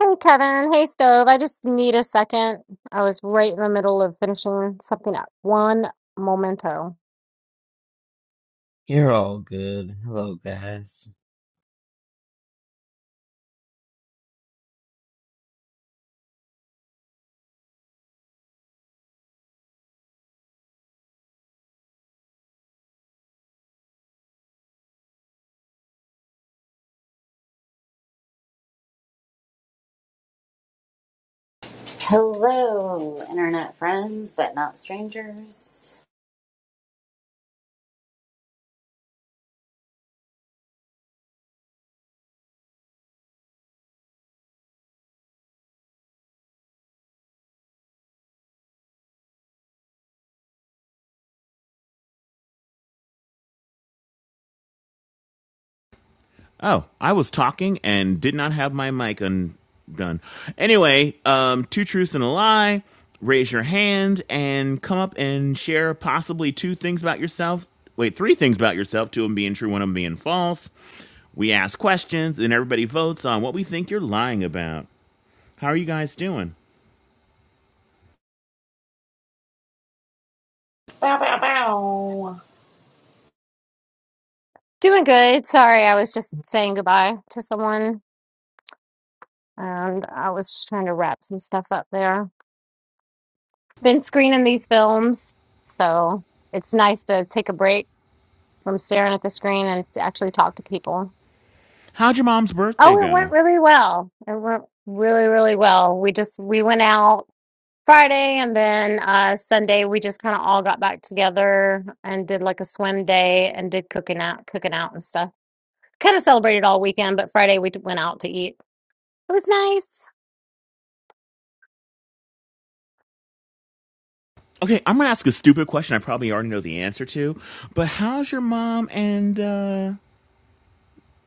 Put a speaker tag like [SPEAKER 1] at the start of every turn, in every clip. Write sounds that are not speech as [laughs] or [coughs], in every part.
[SPEAKER 1] Hey Kevin, hey Stove. I just need a second. I was right in the middle of finishing something up. One momento.
[SPEAKER 2] You're all good. Hello, guys.
[SPEAKER 3] Hello, internet friends, but not strangers.
[SPEAKER 4] Oh, I was talking and did not have my mic undone. Anyway, um, two truths and a lie. Raise your hand and come up and share possibly two things about yourself. Wait, three things about yourself, two of them being true, one of them being false. We ask questions and everybody votes on what we think you're lying about. How are you guys doing?
[SPEAKER 3] Bow, bow, bow.
[SPEAKER 1] Doing good. Sorry, I was just saying goodbye to someone and I was just trying to wrap some stuff up there. Been screening these films, so it's nice to take a break from staring at the screen and to actually talk to people.
[SPEAKER 4] How'd your mom's birthday
[SPEAKER 1] Oh, it went
[SPEAKER 4] go?
[SPEAKER 1] really well. It went really, really well. We just we went out. Friday and then uh Sunday we just kind of all got back together and did like a swim day and did cooking out cooking out and stuff. Kind of celebrated all weekend, but Friday we d- went out to eat. It was nice.
[SPEAKER 4] Okay, I'm gonna ask a stupid question I probably already know the answer to, but how's your mom and uh,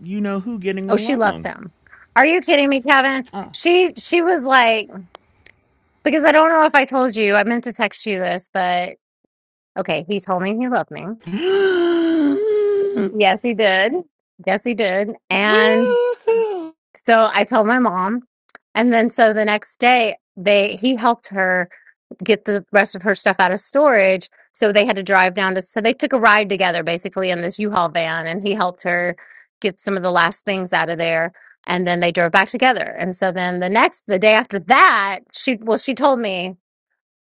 [SPEAKER 4] you know who getting
[SPEAKER 1] Oh, she loves
[SPEAKER 4] along?
[SPEAKER 1] him. Are you kidding me, Kevin?
[SPEAKER 4] Uh,
[SPEAKER 1] She she was like because I don't know if I told you. I meant to text you this, but okay, he told me he loved me.
[SPEAKER 4] [gasps] I,
[SPEAKER 1] Yes, he did. Yes, he did. And
[SPEAKER 3] Woohoo!
[SPEAKER 1] so I told my mom and then so the next day they he helped her get the rest of her stuff out of storage. So they had to drive down to, so they took a ride together basically in this U Haul van and he helped her get some of the last things out of there. And then they drove back together. And so then the next, the day after that, she, well, she told me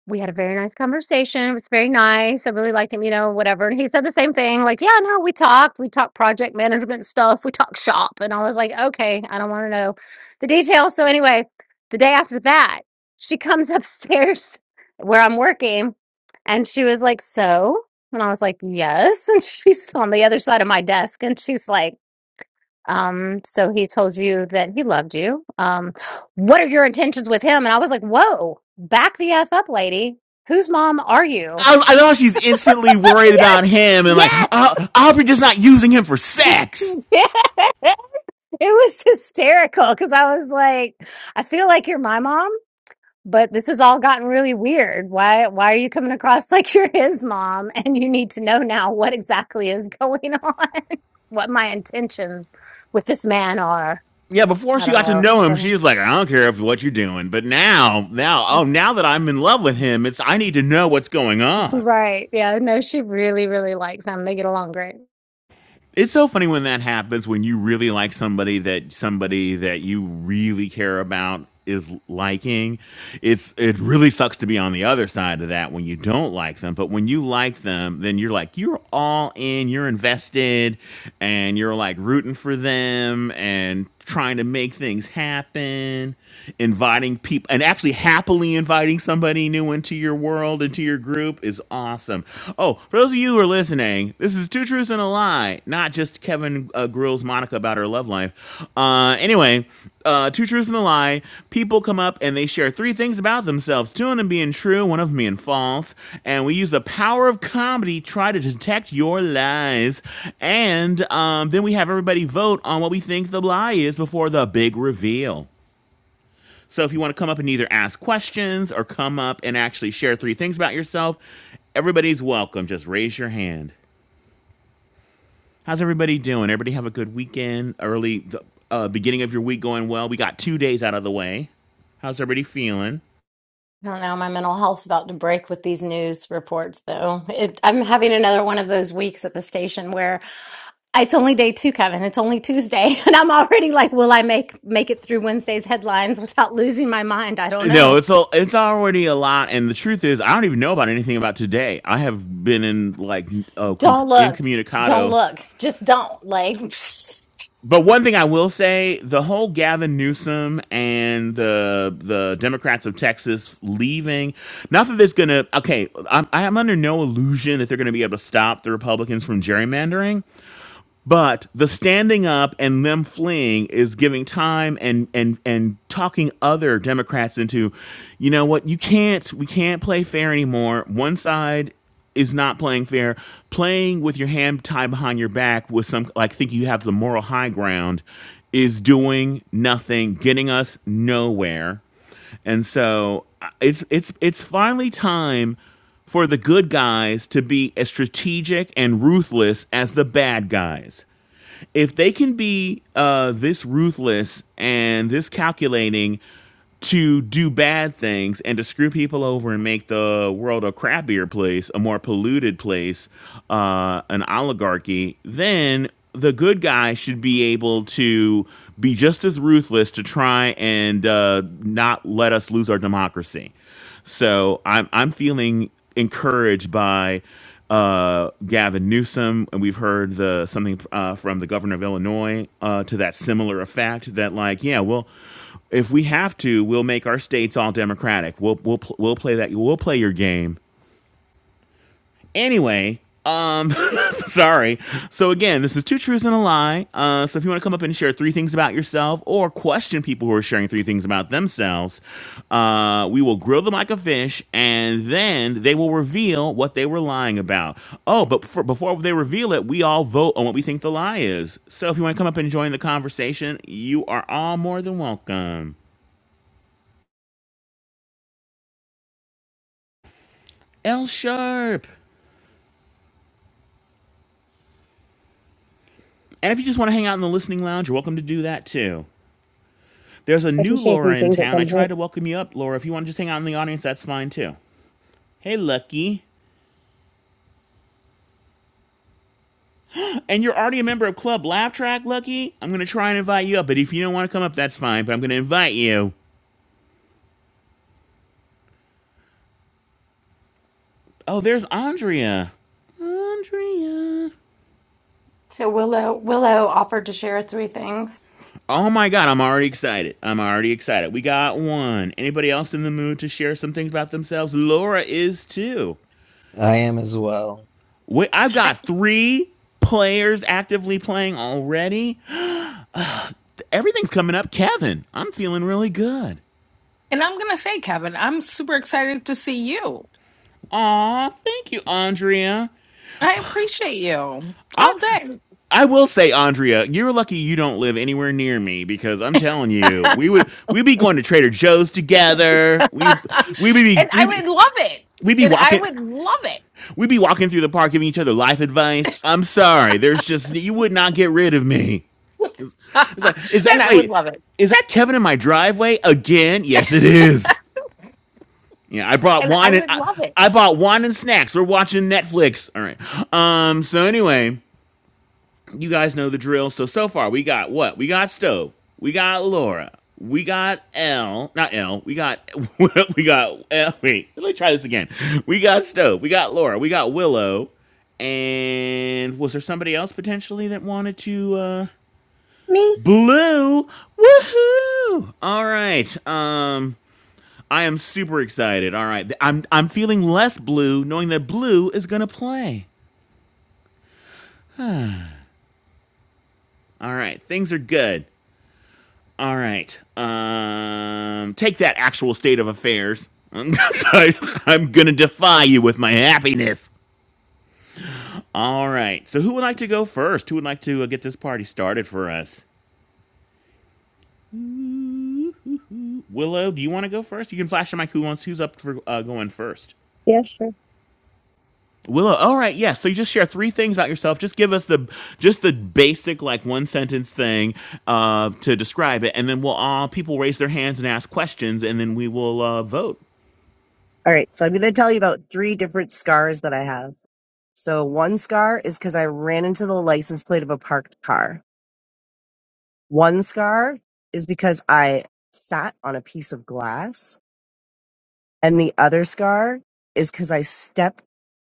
[SPEAKER 1] we had a very nice conversation, it was very nice, I really like him, you know, whatever, and he said the same thing, like, "Yeah, no, we talked, we talked project management stuff, we talked shop," and I was like, "Okay, I don't wanna know the details," so anyway, the day after that, she comes upstairs [laughs] where I'm working, and she was like, "So?" And I was like, "Yes," [laughs] and she's on the other side of my desk, and she's like um, so he told you that he loved you. Um, what are your intentions with him? And I was like, whoa, back the F up, lady. Whose mom are you?
[SPEAKER 4] I know she's instantly worried about
[SPEAKER 1] Yes,
[SPEAKER 4] him and like,
[SPEAKER 1] yes.
[SPEAKER 4] I, I hope you're just not using him for
[SPEAKER 1] [laughs]
[SPEAKER 4] sex.
[SPEAKER 1] Yeah. it was hysterical because I was like, I feel like you're my mom, but this has all gotten really weird. Why why are you coming across [laughs] like you're his mom? And you need to know now what exactly is going on, [laughs] what my intentions with this man are.
[SPEAKER 4] Yeah, before
[SPEAKER 1] I
[SPEAKER 4] she
[SPEAKER 1] don't
[SPEAKER 4] got to know him,
[SPEAKER 1] know.
[SPEAKER 4] she was like, I don't care if what you're doing. But now, now, oh, now that I'm in love with him, it's I need to know what's going on.
[SPEAKER 1] Right. Yeah. No, she really, really likes him. They get along great.
[SPEAKER 4] It's so funny when that happens when you really like somebody that somebody that you really care about is liking. It's it really sucks to be on the other side of that when you don't like them, but when you like them, then you're like you're all in, you're invested and you're like rooting for them and trying to make things happen inviting people and actually happily inviting somebody new into your world, into your group is awesome. Oh, for those of you who are listening, this is Two Truths and a Lie, not just Kevin uh, Grills Monica about her love life. Uh, anyway, uh, Two Truths and a Lie, people come up and they share three things about themselves two of them being true, one of them being false. And we use the power of comedy to try to detect your lies. And um, then we have everybody vote on what we think the lie is before the big reveal. So if you want to come up and either ask questions or come up and actually share three things about yourself, everybody's welcome. Just raise your hand. How's everybody doing? Everybody have a good weekend, early the, uh, beginning of your week going well. We got two days out of the way. How's everybody feeling?
[SPEAKER 1] I don't know. My mental health's about to break with these news reports, though. It, I'm having another one of those weeks at the station where it's only day two, Kevin. It's only Tuesday, [laughs] and I'm already like, "Will I make make it through Wednesday's headlines without losing my mind?" I don't
[SPEAKER 4] No,
[SPEAKER 1] know.
[SPEAKER 4] it's all it's already a lot, and the truth is, I don't even know about anything about today. I have been in like uh, com-
[SPEAKER 1] Don't look. Don't
[SPEAKER 4] incommunicado
[SPEAKER 1] look. Just don't. Like, [laughs] [sniffs]
[SPEAKER 4] But one thing I will say, the whole Gavin Newsom and the the Democrats of Texas leaving, not that there's gonna okay, I'm, I'm under no illusion that they're gonna be able to stop the Republicans from gerrymandering. But the standing up and them fleeing is giving time and and and talking other Democrats into, you know what, you can't we can't play fair anymore. One side is not playing fair. Playing with your hand tied behind your back with some like think you have the moral high ground is doing nothing, getting us nowhere. And so uh, it's it's it's finally time for the good guys to be as strategic and ruthless as the bad guys if they can be uh, this ruthless and this calculating to do bad things and to screw people over and make the world a crappier place, a more polluted place, uh, an oligarchy, then the good guy should be able to be just as ruthless to try and uh, not let us lose our democracy. So I'm I'm feeling encouraged by uh, Gavin Newsom, and we've heard the something uh, from the governor of Illinois uh, to that similar effect that like yeah well if we have to we'll make our states all Democratic we'll we'll pl- we'll play that we'll play your game Anyway, um, [laughs] sorry. So again, this is two truths and a lie. Uh, so if you want to come up and share three things about yourself or question people who are sharing three things about themselves, uh, we will grill them like a fish, and then they will reveal what they were lying about. Oh, but for, before they reveal it, we all vote on what we think the lie is. So if you want to come up and join the conversation, you are all more than welcome. L sharp. And if you just want to hang out in the listening lounge, you're welcome to do that too. There's a
[SPEAKER 5] I can
[SPEAKER 4] new
[SPEAKER 5] share three
[SPEAKER 4] Laura in
[SPEAKER 5] things at
[SPEAKER 4] town. I
[SPEAKER 5] some
[SPEAKER 4] tried
[SPEAKER 5] point.
[SPEAKER 4] to welcome you up, Laura. If you want to just hang out in the audience, that's fine too. Hey, Lucky. And you're already a member of Club Laugh Track, Lucky. I'm going to try and invite you up, but if you don't want to come up, that's fine, but I'm going to invite you. Oh, there's Andrea. Andrea.
[SPEAKER 1] So Willow Willow offered to share three things.
[SPEAKER 4] Oh my god, I'm already excited. I'm already excited. We got one. Anybody else in the mood to share some things about themselves? Laura is too.
[SPEAKER 2] I am as well.
[SPEAKER 4] Wait, I've got three players actively playing already. Everything's coming up, Kevin. I'm feeling really good.
[SPEAKER 6] And I'm going to say, Kevin, I'm super excited to see you.
[SPEAKER 4] Aw, thank you, Andrea.
[SPEAKER 6] I appreciate you
[SPEAKER 4] I
[SPEAKER 6] all day.
[SPEAKER 4] I will say, Andrea, you're lucky you don't live anywhere near me because I'm telling you, we would we'd be going to Trader Joe's together.
[SPEAKER 6] [laughs] and
[SPEAKER 4] We we be we
[SPEAKER 6] I
[SPEAKER 4] we
[SPEAKER 6] would love it.
[SPEAKER 4] we'd be
[SPEAKER 6] And I
[SPEAKER 4] walking
[SPEAKER 6] would love it.
[SPEAKER 4] we'd be walking through the park giving each other life advice. I'm sorry, there's just you would not get rid of me. It's like is
[SPEAKER 6] [laughs]
[SPEAKER 4] that
[SPEAKER 6] and I would
[SPEAKER 4] wait
[SPEAKER 6] love it.
[SPEAKER 4] is that Kevin in my driveway again? Yes, it is. Yeah, I brought
[SPEAKER 6] And I
[SPEAKER 4] wine and
[SPEAKER 6] would
[SPEAKER 4] I,
[SPEAKER 6] love it.
[SPEAKER 4] I bought wine and snacks. We're watching Netflix. All right. Um. So anyway, you guys know the drill. So so far we got what? We got Stove. We got Laura. We got L. Not L. We got [laughs] we got L. Wait. Let me try this again. We got Stove. We got Laura. We got Willow. And was there somebody else potentially that wanted to uh
[SPEAKER 7] me?
[SPEAKER 4] blue? Woohoo! All right. Um I am super excited. All right, I'm I'm feeling less blue knowing that blue is gonna play. All right, things are good. All right, um, take that actual state of affairs. [laughs] I'm gonna defy you with my happiness. All right, so who would like to go first? Who would like to uh, get this party started for us? Willow, do you want to go first? You can flash the mic. Who wants? Who's up for uh, going first?
[SPEAKER 5] Yeah, sure.
[SPEAKER 4] Willow. All right, yes. so you just share three things about yourself. Just give us the just the basic like one sentence thing uh, to describe it, and then we'll all people raise their hands and ask questions, and then we will uh, vote.
[SPEAKER 5] All right. So I'm going to tell you about three different scars that I have. So one scar is because I ran into the license plate of a parked car. One scar is because I sat on a piece of glass. And the other scar is because I stepped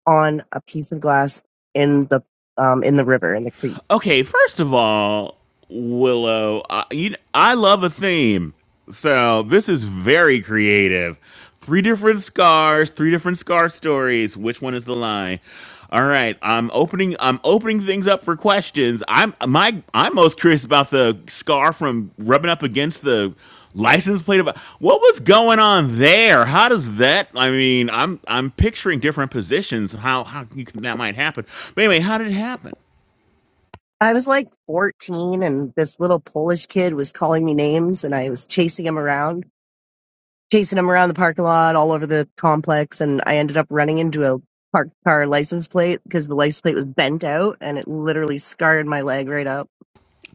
[SPEAKER 5] on a piece of glass in the um, in the river in the creek.
[SPEAKER 4] Okay, first of all, Willow, I, you, I love a theme. So this is very creative. Three different scars, three different scar stories. Which one is the lie? All right, I'm opening. I'm opening things up for questions. I'm my. I'm most curious about the scar from rubbing up against the license plate. Of what was going on there? How does that? I mean, I'm I'm picturing different positions. How how you, can- that might happen. But anyway, how did it happen?
[SPEAKER 5] I was like 14, and this little Polish kid was calling me names, and I was chasing him around chasing him around the parking lot, all over the complex, and I ended up running into a parked car license plate because the license plate was bent out, and it literally scarred my leg right up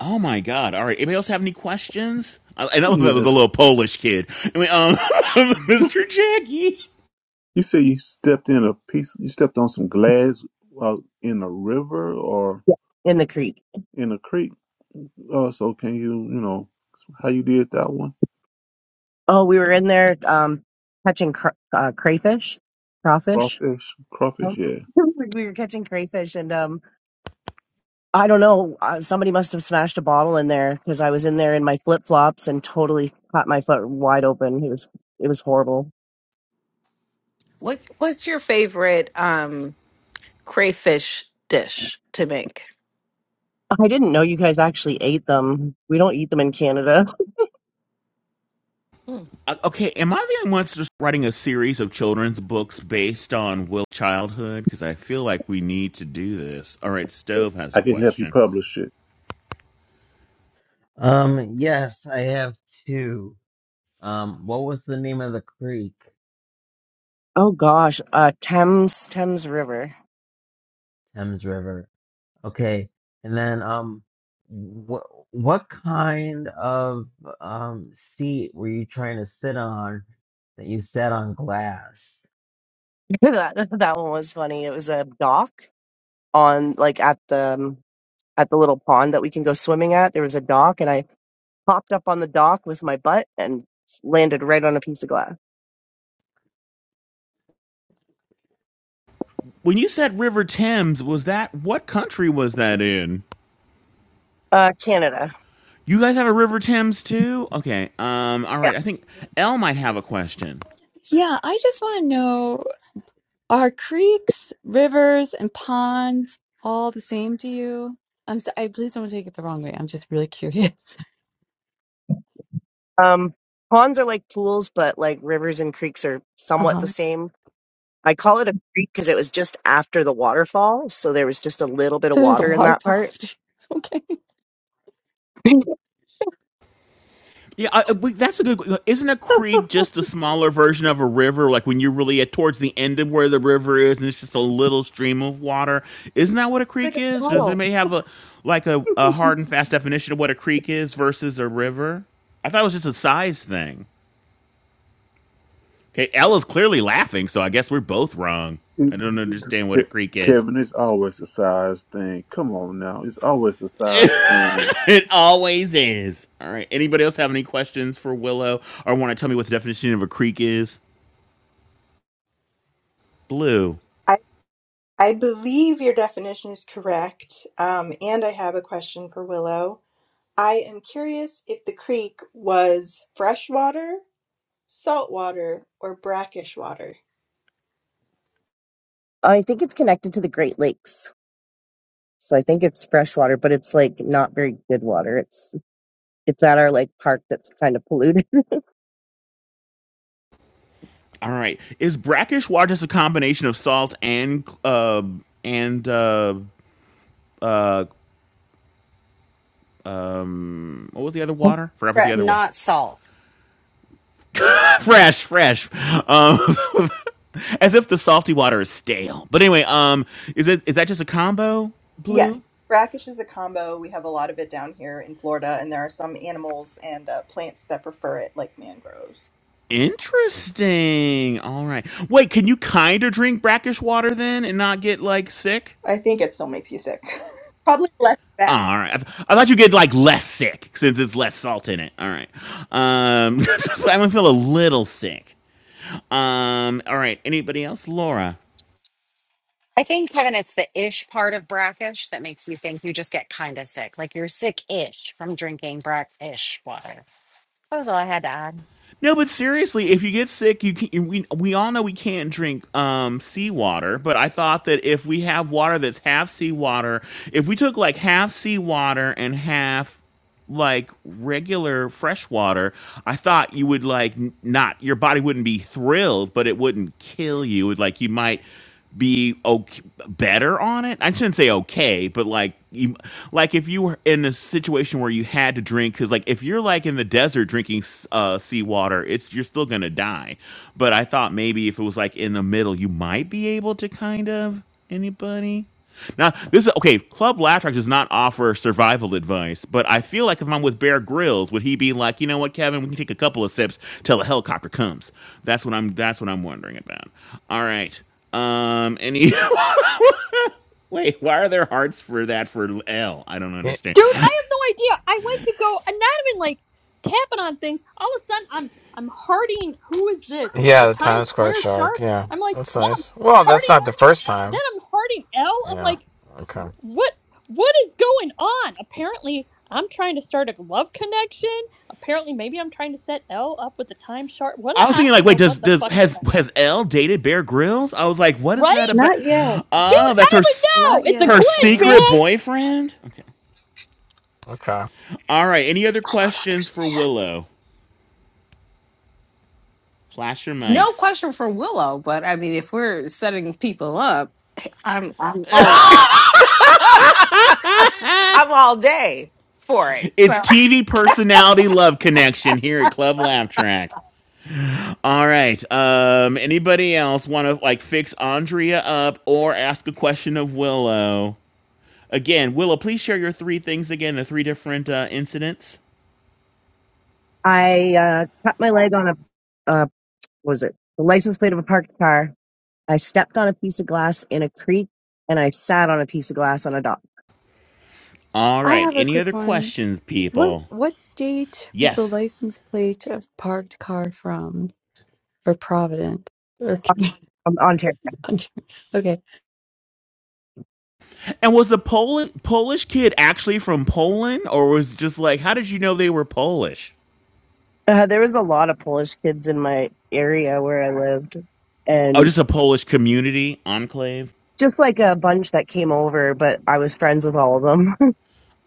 [SPEAKER 4] Oh my god! All right. Anybody else have any questions? I, I know that was a
[SPEAKER 8] Yes.
[SPEAKER 4] little Polish kid. I mean, um, [laughs]
[SPEAKER 8] [laughs]
[SPEAKER 4] Mr. Jackie.
[SPEAKER 8] You say you stepped in a piece, you stepped on some glass uh, in a river or
[SPEAKER 5] in the creek.
[SPEAKER 8] in a creek. Uh, so can you, you know, how you did that one?
[SPEAKER 5] Oh, we were in there um, catching cr- uh, crayfish, crawfish.
[SPEAKER 8] Crawfish? Crawfish,
[SPEAKER 5] Um,
[SPEAKER 8] yeah.
[SPEAKER 5] [laughs] we were catching crayfish, and um, I don't know. Uh, somebody must have smashed a bottle in there because I was in there in my flip flops and totally caught my foot wide open. It was it was horrible.
[SPEAKER 6] What what's your favorite um crayfish dish to make?
[SPEAKER 5] I didn't know you guys actually ate them. We don't eat them in Canada.
[SPEAKER 6] Hmm.
[SPEAKER 4] Uh, Okay, am I the only one that's writing a series of children's books based on Will childhood? Because I feel like we need to do this. All right, Stove has
[SPEAKER 8] I
[SPEAKER 4] a
[SPEAKER 8] can help you
[SPEAKER 4] question.
[SPEAKER 8] publish it.
[SPEAKER 2] Um, yes, I have two. Um, what was the name of the creek?
[SPEAKER 5] Oh gosh, uh, Thames Thames River.
[SPEAKER 2] Thames River. Okay. And then, um, what what kind of um seat were you trying to sit on that you sat on glass?
[SPEAKER 5] [laughs] that that one was funny. It was a dock on like at the um, at the little pond that we can go swimming at. There was a dock, and I popped up on the dock with my butt and s- landed right on a piece of glass.
[SPEAKER 4] When you said River Thames, was that what country was that in?
[SPEAKER 5] Uh, Canada.
[SPEAKER 4] You guys have a River Thames too? Okay. Um. All
[SPEAKER 5] Yeah.
[SPEAKER 4] right. I think Elle might have a question.
[SPEAKER 9] Yeah, I just want to know are creeks, rivers, and ponds all the same to you? I'm so, I please don't take it the wrong way. I'm just really curious. [laughs]
[SPEAKER 5] Um, ponds are like pools, but like rivers and creeks are somewhat
[SPEAKER 9] Uh-huh.
[SPEAKER 5] the same. I call it a creek because it was just after the waterfall, so there was just a little bit of
[SPEAKER 9] So there's a
[SPEAKER 5] water in that
[SPEAKER 9] waterfall.
[SPEAKER 5] part. [laughs]
[SPEAKER 9] [laughs] okay.
[SPEAKER 4] Yeah, I, I- that's a good. Isn't a creek just a smaller version of a river? Like when you're really at towards the end of where the river is, and it's just a little stream of water. Isn't that what a creek is? Does it
[SPEAKER 9] Puddle.
[SPEAKER 4] may have a like a, a hard and fast definition of what a creek is versus a river? I thought it was just a size thing. Okay, Ella's clearly laughing, so I guess we're both wrong. I don't understand what a
[SPEAKER 8] It-
[SPEAKER 4] creek is.
[SPEAKER 8] Kevin, it's always a size thing. Come on now. It's always a size thing.
[SPEAKER 4] [laughs] It always is. All right. Anybody else have any questions for Willow or want to tell me what the definition of a creek is? Blue.
[SPEAKER 7] I, I believe your definition is correct. Um, and I have a question for Willow. I am curious if the creek was freshwater, saltwater, or brackish water.
[SPEAKER 5] I think it's connected to the Great Lakes. So I think it's fresh water, but it's like not very good water. It's it's at our like park that's kind of polluted.
[SPEAKER 4] All right. Is brackish water just a combination of salt and uh, and uh, uh, um, what was the other
[SPEAKER 5] [laughs]
[SPEAKER 4] water? Forgot what the
[SPEAKER 7] Fresh.
[SPEAKER 4] other one.
[SPEAKER 3] Not salt.
[SPEAKER 4] [laughs] fresh, fresh. Um, [laughs] as if the salty water is stale. But anyway, um, is it is that just a combo?
[SPEAKER 7] Yes.
[SPEAKER 4] Blue.
[SPEAKER 7] Brackish is a combo. We have a lot of it down here in Florida, and there are some animals and uh, plants that prefer it, like mangroves.
[SPEAKER 4] Interesting. All right. Wait, can you kind of drink brackish water then and not get like sick?
[SPEAKER 7] I think it still makes you sick. [laughs] Probably less
[SPEAKER 4] Oh,
[SPEAKER 7] bad.
[SPEAKER 4] all right. I, th- I thought you get like less sick since it's less salt in it. All right. Um, [laughs] so I'm gonna feel a little sick. Um, all right. Anybody else? Laura.
[SPEAKER 3] I think Kevin, it's the ish ish one. That was-
[SPEAKER 4] No, but seriously, if you get sick, you can, we we all know we can't drink um, seawater. But I thought that if we have water that's half seawater, if we took like half seawater and half like regular fresh water, I thought you would like n- not your body wouldn't be thrilled, but it wouldn't kill you. Like you might be okay, better on it. I shouldn't say okay, but like you like if you were in a situation where you had to drink cuz like if you're like in the desert drinking s- uh seawater, it's you're still going to die. But I thought maybe if it was like in the middle, you might be able to kind of anybody. Now, this is okay. Club Laugh Track does not offer survival advice, but I feel like if I'm with Bear Grylls, would he be like, you know what, Kevin, we can take a couple of sips till the helicopter comes? That's what I'm. That's what I'm wondering about. All right. Um. Any? [laughs] wait. Why are there hearts for that for L? I don't
[SPEAKER 10] Y-
[SPEAKER 4] understand.
[SPEAKER 11] Dude, I have no idea. I went to go. I'm not even like tapping on things. All of a sudden, I'm I'm harding. Who is this?
[SPEAKER 10] Yeah,
[SPEAKER 11] The
[SPEAKER 10] the
[SPEAKER 11] Times
[SPEAKER 10] Times Square
[SPEAKER 11] Square
[SPEAKER 10] shark.
[SPEAKER 11] shark.
[SPEAKER 10] Yeah,
[SPEAKER 11] I'm like
[SPEAKER 10] that's
[SPEAKER 11] then I'm
[SPEAKER 10] nice. Well, that's
[SPEAKER 11] harding.
[SPEAKER 10] not the first time.
[SPEAKER 11] Then I'm harding L. I'm
[SPEAKER 10] Yeah.
[SPEAKER 11] like
[SPEAKER 10] Okay.
[SPEAKER 11] what what is going on? Apparently, I'm trying to start a love connection. Apparently, maybe I'm trying to set L up with the Times shark. What
[SPEAKER 4] I was
[SPEAKER 11] I
[SPEAKER 4] thinking like,
[SPEAKER 11] don't
[SPEAKER 4] wait,
[SPEAKER 11] know
[SPEAKER 4] does
[SPEAKER 11] what the
[SPEAKER 4] does
[SPEAKER 11] fuck is
[SPEAKER 4] has
[SPEAKER 11] happening.
[SPEAKER 4] has L dated Bear Grylls? I was like, what is
[SPEAKER 11] Right,
[SPEAKER 4] that about?
[SPEAKER 9] Not yet.
[SPEAKER 11] dude?
[SPEAKER 10] Mm.
[SPEAKER 4] Oh,
[SPEAKER 11] I
[SPEAKER 4] that's her
[SPEAKER 11] don't
[SPEAKER 4] s-
[SPEAKER 11] know.
[SPEAKER 9] Not
[SPEAKER 11] It's a
[SPEAKER 9] yet.
[SPEAKER 4] her
[SPEAKER 9] I
[SPEAKER 11] glitch,
[SPEAKER 9] don't know.
[SPEAKER 4] secret
[SPEAKER 11] man.
[SPEAKER 4] boyfriend. Okay.
[SPEAKER 10] Okay.
[SPEAKER 4] All right. Any other
[SPEAKER 11] I don't understand.
[SPEAKER 4] questions for Willow? Flash your
[SPEAKER 6] No
[SPEAKER 4] mics.
[SPEAKER 6] question for Willow, but I mean if we're setting people up, I'm I'm all [laughs] I'm all day for it.
[SPEAKER 4] It's TV personality love connection here at Club Laugh Track. All right. Um, anybody else want to like fix Andrea up or ask a question of Willow? Again, Willow, please share your three things again, the three different uh, incidents.
[SPEAKER 5] I uh, cut my leg on a uh, what was it the license plate of a parked car. I stepped on a piece of glass in a creek, and I sat on a piece of glass on a dock
[SPEAKER 4] All
[SPEAKER 9] I
[SPEAKER 4] right.
[SPEAKER 9] have a
[SPEAKER 4] Any
[SPEAKER 9] quick
[SPEAKER 4] other
[SPEAKER 9] one.
[SPEAKER 4] questions,
[SPEAKER 9] What
[SPEAKER 4] people?
[SPEAKER 9] what state was the
[SPEAKER 4] Yes.
[SPEAKER 9] license plate of parked car from for Providence? Or Cam-
[SPEAKER 5] on, on terrace.
[SPEAKER 9] [laughs] okay.
[SPEAKER 4] And was the Pol- Polish kid actually from Poland, or was it just like, how did you know they were Polish?
[SPEAKER 5] Uh, there was a lot of Polish kids in my area where I lived,
[SPEAKER 4] Oh,
[SPEAKER 5] and
[SPEAKER 4] just a Polish community enclave.
[SPEAKER 5] just like a bunch that came over, but I was friends with all of them.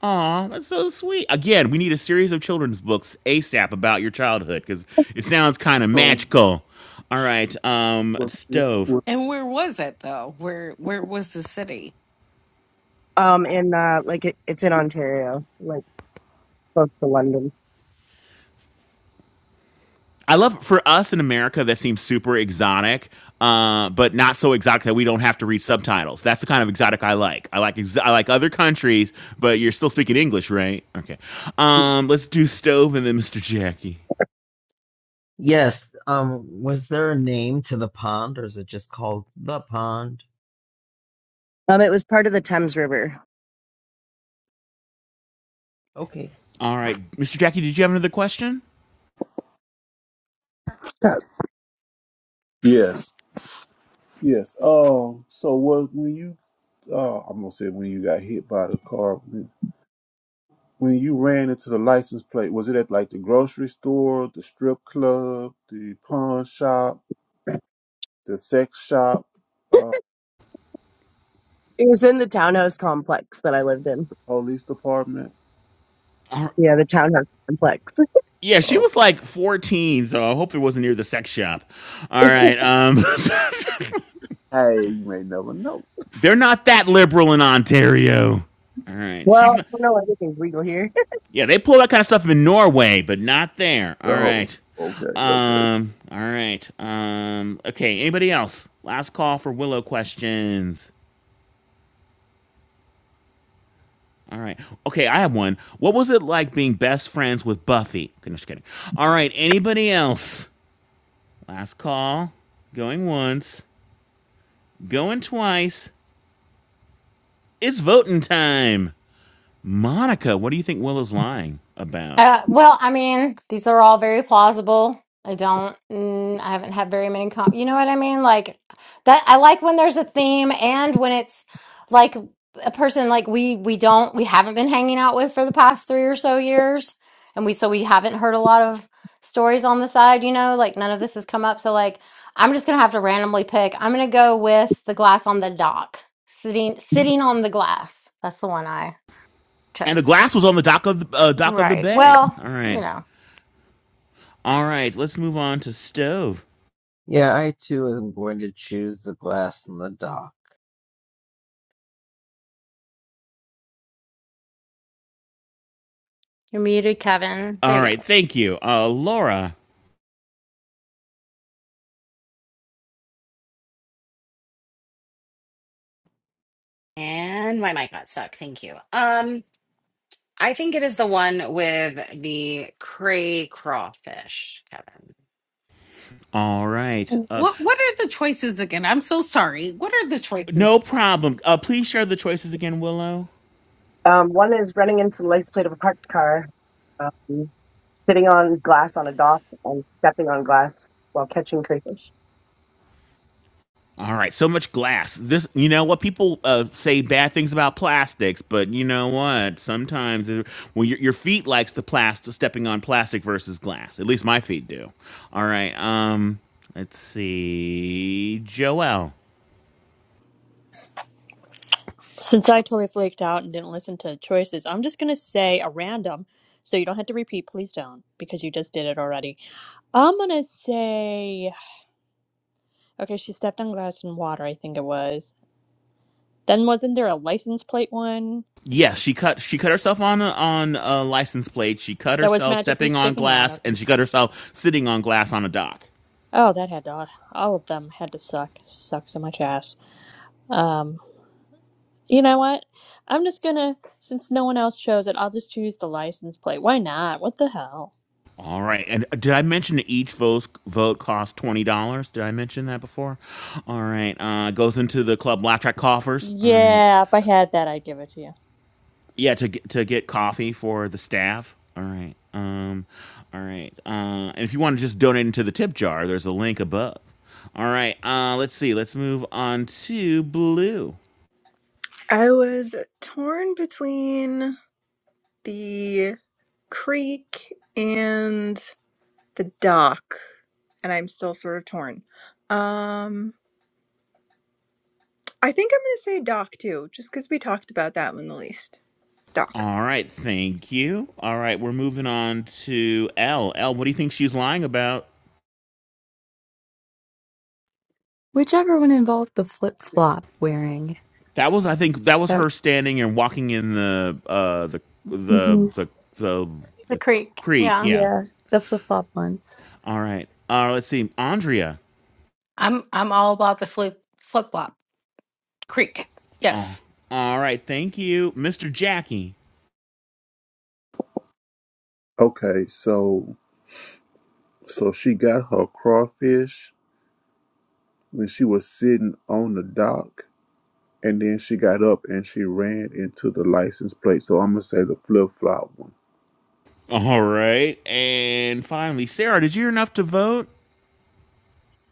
[SPEAKER 4] Aw, that's so sweet. Again, we need a series of children's books ASAP about your childhood because it sounds kind of
[SPEAKER 8] So
[SPEAKER 4] magical. All right, um,
[SPEAKER 8] was this
[SPEAKER 4] stove.
[SPEAKER 8] was
[SPEAKER 6] And where was it though? Where where was the city?
[SPEAKER 5] [laughs] um, and uh, like it, it's in Ontario, like close to London.
[SPEAKER 4] I love for us in America that seems super exotic, uh, but not so exotic that we don't have to read subtitles. That's the kind of exotic I like. I like ex- I like other countries, but you're still speaking English, right? Okay. Um, let's do stove and then Mr. Jackie.
[SPEAKER 2] Yes. Um, was there a name to the pond, or is it just called the pond?
[SPEAKER 5] Um, it was part of the Thames River.
[SPEAKER 2] Okay.
[SPEAKER 4] All right, Mr. Jackie, did you have another question?
[SPEAKER 8] that? Yes. Yes. Um so was when you uh I'm gonna say when you got hit by the car, When you ran into the license plate, was it at like the grocery store, the strip club, the pawn shop, the sex shop, uh,
[SPEAKER 5] It was in the townhouse complex that I lived in.
[SPEAKER 8] police department?
[SPEAKER 4] All right.
[SPEAKER 5] Yeah, the townhouse complex.
[SPEAKER 4] Yeah, she
[SPEAKER 8] Oh,
[SPEAKER 4] was like 14, so I hope it wasn't near the sex shop.
[SPEAKER 5] [laughs]
[SPEAKER 4] All right. Um
[SPEAKER 8] hey, you may never know.
[SPEAKER 4] [laughs] they're not that liberal in Ontario. All right. She's
[SPEAKER 5] well,
[SPEAKER 4] not
[SPEAKER 5] you know everything's legal here. [laughs]
[SPEAKER 4] Yeah, they pull that kind of stuff in Norway, but not there. All
[SPEAKER 8] Oh,
[SPEAKER 4] right.
[SPEAKER 8] okay, okay,
[SPEAKER 4] Um all right. Um okay, anybody else? Last call for Willow questions. All right. Okay, I have one. What was it like being best friends with Buffy? Okay, no, Just kidding. All right, anybody else? Last call. Going once, going twice. It's voting time. Monica, what do you think Will is lying about?
[SPEAKER 1] Uh, well, I mean, these are all very plausible. I don't, mm, I haven't had very many com You know what I mean? Like that, I like when there's a theme and when it's like a person like we we don't we haven't been hanging out with for the past three or so years, and we so we haven't heard a lot of stories on the side. You know, like none of this has come up. So like, I'm just gonna have to randomly pick. I'm gonna go with the glass on the dock, sitting sitting on the glass. That's the one I
[SPEAKER 4] And the
[SPEAKER 1] chose.
[SPEAKER 4] glass was on the dock of the uh, dock of the
[SPEAKER 1] Right.
[SPEAKER 4] bay.
[SPEAKER 1] Well,
[SPEAKER 4] All
[SPEAKER 1] you
[SPEAKER 4] right,
[SPEAKER 1] know.
[SPEAKER 4] all right. Let's move on to stove.
[SPEAKER 2] Yeah, I too am going to choose the glass and the dock.
[SPEAKER 1] You're muted, Kevin. There
[SPEAKER 4] All
[SPEAKER 1] you go.
[SPEAKER 4] right, thank you, uh, Laura.
[SPEAKER 3] And my mic got stuck. Thank you. Um, I think it is the one with the cray crawfish, Kevin.
[SPEAKER 4] All right, uh,
[SPEAKER 6] What what are the choices again? I'm so sorry. What are the choices?
[SPEAKER 4] no problem. Uh, please share the choices again, Willow.
[SPEAKER 5] Um, one is running into the legislative parked car, um, sitting on glass on a dock and stepping on glass while catching crayfish.
[SPEAKER 4] All right, so much glass. This, you know what people uh, say bad things about plastics, but you know what? Sometimes it, when your, your feet likes the plastic stepping on plastic versus glass. At least my feet do. All right. Um, let's see, Joelle.
[SPEAKER 11] Since I totally flaked out and didn't listen to choices, I'm just gonna say a random, so you don't have to repeat. Please don't, because you just did it already. I'm gonna say, okay, she stepped on glass and water. I think it was. Then wasn't there a license plate one
[SPEAKER 4] Yes, she cut she cut herself on a, on a license plate. She cut
[SPEAKER 11] that was
[SPEAKER 4] herself
[SPEAKER 11] magically
[SPEAKER 4] stepping on
[SPEAKER 11] sticking out?
[SPEAKER 4] glass,
[SPEAKER 11] Okay.
[SPEAKER 4] and she cut herself sitting on glass on a dock.
[SPEAKER 11] Oh, that had to. All of them had to suck. Suck so much ass. Um, you know what? I'm just gonna, since no one else chose it, I'll just choose the license plate. Why not? What the hell?
[SPEAKER 4] All right. And uh, did I mention that each vote vote costs twenty dollars? Did I mention that before? All right. Uh, goes into the club laugh track coffers. All right.
[SPEAKER 11] Yeah, if I had that, I'd give it to you.
[SPEAKER 4] Yeah, to get to get coffee for the staff. All right. Um, all right. Uh, and if you want to just donate into the tip jar, there's a link above. All right. Uh, let's see. Let's move on to blue.
[SPEAKER 7] I was torn between the creek and the doc and i'm still sort of torn um i think i'm gonna say doc too just because we talked about that one the least doc
[SPEAKER 4] All right. Thank you. All right. We're moving on to L. L. What do you think she's lying about?
[SPEAKER 9] Whichever one involved the flip flop wearing.
[SPEAKER 4] That was, I think, that was
[SPEAKER 9] That.
[SPEAKER 4] her standing and walking in the uh the the the the,
[SPEAKER 1] The
[SPEAKER 4] the
[SPEAKER 1] creek,
[SPEAKER 4] creek.
[SPEAKER 1] yeah.
[SPEAKER 4] Yeah.
[SPEAKER 9] Yeah, the flip flop one.
[SPEAKER 4] All right. Uh, let's see, Andrea.
[SPEAKER 6] I'm I'm all about the flip flip flop creek.
[SPEAKER 4] Oh,
[SPEAKER 6] Yes,
[SPEAKER 4] all right. Thank you, Mr. Jackie.
[SPEAKER 8] okay. So, so she got her crawfish when she was sitting on the dock, and then she got up and she ran into the license plate. So I'm gonna say the flip flop one.
[SPEAKER 4] All right, and finally, Sarah. Did you hear enough to vote?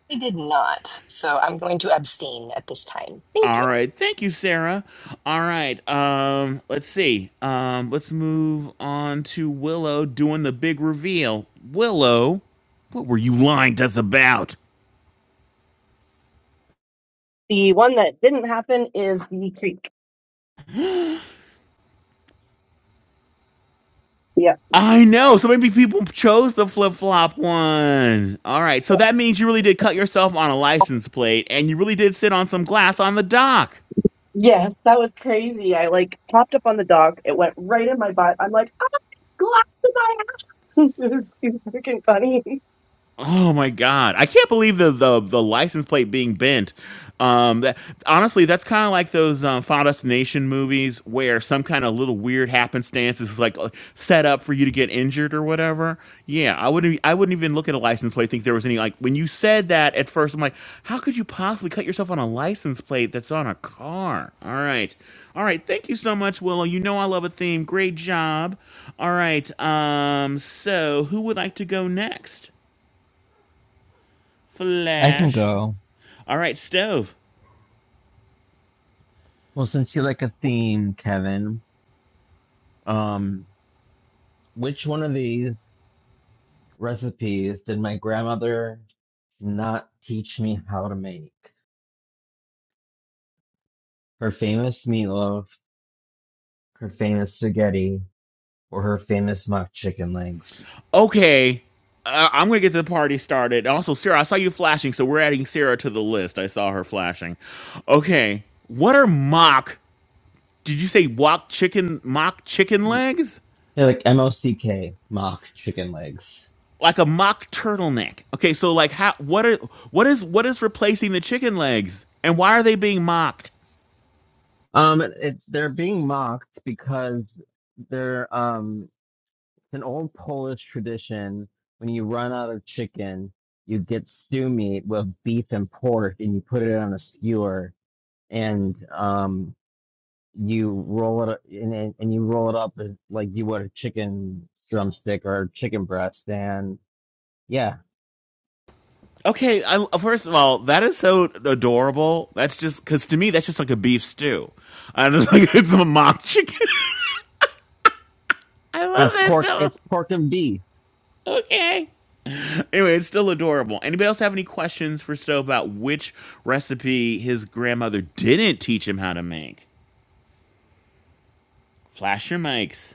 [SPEAKER 12] I did not, so I'm going to abstain at this time. Thank
[SPEAKER 4] All
[SPEAKER 12] you.
[SPEAKER 4] right. Thank you, Sarah. All right. Um, let's see. Um, let's move on to Willow doing the big reveal. Willow, what were you lying to us about?
[SPEAKER 5] The one that didn't happen is the creek. Yeah.
[SPEAKER 4] I know. So maybe people chose the flip flop one. All right. So that means you really did cut yourself on a license plate and you really did sit on some glass on the dock.
[SPEAKER 5] Yes, that was crazy. I like popped up on the dock. It went right in my butt. I'm like, i glass in my ass. [laughs] It was too freaking funny.
[SPEAKER 4] Oh my god, I can't believe the the, the license plate being bent. Um, that, honestly, that's kind of like those um, Final Destination movies where some kind of little weird happenstance is like uh, set up for you to get injured or whatever. Yeah, I wouldn't. I wouldn't even look at a license plate think there was any like when you said that at first. I'm like, how could you possibly cut yourself on a license plate that's on a car? All right, all right. Thank you so much, Willow. You know I love a theme. Great job. All right. Um. So who would like to go next?
[SPEAKER 2] I can
[SPEAKER 4] Flash.
[SPEAKER 2] go.
[SPEAKER 4] All right, stove.
[SPEAKER 2] Well, since you like a theme, Kevin, um, which one of these recipes did my grandmother not teach me how to make? Her famous meatloaf, her famous spaghetti, or her famous mock chicken legs?
[SPEAKER 4] Okay. Uh, I'm going to get the party started. Also, Sarah, I saw you flashing, so we're adding Sarah to the list. I saw her flashing. Okay. What are mock? Did you say mock chicken mock chicken
[SPEAKER 2] Mm,
[SPEAKER 4] legs?
[SPEAKER 2] They're like M-O-C-K, mock chicken legs.
[SPEAKER 4] Like a mock turtleneck. Okay, so like how what are what is what is replacing the chicken legs? And why are they being mocked?
[SPEAKER 2] Um, it, they're being mocked because they're um an old Polish tradition. When you run out of chicken, you get stew meat with beef and pork, and you put it on a skewer, and um, you roll it and and and you roll it up as- like you would a chicken drumstick or a chicken breast, and yeah,
[SPEAKER 4] Okay, I, first of all, that is so adorable. That's just because to me, that's just like a beef stew. I just [laughs] like it's a mock chicken. I
[SPEAKER 2] but
[SPEAKER 4] love
[SPEAKER 2] it's
[SPEAKER 4] it
[SPEAKER 2] pork.
[SPEAKER 4] so.
[SPEAKER 2] It's pork and beef.
[SPEAKER 4] Okay. Anyway, it's still adorable. Anybody else have any questions for Stowe about which recipe his grandmother didn't teach him how to make? Flash your mics,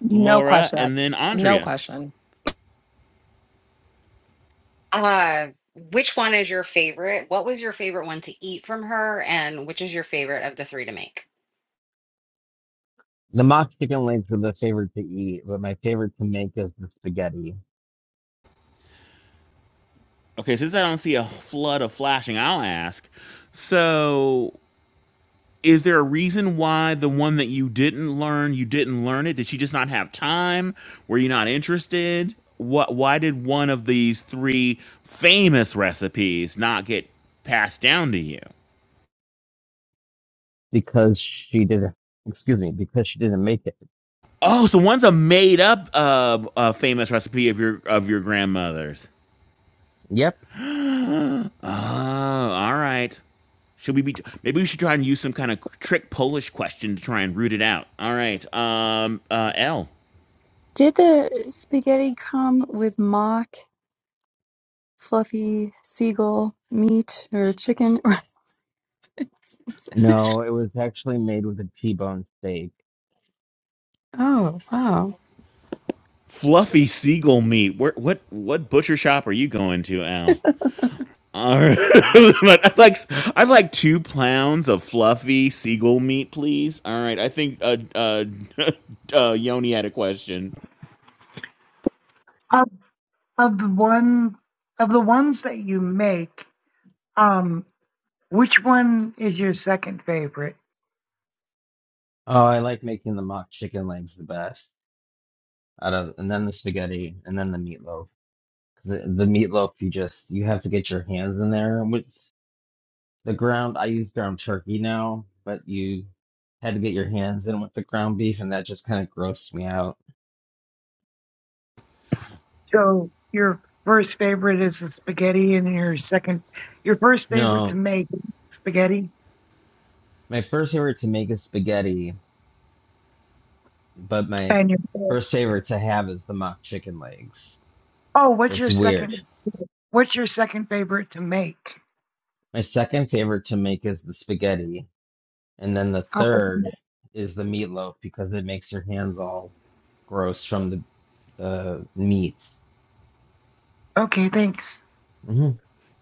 [SPEAKER 6] no
[SPEAKER 4] Laura,
[SPEAKER 6] question,
[SPEAKER 4] and then
[SPEAKER 6] no
[SPEAKER 4] Andrea.
[SPEAKER 6] question.
[SPEAKER 3] Uh, which one is your favorite? What was your favorite one to eat from her, and which is your favorite of the three to make?
[SPEAKER 2] The mock chicken wings were the favorite to eat, but my favorite to make is the spaghetti
[SPEAKER 4] Okay, since I don't see a flood of flashing, I'll ask. So, is there a reason why the one that you didn't learn, you didn't learn it? Did she just not have time? Were you not interested? What why did one of these three famous recipes not get passed down to you?
[SPEAKER 2] because she didn't. Excuse me, because she didn't make it.
[SPEAKER 4] Oh, so one's a made up uh, uh famous recipe of your of your grandmother's.
[SPEAKER 2] Yep.
[SPEAKER 4] [gasps] oh, all right. Should we be? Maybe we should try and use some kind of trick Polish question to try and root it out. All right. Um. Uh. L.
[SPEAKER 9] Did the spaghetti come with mock, fluffy seagull meat or chicken? [laughs]
[SPEAKER 2] No, it was actually made with a T-bone steak.
[SPEAKER 9] oh, wow.
[SPEAKER 4] fluffy seagull meat. Where what what butcher shop are you going to, Al? All right. [laughs] But I'd like I'd like two pounds of fluffy seagull meat, please. All right, I think uh, uh, [laughs] uh, Yoni had a question.
[SPEAKER 13] Of, of the one of the ones that you make, um, which one is your second favorite?
[SPEAKER 2] Oh, I like making the mock chicken legs the best out of, and then the spaghetti, and then the meatloaf. 'Cause The, the meatloaf, you just you have to get your hands in there. With the ground, I use ground turkey now, but you had to get your hands in with the ground beef, and that just kind of grossed me out.
[SPEAKER 13] So your first favorite is the spaghetti, and your second, your first favorite to
[SPEAKER 2] No,
[SPEAKER 13] make is spaghetti,
[SPEAKER 2] my first favorite to make is spaghetti, but my
[SPEAKER 13] and your
[SPEAKER 2] first favorite to have is the mock chicken legs.
[SPEAKER 13] oh, what's
[SPEAKER 2] It's
[SPEAKER 13] your
[SPEAKER 2] weird.
[SPEAKER 13] second? What's your second favorite to make?
[SPEAKER 2] My second favorite to make is the spaghetti. And then the
[SPEAKER 13] Okay,
[SPEAKER 2] third is the meatloaf because it makes your hands all gross from the the meat.
[SPEAKER 13] okay, thanks.
[SPEAKER 2] hmm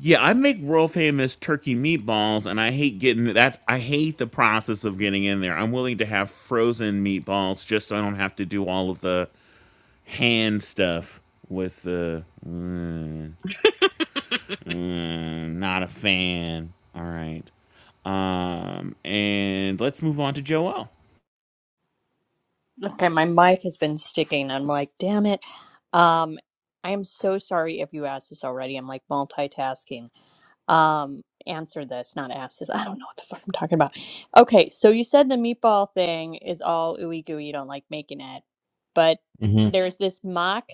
[SPEAKER 4] Yeah, I make world famous turkey meatballs, and I hate getting that. I hate the process of getting in there. I'm willing to have frozen meatballs just so I don't have to do all of the hand stuff with the. uh,
[SPEAKER 3] [laughs]
[SPEAKER 4] Mm, not a fan. All right. Um, and let's move on to Joelle.
[SPEAKER 11] Okay, my mic has been sticking. I'm like, damn it. Um, I am so sorry if you asked this already. I'm like multitasking. Um, answer this, not ask this. [laughs] I don't know what the fuck I'm talking about. Okay, so you said the meatball thing is all ooey gooey. You don't like making it, but
[SPEAKER 2] hmm
[SPEAKER 11] there's this mock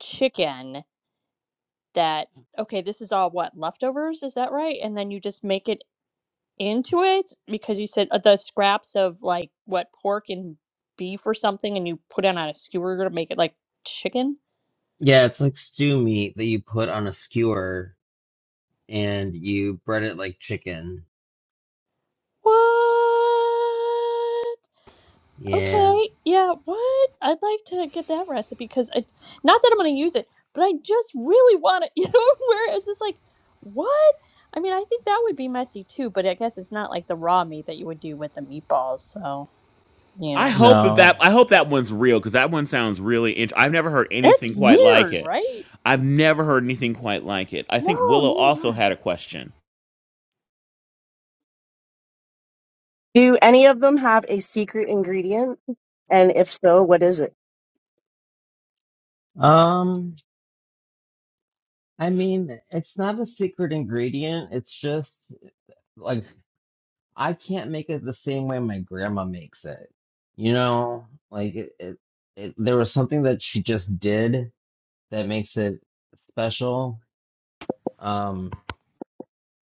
[SPEAKER 11] chicken that. Okay, this is all what leftovers. Is that right? And then you just make it into it because you said uh, the scraps of like what pork and beef or something, and you put it on a skewer to make it like chicken.
[SPEAKER 2] Yeah, it's like stew meat that you put on a skewer and you bread it like chicken.
[SPEAKER 11] What?
[SPEAKER 2] Yeah.
[SPEAKER 11] Okay, yeah. What? I'd like to get that recipe because I, not that I'm gonna use it, but I just really want to. [laughs] You know, where it's just like, what? I mean, I think that would be messy too, but I guess it's not like the raw meat that you would do with the meatballs. So
[SPEAKER 4] I
[SPEAKER 11] yeah,
[SPEAKER 4] hope that that
[SPEAKER 2] No.
[SPEAKER 4] I hope that one's real because that one sounds really. Int- I've never heard
[SPEAKER 11] it's
[SPEAKER 4] anything quite like
[SPEAKER 11] weird,
[SPEAKER 4] it.
[SPEAKER 11] right?
[SPEAKER 4] I've never heard anything quite like it. I think
[SPEAKER 11] No,
[SPEAKER 4] Willow
[SPEAKER 11] neither have
[SPEAKER 4] also
[SPEAKER 11] I.
[SPEAKER 4] had a question.
[SPEAKER 5] Do any of them have a secret ingredient? And if so, what is it?
[SPEAKER 2] Um, I mean, it's not a secret ingredient. It's just like I can't make it the same way my grandma makes it. You know, like it, it, it there was something that she just did that makes it special. Um,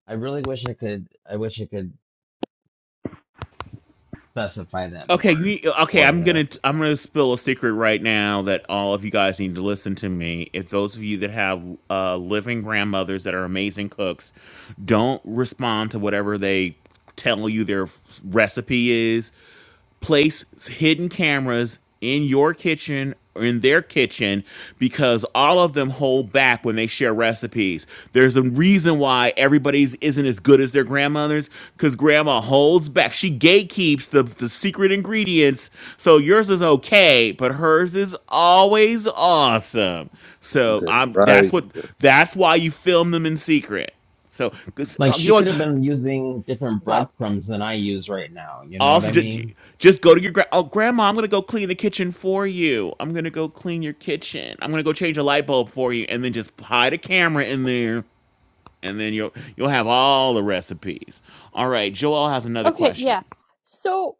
[SPEAKER 2] I really wish I could. I wish I could specify that
[SPEAKER 4] Okay,
[SPEAKER 2] more
[SPEAKER 4] you, okay,
[SPEAKER 2] for
[SPEAKER 4] I'm
[SPEAKER 2] you.
[SPEAKER 4] gonna I'm gonna spill a secret right now that all of you guys need to listen to me. If those of you that have uh, living grandmothers that are amazing cooks, don't respond to whatever they tell you their f- recipe is place hidden cameras in your kitchen or in their kitchen because all of them hold back when they share recipes. There's a reason why everybody's isn't as good as their grandmothers because grandma holds back. She gatekeeps the, the secret ingredients. So yours is okay, but hers is always awesome. So
[SPEAKER 8] Okay,
[SPEAKER 4] um, that's
[SPEAKER 8] right?
[SPEAKER 4] what that's why you film them in secret. So, 'cause,
[SPEAKER 2] Like
[SPEAKER 4] uh, you
[SPEAKER 2] she
[SPEAKER 4] know
[SPEAKER 2] could have
[SPEAKER 4] what?
[SPEAKER 2] been using different
[SPEAKER 6] Well,
[SPEAKER 2] breadcrumbs than I use right now. You know what
[SPEAKER 4] Also,
[SPEAKER 2] I
[SPEAKER 4] just,
[SPEAKER 2] mean?
[SPEAKER 4] just go to your gra- oh grandma. I'm gonna go clean the kitchen for you. I'm gonna go clean your kitchen. I'm gonna go change a light bulb for you, and then just hide a camera in there, and then you'll you'll have all the recipes. All right, Joel has another
[SPEAKER 11] Okay,
[SPEAKER 4] question.
[SPEAKER 11] yeah. So,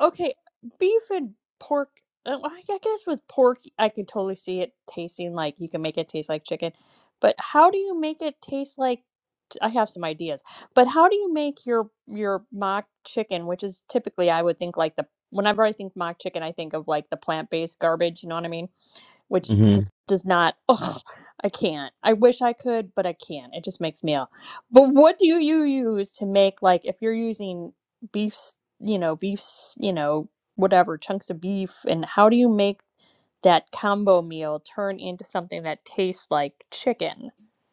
[SPEAKER 11] okay, beef and pork. uh, I I guess with pork, I could totally see it tasting like you can make it taste like chicken. But how do you make it taste like? I have some ideas, but how do you make your your mock chicken, which is typically I would think like the whenever I think mock chicken, I think of like the plant-based garbage. You know what I mean? which
[SPEAKER 2] hmm
[SPEAKER 11] just does not oh i can't i wish i could but i can't it just makes me ill but what do you use to make like if you're using beef you know beefs, you know whatever chunks of beef and how do you make that combo meal turn into something that tastes like chicken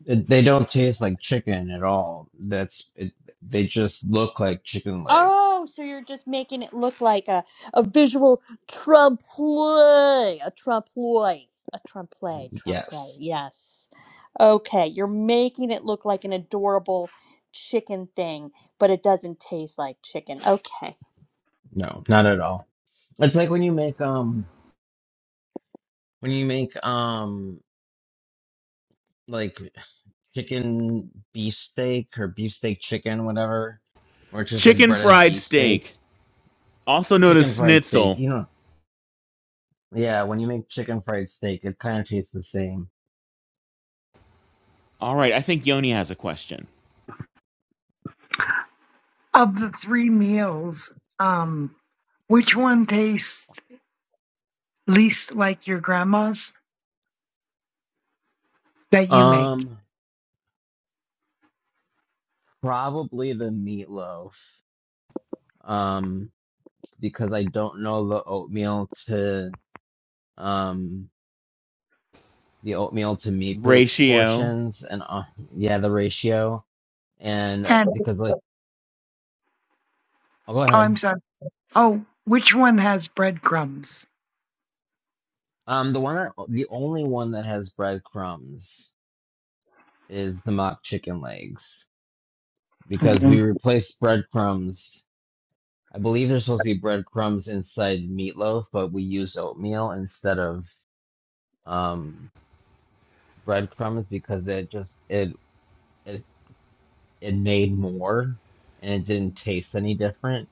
[SPEAKER 2] they don't taste like chicken at all. That's it, they just look like chicken legs.
[SPEAKER 11] Oh, so you're just making it look like a, a visual trompe l'oeil, a trompe l'oeil, a trompe l'oeil, trompe l'oeil.
[SPEAKER 2] Yes.
[SPEAKER 11] Yes. Okay, you're making it look like an adorable chicken thing, but it doesn't taste like chicken. Okay.
[SPEAKER 2] No, not at all. It's like when you make um when you make um like chicken beefsteak or beefsteak chicken, whatever, or it's just like
[SPEAKER 4] Chicken
[SPEAKER 2] breaded
[SPEAKER 4] fried
[SPEAKER 2] beefsteak,
[SPEAKER 4] steak, also known as
[SPEAKER 2] chicken fried steak.
[SPEAKER 4] schnitzel.
[SPEAKER 2] You know, yeah, when you make chicken fried steak, it kind of tastes the same.
[SPEAKER 4] All right, I think Yoni has a question.
[SPEAKER 13] Of the three meals, um, which one tastes least like your grandma's that you make?
[SPEAKER 2] Um, probably the meatloaf. Um, because I don't know the oatmeal to um the oatmeal to meat
[SPEAKER 4] Ratio.
[SPEAKER 2] proportions and uh, yeah, the ratio. And uh,
[SPEAKER 13] And oh,
[SPEAKER 2] because like, I'll go
[SPEAKER 13] I'm
[SPEAKER 2] ahead.
[SPEAKER 13] sorry. Oh, which one has breadcrumbs?
[SPEAKER 2] Um, the one that the only one that has breadcrumbs. is the mock chicken legs because we
[SPEAKER 13] Okay.
[SPEAKER 2] replaced breadcrumbs. I believe there's supposed to be breadcrumbs inside meatloaf, but we use oatmeal instead of um breadcrumbs because it just it it it made more and it didn't taste any different.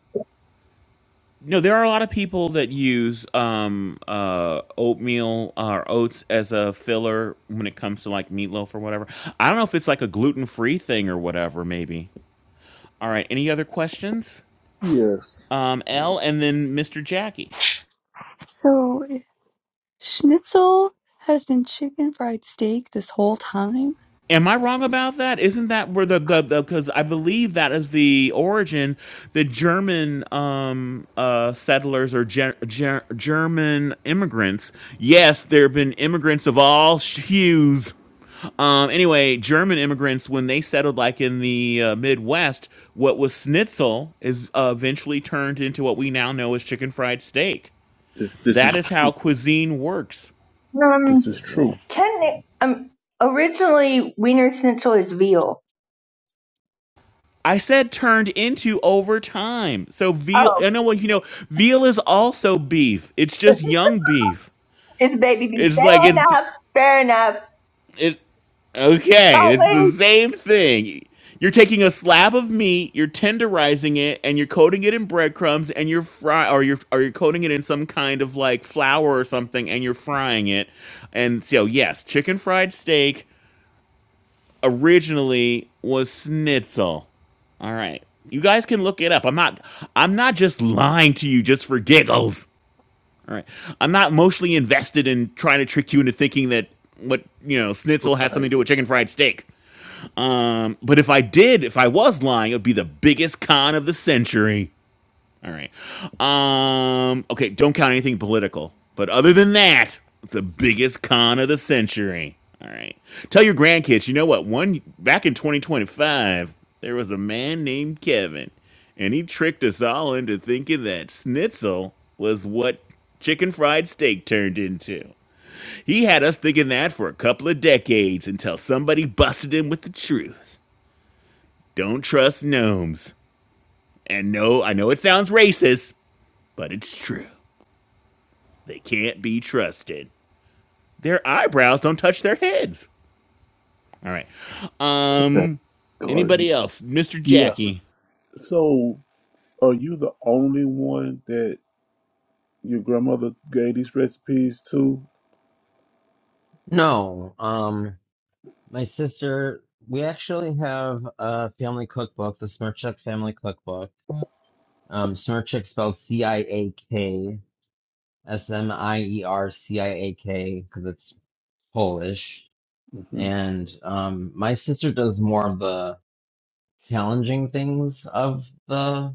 [SPEAKER 4] No, there are a lot of people that use um, uh, oatmeal or oats as a filler when it comes to like meatloaf or whatever. I don't know if it's like a gluten free thing or whatever, maybe. All right. Any other questions?
[SPEAKER 8] Yes.
[SPEAKER 4] Um, L and then Mr. Jackie.
[SPEAKER 9] So schnitzel has been chicken fried steak this whole time?
[SPEAKER 4] Am I wrong about that? Isn't that where the the because I believe that is the origin, the German um uh settlers or ger- ger- German immigrants. Yes, there have been immigrants of all sh- hues. Um, anyway, German immigrants when they settled like in the uh, Midwest, what was schnitzel is uh, eventually turned into what we now know as chicken fried steak.
[SPEAKER 8] Th- This
[SPEAKER 4] That
[SPEAKER 8] is
[SPEAKER 4] is how cuisine works.
[SPEAKER 8] this
[SPEAKER 14] Um,
[SPEAKER 8] is true.
[SPEAKER 14] technic- um, originally Wiener Schnitzel is veal.
[SPEAKER 4] I said turned into over time. So veal,
[SPEAKER 14] Oh,
[SPEAKER 4] I know what you know. Veal is also beef. It's just
[SPEAKER 14] [laughs]
[SPEAKER 4] young beef.
[SPEAKER 14] it's baby beef.
[SPEAKER 4] It's like
[SPEAKER 14] Fair
[SPEAKER 4] it's
[SPEAKER 14] enough. Fair enough.
[SPEAKER 4] it. Okay,
[SPEAKER 14] Salt
[SPEAKER 4] it's the
[SPEAKER 14] wait,
[SPEAKER 4] same thing. You're taking a slab of meat, you're tenderizing it, and you're coating it in breadcrumbs, and you're fry or you're or you're coating it in some kind of like flour or something, and you're frying it. And so yes, chicken fried steak originally was schnitzel. All right. You guys can look it up. I'm not I'm not just lying to you just for giggles. All right. I'm not emotionally invested in trying to trick you into thinking that what, you know, schnitzel has something
[SPEAKER 8] Right.
[SPEAKER 4] to do with chicken fried steak. Um, but if I did, if I was lying, it would be the biggest con of the century. All right. Um. Okay. Don't count anything political. But other than that, the biggest con of the century. All right. Tell your grandkids. You know what? One back in 2025, there was a man named Kevin, and he tricked us all into thinking that schnitzel was what chicken fried steak turned into. He had us thinking that for a couple of decades until somebody busted him with the truth. Don't trust gnomes. And no, I know it sounds racist, but it's true. They can't be trusted. Their eyebrows don't touch their heads. All right. Um
[SPEAKER 8] garden.
[SPEAKER 4] anybody else? Mr.
[SPEAKER 8] Yeah.
[SPEAKER 4] Jackie.
[SPEAKER 8] So, are you the only one that your grandmother gave these recipes to?
[SPEAKER 2] No, um My sister, we actually have a family cookbook, the Smirchuk family cookbook. Um, Smirchuk spelled C-I-A-K, S-M-I-E-R-C-I-A-K, because it's Polish.
[SPEAKER 8] hmm
[SPEAKER 2] And um, my sister does more of the challenging things of the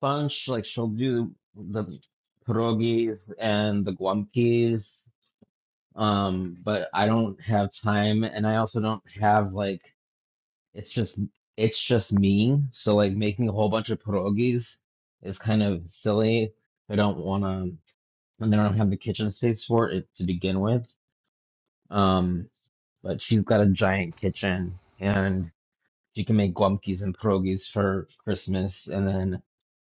[SPEAKER 2] bunch. Like she'll do the pierogies and the guamkis. Um, but I don't have time, and I also don't have like it's just it's just me. So like making a whole bunch of pierogies is kind of silly. I don't want to, and they don't have the kitchen space for it to begin with. Um, but she's got a giant kitchen, and she can make glumpies and pierogies for Christmas, and then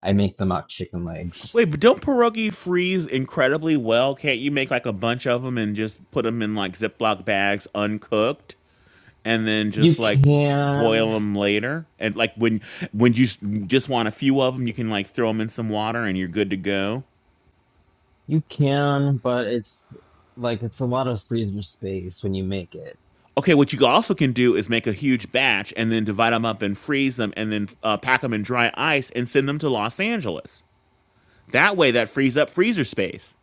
[SPEAKER 2] I make them out chicken legs.
[SPEAKER 4] Wait, but don't pierogi freeze incredibly well? Can't you make like a bunch of them and just put them in like Ziploc bags uncooked and then
[SPEAKER 2] You
[SPEAKER 4] just like
[SPEAKER 2] can,
[SPEAKER 4] boil them later? And like when when you s- just want a few of them, you can like throw them in some water and you're good to go.
[SPEAKER 2] you can, but it's like it's a lot of freezer space when you make it.
[SPEAKER 4] Okay, what you also can do is make a huge batch and then divide them up and freeze them and then uh, pack them in dry ice and send them to Los Angeles. That way, that frees up freezer space.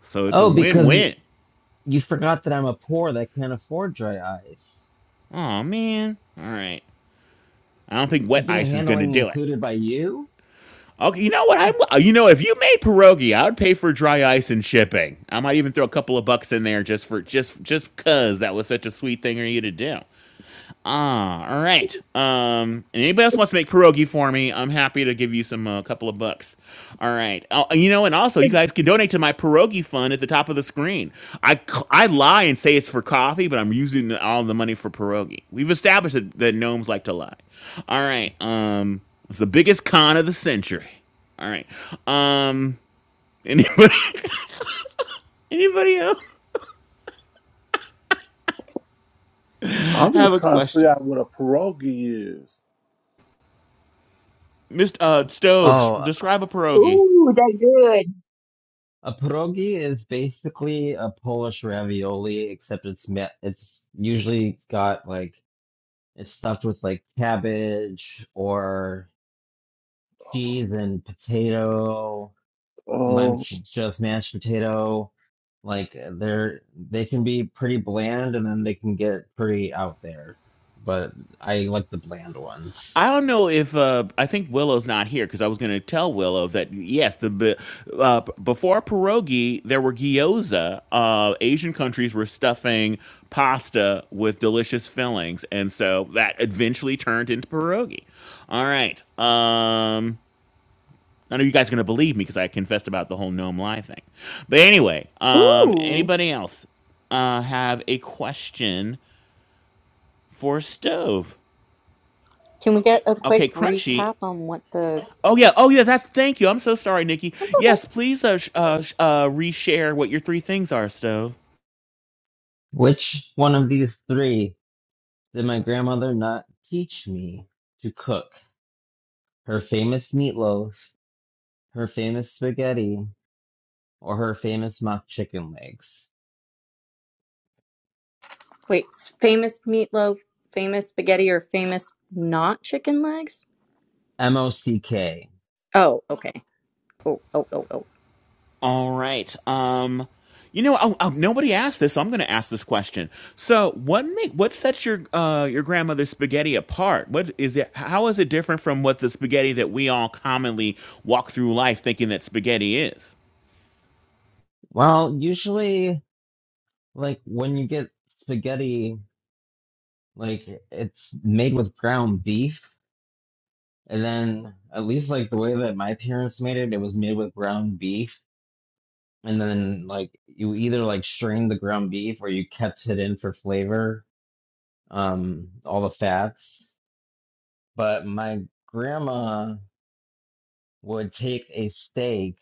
[SPEAKER 4] So it's a
[SPEAKER 2] Oh,
[SPEAKER 4] win
[SPEAKER 2] because
[SPEAKER 4] win.
[SPEAKER 2] You forgot that I'm a poor that can't afford dry ice.
[SPEAKER 4] Oh, man. All right. I don't think wet
[SPEAKER 2] Shipping and
[SPEAKER 4] ice is going to
[SPEAKER 2] handling
[SPEAKER 4] do it.
[SPEAKER 2] included by you?
[SPEAKER 4] Okay, you know what? I'm, uh, you know, if you made pierogi, I would pay for dry ice and shipping. I might even throw a couple of bucks in there just for just just 'cause that was such a sweet thing for you to do. Ah, all right. Um, and anybody else wants to make pierogi for me, I'm happy to give you some a uh, couple of bucks. All right. Oh, you know, and also you
[SPEAKER 14] is,
[SPEAKER 4] guys can donate to my pierogi fund at the top of the screen. I c- I lie and say it's for coffee, but I'm using all the money for pierogi. We've established that, that gnomes like to lie. All right. Um, it's the biggest con of the century. All right. Um, anybody [laughs] anybody else
[SPEAKER 8] I'm
[SPEAKER 4] have
[SPEAKER 8] just
[SPEAKER 4] a
[SPEAKER 8] trying to figure
[SPEAKER 4] question?
[SPEAKER 8] out what a pierogi is.
[SPEAKER 4] Mr. Uh, Stove, s-
[SPEAKER 2] Oh,
[SPEAKER 4] describe a pierogi.
[SPEAKER 14] ooh, they're good.
[SPEAKER 2] A pierogi is basically a Polish ravioli, except it's ma- it's usually got like it's stuffed with like cabbage or cheese and potato. Sometimes
[SPEAKER 8] Oh,
[SPEAKER 2] j- just mashed potato. Like uh, they're they can be pretty bland, and then they can get pretty out there. But I like the bland ones.
[SPEAKER 4] I don't know if uh, I think Willow's not here because I was going to tell Willow that yes, the b- uh, b- before pierogi there were gyoza. Uh, Asian countries were stuffing pasta with delicious fillings, and so that eventually turned into pierogi. All right. Um, I know you guys are going to believe me because I confessed about the whole gnome lie thing. But anyway, um,
[SPEAKER 15] Ooh.
[SPEAKER 4] anybody else uh, have a question for Stove?
[SPEAKER 15] Can we get a
[SPEAKER 4] Okay,
[SPEAKER 15] quick
[SPEAKER 4] Crunchy,
[SPEAKER 15] recap on what the
[SPEAKER 4] Oh yeah, oh yeah. That's thank you. I'm so sorry, Nikki.
[SPEAKER 15] That's
[SPEAKER 4] Yes,
[SPEAKER 15] okay.
[SPEAKER 4] please uh, sh- uh, sh- uh reshare what your three things are, Stove.
[SPEAKER 2] Which one of these three did my grandmother not teach me to cook? Her famous meatloaf, her famous spaghetti, or her famous mock chicken legs?
[SPEAKER 15] Wait, s- famous meatloaf, famous spaghetti, or famous not chicken legs?
[SPEAKER 2] M O C K.
[SPEAKER 15] Oh, okay. Oh, oh, oh, oh.
[SPEAKER 4] All right. Um, You know, oh, oh, nobody asked this, so I'm going to ask this question. So, what make what sets your uh, your grandmother's spaghetti apart? What is it? How is it different from what the spaghetti that we all commonly walk through life thinking that spaghetti is?
[SPEAKER 2] Well, usually, like when you get spaghetti Like it's made with ground beef. And then at least like the way that my parents made it, it was made with ground beef. And then like you either like strained the ground beef or you kept it in for flavor, um, all the fats. But my grandma would take a steak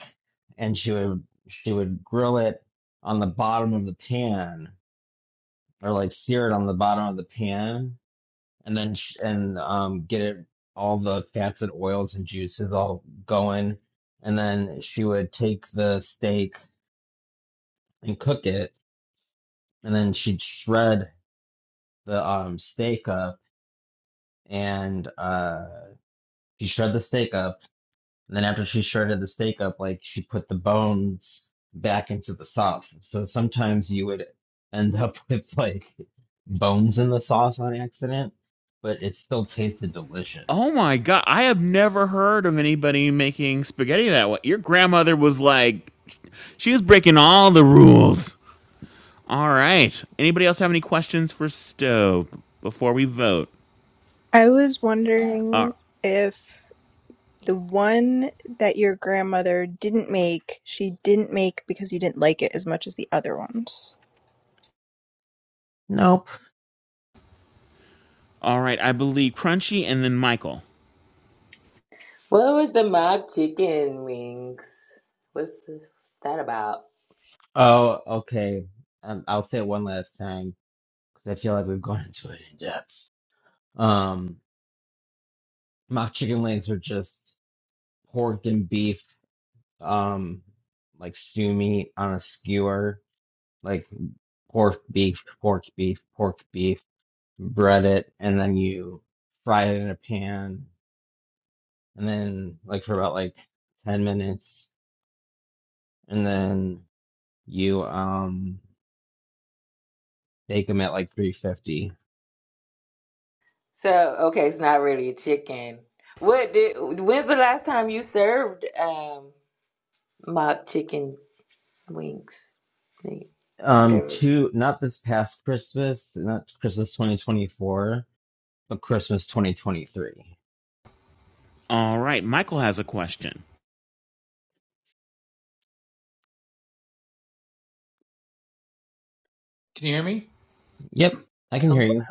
[SPEAKER 2] and she would she would grill it on the bottom of the pan or like sear it on the bottom of the pan and then and um get it all the fats and oils and juices all going and then she would take the steak and cook it and then she'd shred the um steak up and uh she shred the steak up and then after she shredded the steak up like she put the bones back into the sauce so sometimes you would end up [laughs] with like bones in the sauce on accident but it still tasted delicious
[SPEAKER 4] Oh my god, I have never heard of anybody making spaghetti that way. Your grandmother was like, she was breaking all the rules. All right. Anybody else have any questions for Stowe before we vote?
[SPEAKER 7] I was
[SPEAKER 4] Uh,
[SPEAKER 7] wondering if the one that your grandmother didn't make, she didn't make because you didn't like it as much as the other ones.
[SPEAKER 2] Nope.
[SPEAKER 4] all right. I believe Crunchy and then Michael.
[SPEAKER 16] What was the mock chicken wings? What's that about?
[SPEAKER 2] Oh, okay. Um, I'll say it one last time because I feel like we've [laughs] gone into it in depth. Um, mock chicken legs are just pork and beef, um, like stew meat on a skewer, like pork beef, pork beef, pork beef, bread it, and then you fry it in a pan, and then like for about like 10 minutes, and then you um bake them at like 350.
[SPEAKER 16] So, okay, it's not really a chicken. What did, when's the last time you served um mock chicken wings? Like,
[SPEAKER 2] Um,
[SPEAKER 16] Whatever.
[SPEAKER 2] two, not this past Christmas, not Christmas 2024, but Christmas 2023.
[SPEAKER 4] All right. Michael has a question.
[SPEAKER 17] Can you hear me?
[SPEAKER 2] Yep, I can hear
[SPEAKER 17] Hello,
[SPEAKER 2] you.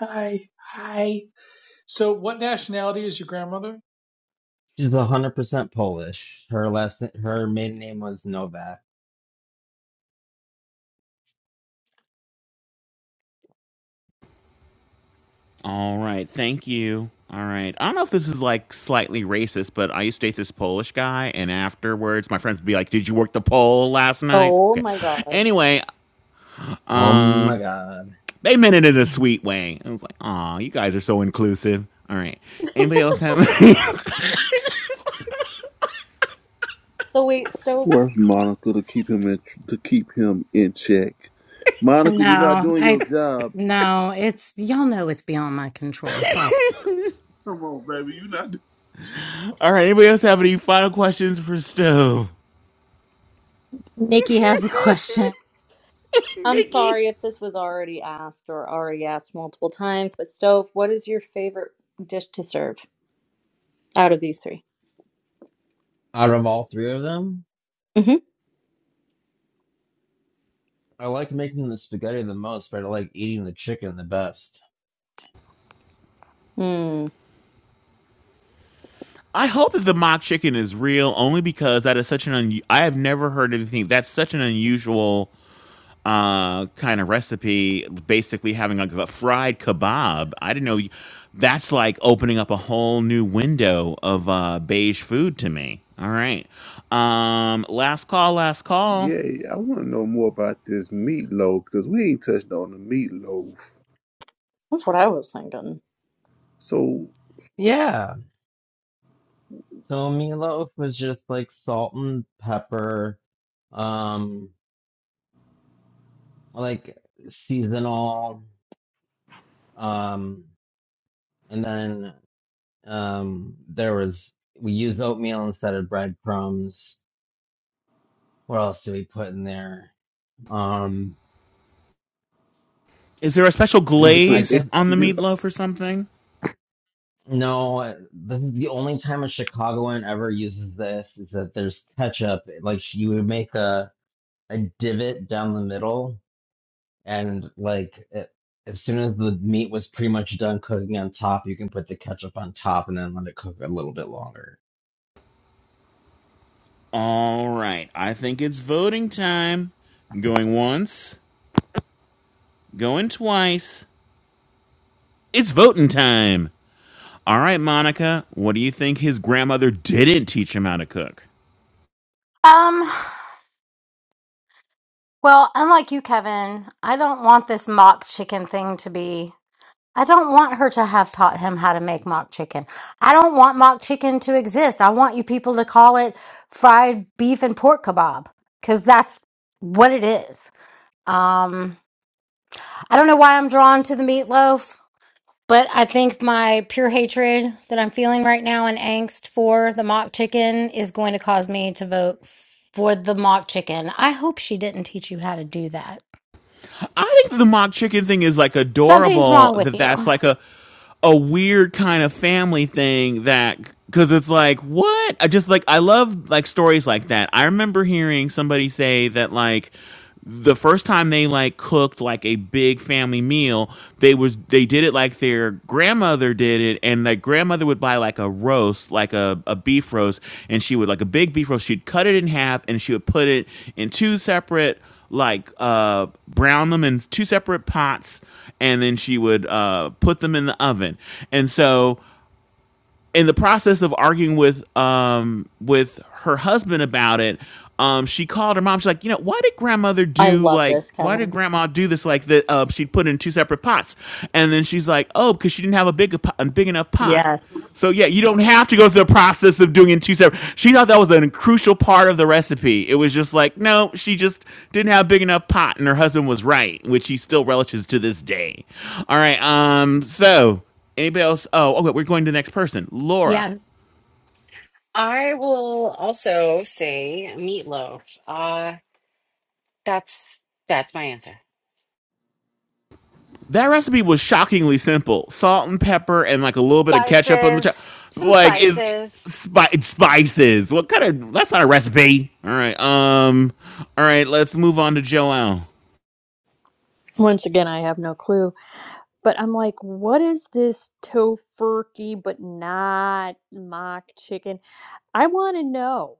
[SPEAKER 17] hi, hi. So, what nationality is your grandmother?
[SPEAKER 2] She's 100% Polish. Her last, her maiden name was Novak.
[SPEAKER 4] All right. Thank you. All right. I don't know if this is like slightly racist, but I used to date this Polish guy, and afterwards, my friends would be like, "Did you work the poll last night?"
[SPEAKER 15] Oh
[SPEAKER 4] Okay.
[SPEAKER 15] my god.
[SPEAKER 4] Anyway,
[SPEAKER 2] Oh my
[SPEAKER 4] um,
[SPEAKER 2] God.
[SPEAKER 4] they meant it in a sweet way. I was like, "Aw, you guys are so inclusive." All right. Anybody else have? [laughs]
[SPEAKER 15] So wait, stove.
[SPEAKER 8] where's Monica to keep him in to keep him in check? Monica, you're
[SPEAKER 1] No,
[SPEAKER 8] not doing your
[SPEAKER 1] I
[SPEAKER 8] job.
[SPEAKER 1] no.
[SPEAKER 8] Come on, baby, you're not. Do-
[SPEAKER 4] all right. Anybody else have any final questions for Stowe?
[SPEAKER 1] Nikki has a question.
[SPEAKER 15] I'm
[SPEAKER 4] Mickey.
[SPEAKER 15] sorry if this was already asked or already asked multiple times, but stove, what is your favorite dish to serve out of these three?
[SPEAKER 2] Out of all three of them,
[SPEAKER 15] Mm-hmm.
[SPEAKER 2] I like making the spaghetti the most, but I like eating the chicken the best.
[SPEAKER 15] Mm,
[SPEAKER 4] I hope that the mock chicken is real, only because that is such an un- I have never heard anything that's such an unusual uh, kind of recipe. Basically, having like a fried kebab. I didn't know that's like opening up a whole new window of uh, beige food to me. All right, um, last call, last call.
[SPEAKER 8] yeah, I want to know more about this meatloaf because we ain't touched on the meatloaf.
[SPEAKER 15] that's what I was thinking.
[SPEAKER 8] So,
[SPEAKER 2] Yeah. So meatloaf was just like salt and pepper, um, like seasonal, um, and then Um, there was we used oatmeal instead of breadcrumbs. What else did we put in there? Um,
[SPEAKER 4] Is there a special
[SPEAKER 8] did you
[SPEAKER 2] I
[SPEAKER 8] put
[SPEAKER 4] glaze
[SPEAKER 2] guess
[SPEAKER 4] on the
[SPEAKER 8] eggs?
[SPEAKER 4] meatloaf or something?
[SPEAKER 2] no. This is the only time a Chicagoan ever uses this is that there's ketchup. Like you would make a a divot down the middle and like it, as soon as the meat was pretty much done cooking on top, you can put the ketchup on top and then let it cook a little bit longer.
[SPEAKER 4] All right, I think it's voting time. Going once, going twice. It's voting time. All right, Monica, what do you think his grandmother didn't teach him how to cook?
[SPEAKER 1] Um, well, unlike you, Kevin, I don't want this mock chicken thing to be. I don't want her to have taught him how to make mock chicken. I don't want mock chicken to exist. I want you people to call it fried beef and pork kebab because that's what it is. Um, I don't know why I'm drawn to the meatloaf. But I think my pure hatred that I'm feeling right now and angst for the mock chicken is going to cause me to vote for the mock chicken. I hope she didn't teach you how to do that.
[SPEAKER 4] I think the mock chicken thing is like
[SPEAKER 1] Something's
[SPEAKER 4] adorable.
[SPEAKER 1] wrong with
[SPEAKER 4] That
[SPEAKER 1] you.
[SPEAKER 4] that's like a a weird kind of family thing that because it's like what I just like I love like stories like that. I remember hearing somebody say that like the first time they like cooked like a big family meal they was they did it like their grandmother did it and like grandmother would buy like a roast like a, a beef roast and she would like a big beef roast she'd cut it in half and she would put it in two separate like uh, brown them in two separate pots, and then she would uh, put them in the oven. And so in the process of arguing with um with her husband about it, um she called her mom. She's like, you know, why did grandmother
[SPEAKER 15] I
[SPEAKER 4] do
[SPEAKER 15] love
[SPEAKER 4] like
[SPEAKER 15] this,
[SPEAKER 4] why did
[SPEAKER 15] Kevin.
[SPEAKER 4] grandma do this like that? Uh, she'd put in two separate pots, and then she's like, oh, because she didn't have a big a big enough pot.
[SPEAKER 15] Yes.
[SPEAKER 4] So yeah, you don't have to go through the process of doing it in two separate. She thought that was a crucial part of the recipe. It was just like, no, she just didn't have a big enough pot, and her husband was right, which he still relishes to this day. All right, um, so Anybody else? Oh, okay. We're going to the next person. Laura.
[SPEAKER 1] Yes.
[SPEAKER 3] I will also say meatloaf. Uh that's that's my answer.
[SPEAKER 4] That recipe was shockingly simple: salt and pepper, and like a little bit of ketchup on the top.
[SPEAKER 3] Spices, some
[SPEAKER 4] Like is
[SPEAKER 3] spices.
[SPEAKER 4] spi- spices. What kind of? That's not a recipe. All right. Um. All right. Let's move on to Joelle.
[SPEAKER 11] Once again, I have no clue, but I'm like, what is this tofurkey but not mock chicken? I want to know.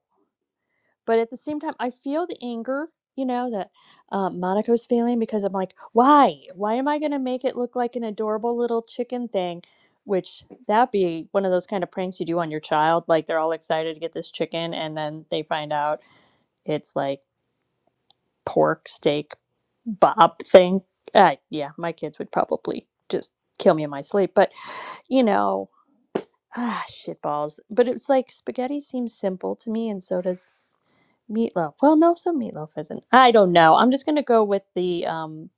[SPEAKER 11] but at the same time i feel the anger you know that uh, monica's feeling because i'm like why why am i going to make it look like an adorable little chicken thing which that would be one of those kind of pranks you do on your child like they're all excited to get this chicken and then they find out it's like pork steak bob thing uh, yeah my kids would probably just kill me in my sleep but you know ah shit balls but it's like spaghetti seems simple to me and so does Meatloaf. Well, no, some meatloaf isn't. I don't know. I'm just gonna go with the um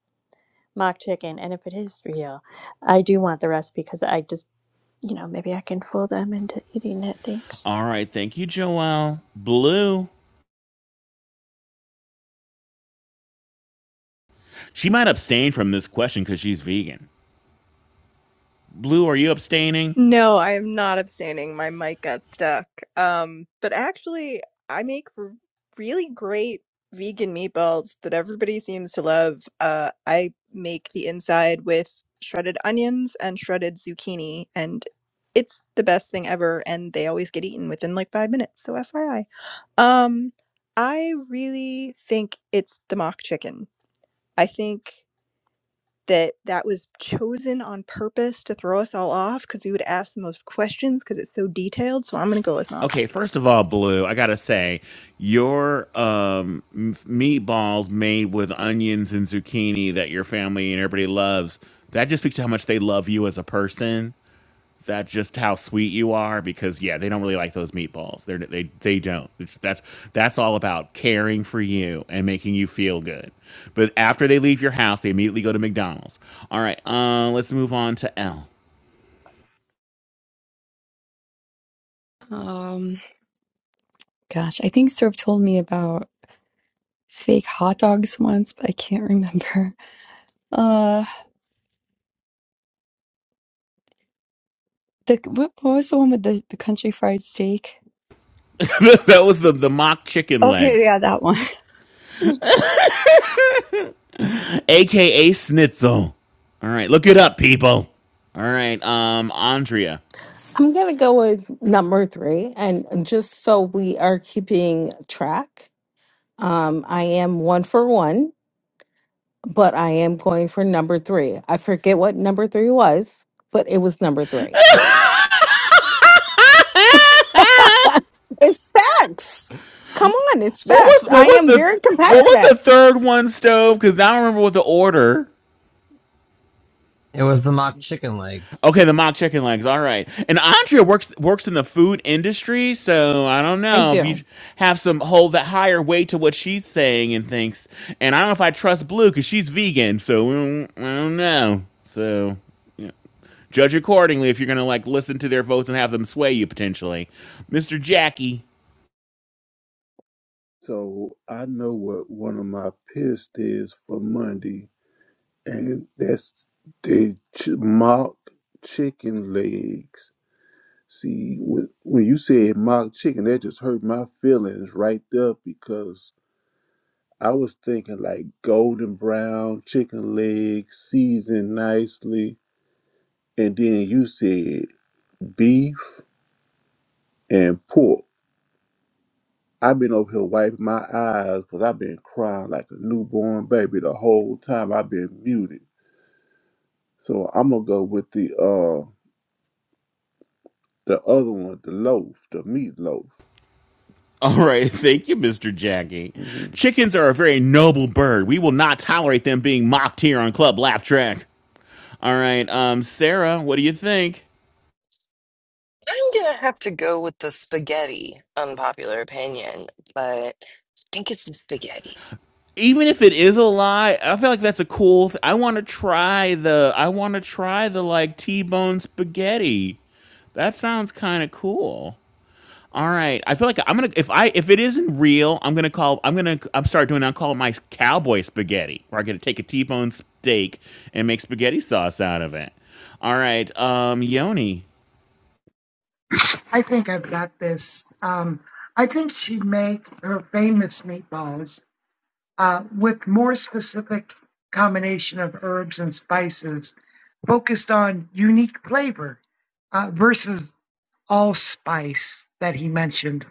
[SPEAKER 11] mock chicken, and if it is real, I do want the recipe because I just, you know, maybe I can fool them into eating it. Thanks.
[SPEAKER 4] All right. Thank you, Joelle. Blue. She might abstain from this question because she's vegan. Blue, are you abstaining?
[SPEAKER 7] No, I am not abstaining. My mic got stuck. Um, but actually, I make r- really great vegan meatballs that everybody seems to love. Uh, I make the inside with shredded onions and shredded zucchini, and it's the best thing ever. And they always get eaten within like five minutes. So FYI, um, I really think it's the mock chicken. I think that that was chosen on purpose to throw us all off because we would ask the most questions because it's so detailed. So I'm going to go with mock
[SPEAKER 4] Okay,
[SPEAKER 7] chicken.
[SPEAKER 4] first of all, Blue, I gotta say, your um, m- meatballs made with onions and zucchini that your family and everybody loves, that just speaks to how much they love you as a person. That just how sweet you are, because yeah, they don't really like those meatballs. They're, they they don't. It's- That's that's all about caring for you and making you feel good. But after they leave your house, they immediately go to McDonald's. All right, uh, let's move on to L.
[SPEAKER 9] Um, gosh, I think Serb told me about fake hot dogs once, but I can't [laughs] remember. Uh, the what, what was the one with the, the country fried steak?
[SPEAKER 4] [laughs] that was the the mock chicken
[SPEAKER 9] Okay,
[SPEAKER 4] legs.
[SPEAKER 9] yeah, that one. [laughs] [laughs]
[SPEAKER 4] aka Snitzel. All right, look it up, people. All right, um, Andrea.
[SPEAKER 6] I'm going to go with number three. And just so we are keeping track, um, I am one for one, but I am going for number three. I forget what number three was, but it was number
[SPEAKER 4] [laughs] what
[SPEAKER 6] three. [laughs] That's, it's facts. Come on, it's
[SPEAKER 4] was
[SPEAKER 6] facts.
[SPEAKER 4] what
[SPEAKER 6] I
[SPEAKER 4] was
[SPEAKER 6] am
[SPEAKER 4] the
[SPEAKER 6] very
[SPEAKER 4] what was the
[SPEAKER 6] competitive.
[SPEAKER 4] third one stove? Because I don't remember what the order.
[SPEAKER 2] It was the mock chicken legs.
[SPEAKER 4] Okay, the mock chicken legs. All right, and Andrea works works in the food industry, so I don't
[SPEAKER 6] I
[SPEAKER 4] know if you
[SPEAKER 6] do.
[SPEAKER 4] have some hold that higher weight to what she's saying and thinks. And I don't know if I trust Blue because she's vegan, so we don't- I don't know. So yeah. Judge accordingly if you're going to like listen to their votes and have them sway you potentially. Mr. Jackie.
[SPEAKER 8] So I know what one of my picks is for Monday, and that's the ch- mock chicken legs. See, when, when you said mock chicken, that just hurt my feelings right there because I was thinking like golden brown chicken legs, seasoned nicely, and then you said beef and pork. I've been over here wiping my eyes because I've been crying like a newborn baby the whole time I've been muted. So I'm gonna go with the uh the other one, the loaf, the meatloaf.
[SPEAKER 4] [laughs] All right, thank you, Mr. Jackie.
[SPEAKER 8] hmm
[SPEAKER 4] Chickens are a very noble bird. We will not tolerate them being mocked here on Club Laugh Track. All right, um, Sarah, what do you think?
[SPEAKER 12] I'm gonna have to go with the spaghetti, unpopular opinion, but I think it's the spaghetti.
[SPEAKER 4] Even if it is a lie, I feel like that's a cool. Th- I want to try the. I want to try the like T-bone spaghetti. That sounds kind of cool. All right. I feel like I'm gonna if I if it isn't real, I'm gonna call I'm gonna I'm start doing I'll call it my cowboy spaghetti, where I'm gonna take a T-bone steak and make spaghetti sauce out of it. All right, um, Yoni.
[SPEAKER 13] I think I've got this. Um, I think she made her famous meatballs uh, with more specific combination of herbs and spices, focused on unique flavor uh, versus allspice that he mentioned.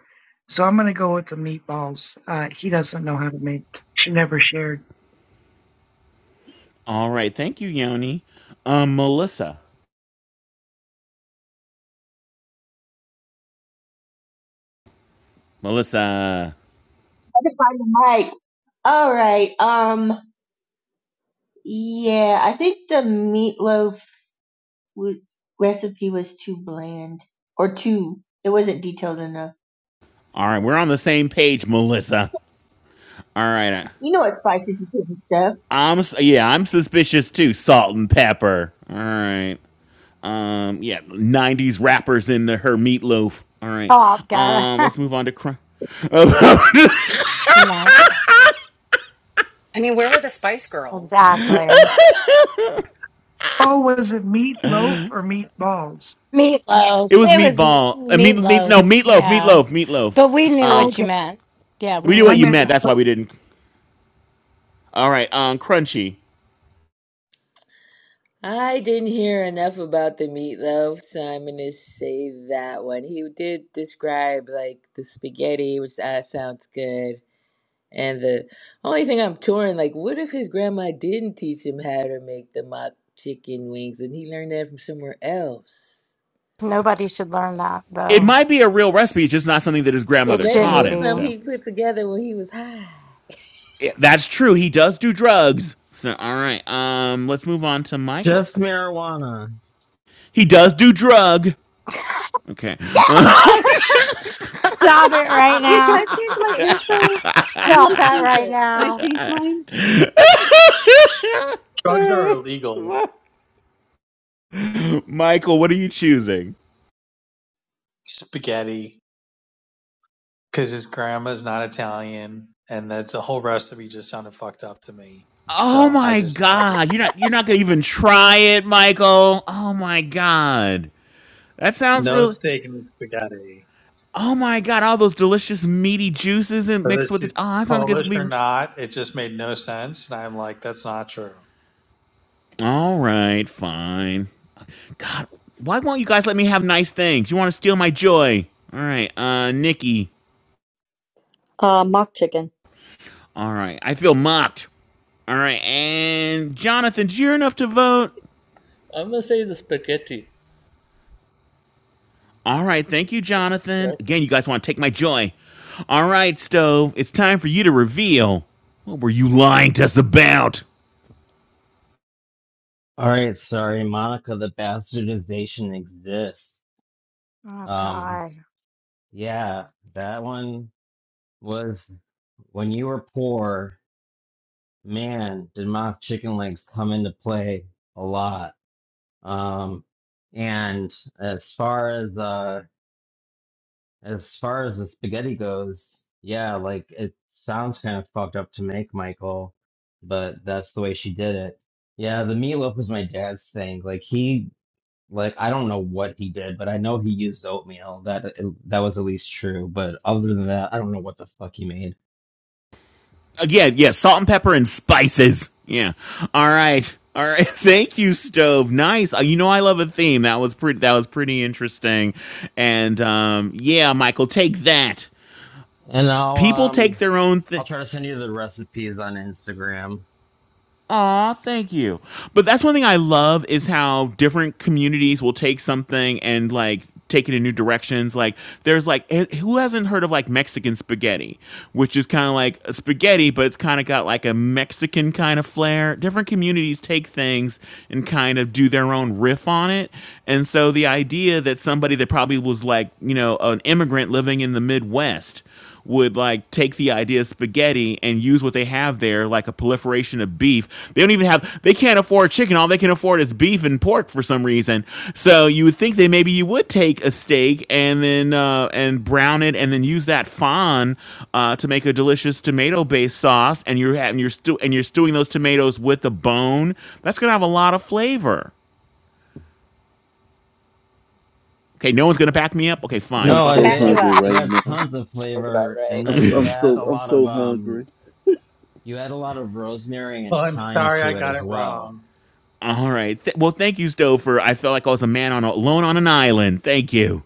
[SPEAKER 13] So I'm going to go with the meatballs. Uh, he doesn't know how to make. She never shared.
[SPEAKER 4] All right, thank you, Yoni. Um, Melissa. Melissa.
[SPEAKER 14] I can find the mic. All right. Um, yeah, I think the meatloaf w- recipe was too bland or too. It wasn't detailed enough.
[SPEAKER 4] All right, we're on the same page, Melissa. All right.
[SPEAKER 14] You know what spices you put in stuff?
[SPEAKER 4] I'm s- yeah, I'm suspicious too, salt and pepper. All right. Um, yeah, 90s rappers in the her meatloaf. All right.
[SPEAKER 1] Top guy.
[SPEAKER 4] Um,
[SPEAKER 1] [laughs]
[SPEAKER 4] let's move on to crime.
[SPEAKER 1] no,
[SPEAKER 3] I mean, where were the Spice Girls?
[SPEAKER 1] exactly.
[SPEAKER 13] Oh, was it meatloaf or meatballs?
[SPEAKER 1] Meatloaf.
[SPEAKER 4] It was
[SPEAKER 1] It was m-
[SPEAKER 4] meatball. Uh, meat, meat, no,
[SPEAKER 1] meatloaf.
[SPEAKER 4] meatloaf,
[SPEAKER 1] Yeah.
[SPEAKER 4] meatloaf, meatloaf.
[SPEAKER 1] But we knew
[SPEAKER 4] Uh,
[SPEAKER 13] Oh,
[SPEAKER 1] what you
[SPEAKER 13] yeah.
[SPEAKER 1] meant. Yeah, we
[SPEAKER 4] we knew
[SPEAKER 1] knew
[SPEAKER 13] I
[SPEAKER 4] what you
[SPEAKER 1] what
[SPEAKER 13] meant
[SPEAKER 1] you
[SPEAKER 4] meant.
[SPEAKER 1] meant.
[SPEAKER 4] That's why we didn't. All right, um, crunchy.
[SPEAKER 16] I didn't hear enough about the meatloaf, so I'm gonna say that one. He did describe like the spaghetti, which uh, sounds good. And the only thing I'm touring, like, what if his grandma didn't teach him how to make the mock chicken wings and he learned that from somewhere else?
[SPEAKER 1] Nobody should learn that,
[SPEAKER 4] It
[SPEAKER 1] though.
[SPEAKER 4] might be a real recipe, it's just not something that his
[SPEAKER 1] It
[SPEAKER 4] grandmother
[SPEAKER 16] Maybe it
[SPEAKER 4] taught
[SPEAKER 1] shouldn't
[SPEAKER 16] was
[SPEAKER 4] him.
[SPEAKER 1] be.
[SPEAKER 16] something
[SPEAKER 4] So
[SPEAKER 16] he put together when he was high.
[SPEAKER 4] Yeah, that's true. He does do drugs. So all right, um, let's move on to Michael.
[SPEAKER 2] Just marijuana.
[SPEAKER 4] He does do drug. Okay, uh,
[SPEAKER 15] [laughs]
[SPEAKER 1] [laughs]
[SPEAKER 3] [laughs]
[SPEAKER 1] Stop it right
[SPEAKER 9] Wait, can
[SPEAKER 1] now.
[SPEAKER 9] I change my answer? I need
[SPEAKER 1] Stop
[SPEAKER 9] to
[SPEAKER 3] I
[SPEAKER 1] that
[SPEAKER 9] change
[SPEAKER 1] right
[SPEAKER 9] it. Can I
[SPEAKER 1] now.
[SPEAKER 9] change mine?
[SPEAKER 17] Drugs are
[SPEAKER 4] [laughs]
[SPEAKER 17] illegal.
[SPEAKER 4] Michael, what are you choosing?
[SPEAKER 17] Spaghetti, because his grandma's not Italian, and that the whole recipe just sounded fucked up to me.
[SPEAKER 4] Oh
[SPEAKER 17] So I
[SPEAKER 4] my
[SPEAKER 17] just, I did
[SPEAKER 4] God, you're not you're not gonna even try it, Michael. Oh my God, that sounds
[SPEAKER 17] no
[SPEAKER 4] really.
[SPEAKER 17] steak and spaghetti,
[SPEAKER 4] Oh my god, all those delicious meaty juices and
[SPEAKER 17] whether
[SPEAKER 4] mixed with it.
[SPEAKER 17] she's
[SPEAKER 4] Oh, that sounds like it's
[SPEAKER 17] Polish
[SPEAKER 4] gonna
[SPEAKER 17] or
[SPEAKER 4] be
[SPEAKER 17] not. It just made no sense, and I'm like, that's not true.
[SPEAKER 4] all right, fine. god, why won't you guys let me have nice things? You want to steal my joy? All right, uh, Nikki.
[SPEAKER 15] Uh, mock chicken.
[SPEAKER 4] All right, I feel mocked. All right, and Jonathan, did you hear enough to vote?
[SPEAKER 18] I'm gonna say the spaghetti.
[SPEAKER 4] All right, thank you,
[SPEAKER 18] You're
[SPEAKER 4] Jonathan. Again,
[SPEAKER 18] welcome.
[SPEAKER 4] you guys want to take my joy. All right, Stove, it's time for you to reveal. What were you lying to us about?
[SPEAKER 2] All right, sorry, Monica, the bastardization exists.
[SPEAKER 1] Oh
[SPEAKER 2] Um,
[SPEAKER 1] God.
[SPEAKER 2] yeah, that one was when you were poor, man, did mock chicken legs come into play a lot. Um, and as far as uh as far as the spaghetti goes, yeah, like it sounds kind of fucked up to make, Michael, but that's the way she did it. Yeah, the meatloaf was my dad's thing. Like he Like I don't know what he did, but I know he used oatmeal. That that was at least true. But other than that, I don't know what the fuck he made.
[SPEAKER 4] Again, yeah, salt and pepper and spices. Yeah. All right. All right. [laughs] Thank you, stove. Nice. Uh, You know I love a theme. That was pretty. That was pretty interesting. And um, yeah, Michael, take that.
[SPEAKER 2] And I'll
[SPEAKER 4] People
[SPEAKER 2] um,
[SPEAKER 4] take their own.
[SPEAKER 2] I'll
[SPEAKER 4] thing.
[SPEAKER 2] try to send you the recipes on Instagram.
[SPEAKER 4] Aw, thank you. But that's one thing I love is how different communities will take something and like take it in new directions. Like there's like eh, who hasn't heard of like Mexican spaghetti, which is kind of like spaghetti, but it's kind of got like a Mexican kind of flair. Different communities take things and kind of do their own riff on it. And so the idea that somebody that probably was like, you know, an immigrant living in the Midwest would like take the idea of spaghetti and use what they have there, like a proliferation of beef. They don't even have, they can't afford chicken. All they can afford is beef and pork for some reason. So you would think that maybe you would take a steak and then uh, and brown it and then use that fond uh, to make a delicious tomato-based sauce. And you're having you're stew and you're stewing those tomatoes with the bone. That's gonna have a lot of flavor. Okay, no one's gonna back me up. Okay, fine.
[SPEAKER 8] I'm
[SPEAKER 2] No,
[SPEAKER 4] Fuck.
[SPEAKER 8] so
[SPEAKER 2] it
[SPEAKER 3] back you
[SPEAKER 2] adds
[SPEAKER 8] hungry
[SPEAKER 3] up.
[SPEAKER 2] it
[SPEAKER 8] right
[SPEAKER 2] adds
[SPEAKER 8] now.
[SPEAKER 2] tons of
[SPEAKER 12] Sounds about
[SPEAKER 2] flavor,
[SPEAKER 12] right.
[SPEAKER 2] and
[SPEAKER 8] I'm
[SPEAKER 2] then
[SPEAKER 8] so,
[SPEAKER 2] you
[SPEAKER 8] I'm
[SPEAKER 2] add
[SPEAKER 8] so
[SPEAKER 2] a
[SPEAKER 8] I'm
[SPEAKER 2] lot of
[SPEAKER 8] so
[SPEAKER 2] um,
[SPEAKER 8] hungry.
[SPEAKER 2] you add a lot of rosemary and
[SPEAKER 17] Well, I'm
[SPEAKER 2] thyme
[SPEAKER 17] sorry, I
[SPEAKER 2] to it
[SPEAKER 17] got
[SPEAKER 2] as
[SPEAKER 17] it
[SPEAKER 2] well.
[SPEAKER 17] wrong,
[SPEAKER 4] All right. Th- well, thank you, Stouffer. I felt like I was a man on a- alone on an island. Thank you.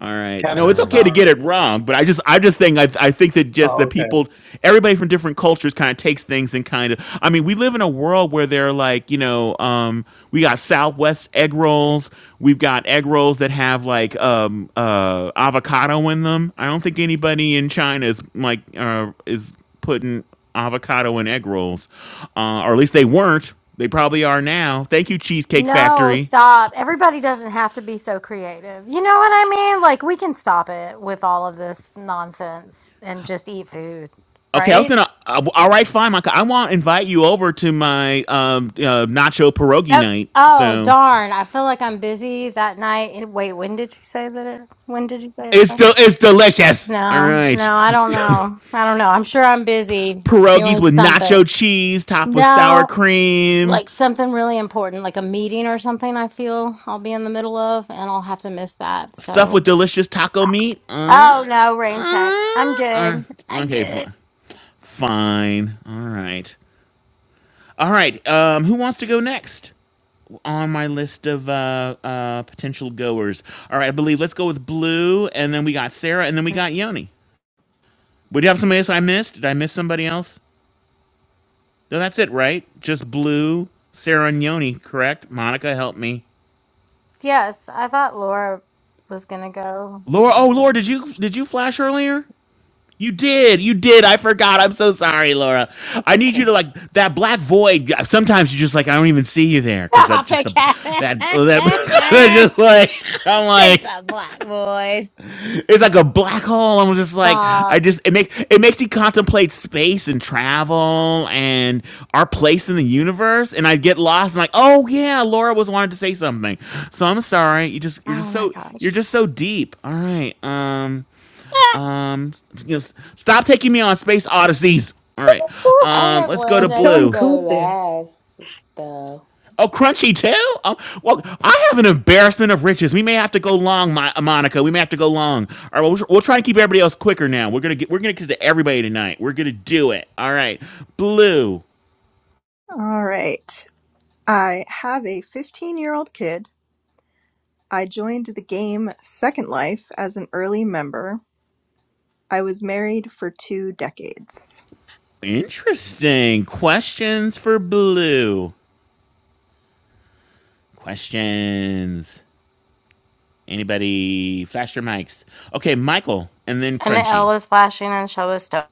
[SPEAKER 4] All right.
[SPEAKER 17] Kevin.
[SPEAKER 2] All
[SPEAKER 4] No, it's
[SPEAKER 17] I'm
[SPEAKER 4] okay
[SPEAKER 2] right.
[SPEAKER 4] to get
[SPEAKER 17] sorry.
[SPEAKER 4] it wrong, but I just I am just saying, I I think that just the
[SPEAKER 17] Oh, okay.
[SPEAKER 4] people everybody from different cultures kind of takes things and kind of I mean, we live in a world where they're like, you know, um we got Southwest egg rolls, we've got egg rolls that have like um uh avocado in them. I don't think anybody in China is like uh is putting avocado in egg rolls. Uh or at least they weren't. They probably are now. Thank you Cheesecake
[SPEAKER 1] No,
[SPEAKER 4] Factory.
[SPEAKER 1] stop. Everybody doesn't have to be so creative. You know what I mean? Like, we can stop it with all of this nonsense and just eat food,
[SPEAKER 4] Okay, I was
[SPEAKER 1] right?
[SPEAKER 4] gonna. Uh, all right, fine, Micah. I want to invite you over to my um uh, nacho pierogi
[SPEAKER 1] Nope.
[SPEAKER 4] night.
[SPEAKER 1] Oh,
[SPEAKER 4] So
[SPEAKER 1] darn. I feel like I'm busy that night. And wait, when did you say that? It, when did you say it
[SPEAKER 4] it's
[SPEAKER 1] was?
[SPEAKER 4] del- it's delicious. All
[SPEAKER 1] No,
[SPEAKER 4] right,
[SPEAKER 1] no, I don't know. I don't know. I'm sure I'm busy
[SPEAKER 4] pierogies
[SPEAKER 1] doing
[SPEAKER 4] with nacho
[SPEAKER 1] something.
[SPEAKER 4] cheese, topped with
[SPEAKER 1] No,
[SPEAKER 4] sour cream,
[SPEAKER 1] like something really important, like a meeting or something, I feel I'll be in the middle of, and I'll have to miss that.
[SPEAKER 4] stuffed with
[SPEAKER 1] So,
[SPEAKER 4] delicious taco meat. Uh,
[SPEAKER 1] oh no, rain check.
[SPEAKER 4] uh,
[SPEAKER 1] I'm
[SPEAKER 4] uh,
[SPEAKER 1] good. I'm
[SPEAKER 4] okay,
[SPEAKER 1] good.
[SPEAKER 4] fine, fine. All right, all right. Um, who wants to go next on my list of uh uh potential goers? All right, I believe let's go with Blue, and then we got Sarah, and then we got Yoni. Would you have somebody else I missed? Did I miss somebody else? No, that's it, right? Just Blue, Sarah and Yoni, correct? Monica, help me.
[SPEAKER 1] Yes, I thought Laura was gonna go.
[SPEAKER 4] Laura, oh Laura, did you did you flash earlier? You did, you did. I forgot. I'm so sorry, Laura.
[SPEAKER 3] It's
[SPEAKER 4] I need you to
[SPEAKER 3] okay.
[SPEAKER 4] like that black void. Sometimes you just like I don't even see you there
[SPEAKER 1] [laughs]
[SPEAKER 4] because that
[SPEAKER 1] Stop
[SPEAKER 4] just the
[SPEAKER 1] it,
[SPEAKER 4] that that, [laughs] that
[SPEAKER 1] Kevin. [laughs]
[SPEAKER 4] just like I'm
[SPEAKER 1] It's
[SPEAKER 4] like
[SPEAKER 1] a black void.
[SPEAKER 4] It's like a black hole. I'm just like I
[SPEAKER 1] Stop.
[SPEAKER 4] just it makes it makes you contemplate space and travel and our place in the universe. And I get lost and like, oh yeah, Laura was wanted to say something. So I'm sorry. You just you're
[SPEAKER 1] Oh
[SPEAKER 4] just
[SPEAKER 1] my
[SPEAKER 4] so you're
[SPEAKER 1] gosh.
[SPEAKER 4] just so deep. All right. Um
[SPEAKER 1] [laughs]
[SPEAKER 4] um you know stop taking me on space odysseys. All right.
[SPEAKER 16] I
[SPEAKER 4] Um
[SPEAKER 16] have
[SPEAKER 4] let's go to
[SPEAKER 16] one. I can
[SPEAKER 4] blue.
[SPEAKER 16] go last, though.
[SPEAKER 4] Oh, crunchy too? Oh, well, I have an embarrassment of riches. We may have to go long, my, Monica. We may have to go long. All right, we'll, we'll try to keep everybody else quicker now. We're gonna get we're gonna get to everybody tonight. We're gonna do it. All right, Blue.
[SPEAKER 7] All right. I have a 15 year old kid I joined the game Second Life as an early member. I was married for two decades.
[SPEAKER 4] Interesting questions for Blue. Questions. Anybody? Flash your mics. Okay, Michael, and then
[SPEAKER 1] and the L
[SPEAKER 4] Crunchy.
[SPEAKER 1] was flashing and show was stuff.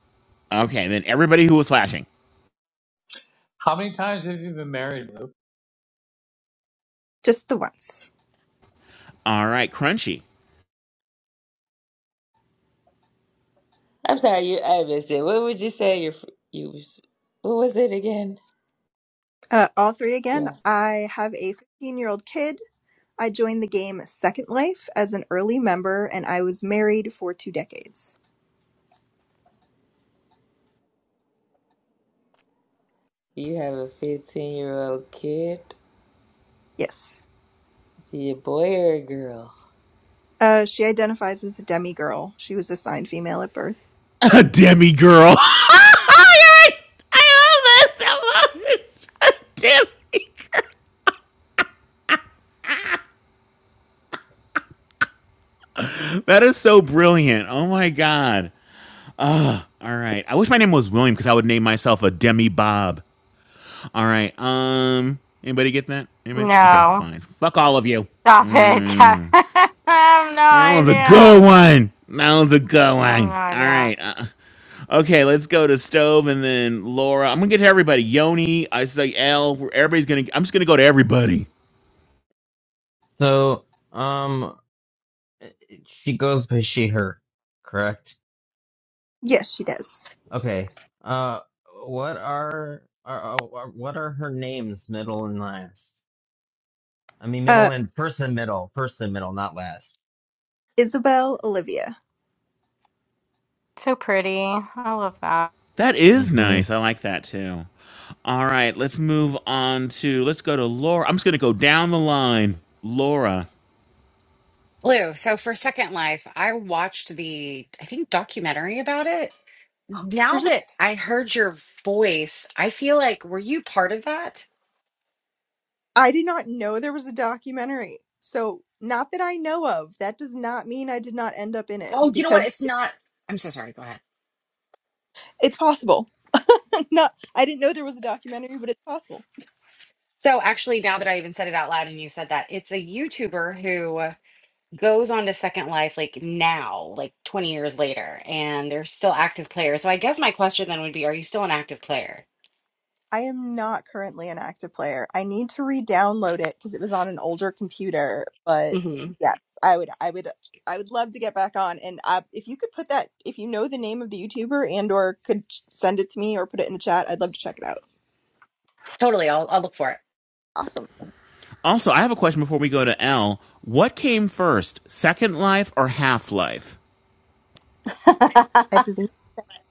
[SPEAKER 4] Okay, then everybody who was flashing.
[SPEAKER 17] How many times have you been married, Luke?
[SPEAKER 7] Just the once.
[SPEAKER 4] All right, Crunchy.
[SPEAKER 16] I'm sorry, you. I missed it. What would you say your f- you? was- What was it again?
[SPEAKER 7] Uh, all three again.
[SPEAKER 16] Yeah,
[SPEAKER 7] I have a 15 year old kid. I joined the game Second Life as an early member, and I was married for two decades.
[SPEAKER 16] you have a 15 year old kid.
[SPEAKER 7] Yes.
[SPEAKER 16] Is he a boy or a girl?
[SPEAKER 7] Uh, she identifies as a demigirl. She was assigned female at birth.
[SPEAKER 4] [laughs] a demi girl. [laughs] I love that so much. [laughs] A demi girl. That is so brilliant. Oh my god. All right. I wish my name was William because I would name myself a demi Bob. All right. Um. Anybody get that? Anybody? Okay.
[SPEAKER 1] No.
[SPEAKER 4] Fine. Fuck all of you.
[SPEAKER 1] Stop it, Kevin. [laughs] I have no
[SPEAKER 4] That was a
[SPEAKER 1] idea.
[SPEAKER 4] good one. That was a good
[SPEAKER 1] I have no
[SPEAKER 4] one. All
[SPEAKER 1] idea.
[SPEAKER 4] right. Uh, okay, let's go to stove and then Laura. I'm gonna get to everybody. Yoni, I say L. Everybody's gonna. I'm just gonna go to everybody.
[SPEAKER 2] So um, she goes by she her, correct?
[SPEAKER 7] Yes, she does.
[SPEAKER 2] Okay. Uh, what are, are, are what are her names, middle and last? I mean, middle
[SPEAKER 7] Uh,
[SPEAKER 2] and first and middle, first and middle, not last.
[SPEAKER 7] Isabel Olivia.
[SPEAKER 1] So pretty. I love that.
[SPEAKER 4] That is
[SPEAKER 2] Mm-hmm.
[SPEAKER 4] nice. I like that too. All right, let's move on to let's go to Laura. I'm just going to go down the line. Laura.
[SPEAKER 3] Lou, so for Second Life, I watched the I think documentary about it. Now
[SPEAKER 7] There's
[SPEAKER 3] that I heard your voice, I feel like were you part of that?
[SPEAKER 7] I did not know there was a documentary. So, not that I know of. That does not mean I did not end up in it
[SPEAKER 3] Oh, you know what?
[SPEAKER 7] because
[SPEAKER 3] It's not. I'm so sorry. Go ahead.
[SPEAKER 7] it's possible. [laughs] not I didn't know there was a documentary, but it's possible.
[SPEAKER 3] So actually, now that I even said it out loud and you said that, it's a YouTuber who goes on to Second Life like now, like 20 years later, and they're still active players. So I guess my question then would be, are you still an active player?
[SPEAKER 7] I am not currently an active player. I need to re-download it because it was on an older computer, but
[SPEAKER 3] hmm
[SPEAKER 7] yeah, I would I would I would love to get back on and uh, if you could put that if you know the name of the YouTuber and or could send it to me or put it in the chat, I'd love to check it out.
[SPEAKER 3] Totally. I'll I'll look for it.
[SPEAKER 7] Awesome.
[SPEAKER 4] Also, I have a question before we go to L. What came first, Second Life or Half Life?
[SPEAKER 15] [laughs]
[SPEAKER 7] I believe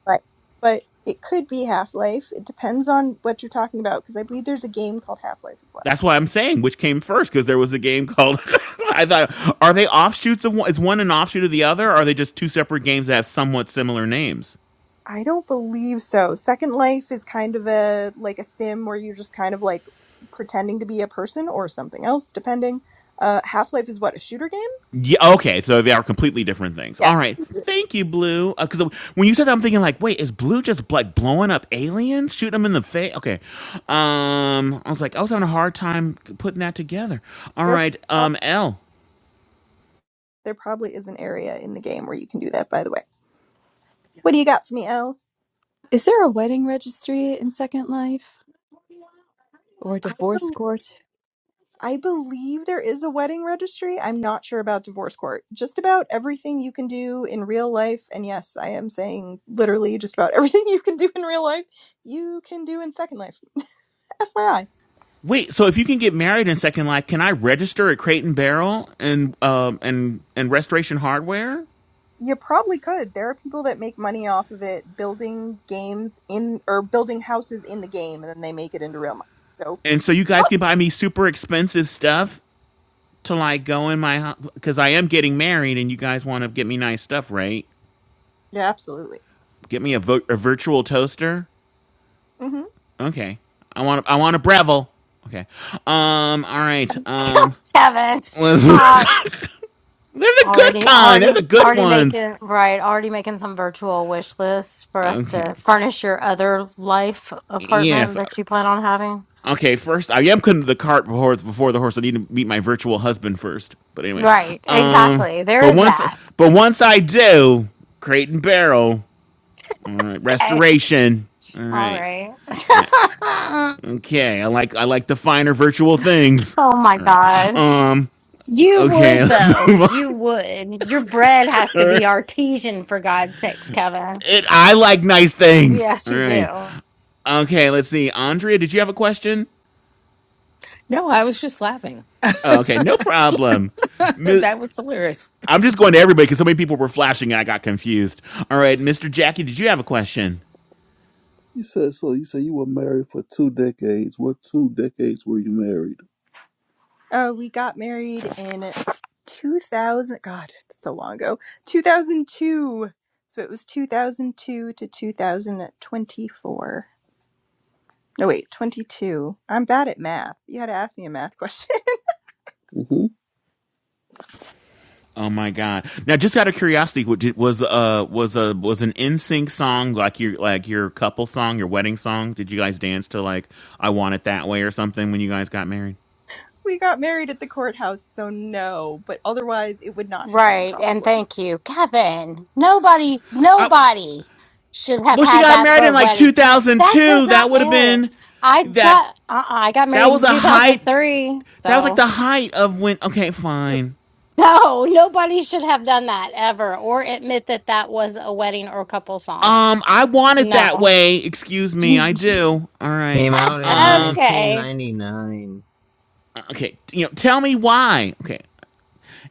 [SPEAKER 7] life, but it could be Half Life. It depends on what you're talking about because I believe there's a game called Half Life as well.
[SPEAKER 4] That's why I'm saying which came first because there was a game called. [laughs] I thought, are they offshoots of one? Is one an offshoot of the other? Or are they just two separate games that have somewhat similar names?
[SPEAKER 7] I don't believe so. Second Life is kind of a like a sim where you're just kind of like pretending to be a person or something else, depending. Uh, Half Life is what a shooter game.
[SPEAKER 4] Yeah. Okay. So they are completely different things.
[SPEAKER 7] Yeah,
[SPEAKER 4] All right. Thank you, Blue. Because when you said that, I'm thinking like, wait, is Blue just like blowing up aliens, shooting them in the face? Okay. Um, I was like, I was having a hard time putting that together. All
[SPEAKER 7] there
[SPEAKER 4] right.
[SPEAKER 7] prob-
[SPEAKER 4] Um, L.
[SPEAKER 7] there probably is an area in the game where you can do that. By the way, what do you got for me, Elle?
[SPEAKER 9] Is there a wedding registry in Second Life? or
[SPEAKER 7] I
[SPEAKER 9] divorce court.
[SPEAKER 7] I believe there is a wedding registry. I'm not sure about divorce court. Just about everything you can do in real life, and yes, I am saying literally just about [laughs] everything you can do in real life, you can do in Second Life. [laughs] FYI.
[SPEAKER 4] Wait. So if you can get married in Second Life, can I register at Crate and Barrel and um and and Restoration Hardware?
[SPEAKER 7] You probably could. There are people that make money off of it building games in or building houses in the game and then they make it into real money. So,
[SPEAKER 4] And so you guys can buy me super expensive stuff to like go in my because I am getting married and you guys want to get me nice stuff, right?
[SPEAKER 7] yeah, absolutely.
[SPEAKER 4] Get me a, vo- a virtual toaster.
[SPEAKER 7] hmm
[SPEAKER 4] Okay. I want I want a Breville. Okay. Um. All right.
[SPEAKER 1] [laughs]
[SPEAKER 4] Um.
[SPEAKER 1] Kevin,
[SPEAKER 4] [laughs] They're
[SPEAKER 1] stop.
[SPEAKER 4] the good
[SPEAKER 1] Already,
[SPEAKER 4] kind.
[SPEAKER 1] already,
[SPEAKER 4] They're the good
[SPEAKER 1] already
[SPEAKER 4] ones.
[SPEAKER 1] making, right, already making some virtual wish lists for us
[SPEAKER 4] Okay.
[SPEAKER 1] to furnish your other life apartment
[SPEAKER 4] Yes.
[SPEAKER 1] that you plan on having.
[SPEAKER 4] Okay. First, I am cutting the cart before before the horse. I need to meet my virtual husband first. But anyway.
[SPEAKER 1] Right,
[SPEAKER 4] Um.
[SPEAKER 1] exactly. There
[SPEAKER 4] But
[SPEAKER 1] is
[SPEAKER 4] once
[SPEAKER 1] that.
[SPEAKER 4] but once I do, Crate and Barrel. All right.
[SPEAKER 1] Okay.
[SPEAKER 4] Restoration. All
[SPEAKER 1] All
[SPEAKER 4] right.
[SPEAKER 1] right.
[SPEAKER 4] I,
[SPEAKER 1] [laughs]
[SPEAKER 4] Okay, I like I like the finer virtual things.
[SPEAKER 1] Oh my
[SPEAKER 4] All right.
[SPEAKER 1] God.
[SPEAKER 4] Um.
[SPEAKER 1] You
[SPEAKER 4] Okay, [laughs]
[SPEAKER 1] would,
[SPEAKER 4] let's
[SPEAKER 1] though.
[SPEAKER 4] move on.
[SPEAKER 1] You would. Your bread has to
[SPEAKER 4] All right.
[SPEAKER 1] be artesian, for God's sakes, Kevin.
[SPEAKER 4] It, I like nice things.
[SPEAKER 1] Yes,
[SPEAKER 4] All
[SPEAKER 1] you
[SPEAKER 4] right.
[SPEAKER 1] do.
[SPEAKER 4] Okay, let's see. Andrea, did you have a question?
[SPEAKER 6] No, I was just laughing. [laughs]
[SPEAKER 4] Oh, okay, no problem. Mi-
[SPEAKER 6] that was hilarious.
[SPEAKER 4] I'm just going to everybody because so many people were flashing and I got confused. All right, Mr. Jackie, did you have a question?
[SPEAKER 8] You said so. You said you were married for two decades. What two decades were you married?
[SPEAKER 7] Uh, we got married in 2000. God, it's so long ago. 2002. So it was 2002 to 2024. No, wait, 22. I'm bad at math. You had to ask me a math question.
[SPEAKER 8] hmm
[SPEAKER 4] Oh my god! Now, just out of curiosity, was uh was a was an N sync song like your like your couple song, your wedding song? Did you guys dance to like "I Want It That Way" or something when you guys got married?
[SPEAKER 7] [laughs] we got married at the courthouse, so no, but otherwise it would not have been
[SPEAKER 1] Right. And
[SPEAKER 7] probably.
[SPEAKER 1] thank you, Kevin. Nobody's nobody should have
[SPEAKER 4] Well, she
[SPEAKER 1] had
[SPEAKER 4] got
[SPEAKER 1] that
[SPEAKER 4] married
[SPEAKER 1] for
[SPEAKER 4] in like
[SPEAKER 1] weddings. That does
[SPEAKER 4] 2002.
[SPEAKER 1] not
[SPEAKER 4] That would have
[SPEAKER 1] merit.
[SPEAKER 4] been
[SPEAKER 1] I
[SPEAKER 4] that.
[SPEAKER 1] got uh-uh, I got
[SPEAKER 4] That
[SPEAKER 1] married in
[SPEAKER 4] was a height.
[SPEAKER 1] 2003,
[SPEAKER 4] That was like
[SPEAKER 1] so
[SPEAKER 4] the height of when. Okay,
[SPEAKER 7] It-
[SPEAKER 4] fine.
[SPEAKER 1] [laughs] no, nobody should have done that ever or admit that that was a wedding or couple song.
[SPEAKER 4] Um, I want it that
[SPEAKER 1] No.
[SPEAKER 4] way. Excuse
[SPEAKER 1] [laughs] okay.
[SPEAKER 4] me, I do. All right.
[SPEAKER 2] Came out in
[SPEAKER 4] Um,
[SPEAKER 2] 1999.
[SPEAKER 4] okay. You know, tell me why. Okay.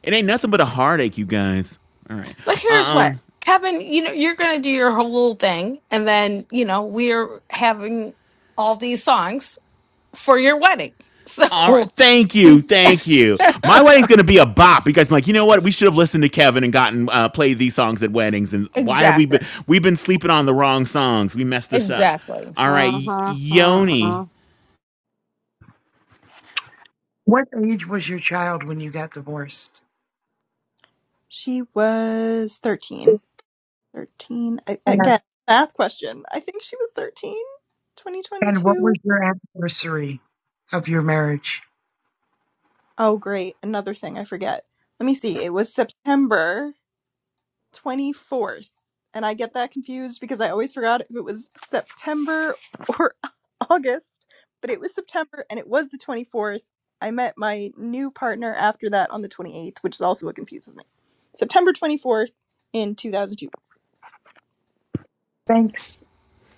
[SPEAKER 4] It ain't nothing but a heartache, you guys. All right.
[SPEAKER 6] But here's what,
[SPEAKER 4] Um.
[SPEAKER 6] Kevin, you know, you're going to do your whole little thing. And then, you know, we're having all these songs for your wedding.
[SPEAKER 4] All right.
[SPEAKER 6] So
[SPEAKER 4] Thank you. Thank you. My
[SPEAKER 6] [laughs]
[SPEAKER 4] wedding's gonna be a bop. You guys are like, you know what? We should have listened to Kevin and gotten uh, played these songs at weddings. And why have we
[SPEAKER 6] exactly,
[SPEAKER 4] been? We've been sleeping on the wrong songs. We messed this up.
[SPEAKER 6] exactly.
[SPEAKER 4] All right,
[SPEAKER 1] Uh-huh.
[SPEAKER 4] Yoni.
[SPEAKER 1] Uh-uh.
[SPEAKER 13] What age was your child when you got divorced?
[SPEAKER 7] She was 13. 13. I,
[SPEAKER 13] And,
[SPEAKER 7] again, math question. I think she was 13.
[SPEAKER 13] and what
[SPEAKER 7] 2022.
[SPEAKER 13] was your anniversary of your marriage?
[SPEAKER 7] Oh, great. Another thing I forget. Let me see. It was September 24th. And I get that confused because I always forgot if it was September or [laughs] August, but it was September and it was the 24th. I met my new partner after that on the 28th, which is also what confuses me. September 24th in 2002.
[SPEAKER 13] Thanks.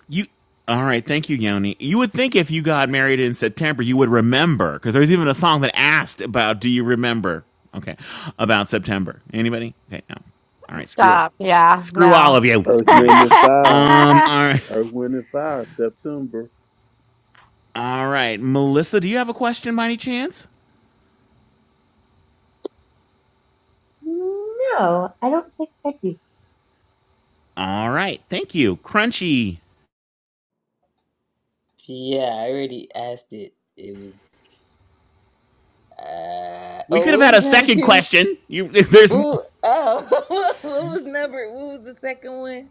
[SPEAKER 4] You all right? Thank you, Yoni. You would think if you got married in September, you would remember because there's even a song that asked about "Do you remember?" Okay, about September. Anybody? Okay, no. All right, screw,
[SPEAKER 1] Stop. Yeah.
[SPEAKER 4] screw all
[SPEAKER 1] No.
[SPEAKER 4] of you.
[SPEAKER 8] Earth,
[SPEAKER 4] All right.
[SPEAKER 8] wind, and fire.
[SPEAKER 4] Um.
[SPEAKER 1] [laughs]
[SPEAKER 4] All right.
[SPEAKER 8] Earth, wind, and fire. September.
[SPEAKER 4] All right, Melissa. Do you have a question by any chance?
[SPEAKER 14] No, I don't think I do.
[SPEAKER 4] All right. Thank you, Crunchy.
[SPEAKER 16] Yeah, I already asked it. It was. Uh,
[SPEAKER 4] We
[SPEAKER 16] oh,
[SPEAKER 4] could have
[SPEAKER 16] what
[SPEAKER 4] had
[SPEAKER 16] was
[SPEAKER 4] a
[SPEAKER 16] number
[SPEAKER 4] second
[SPEAKER 16] two?
[SPEAKER 4] question. You, [laughs] there's. All
[SPEAKER 16] Ooh, oh, [laughs] what was number? What was the second one?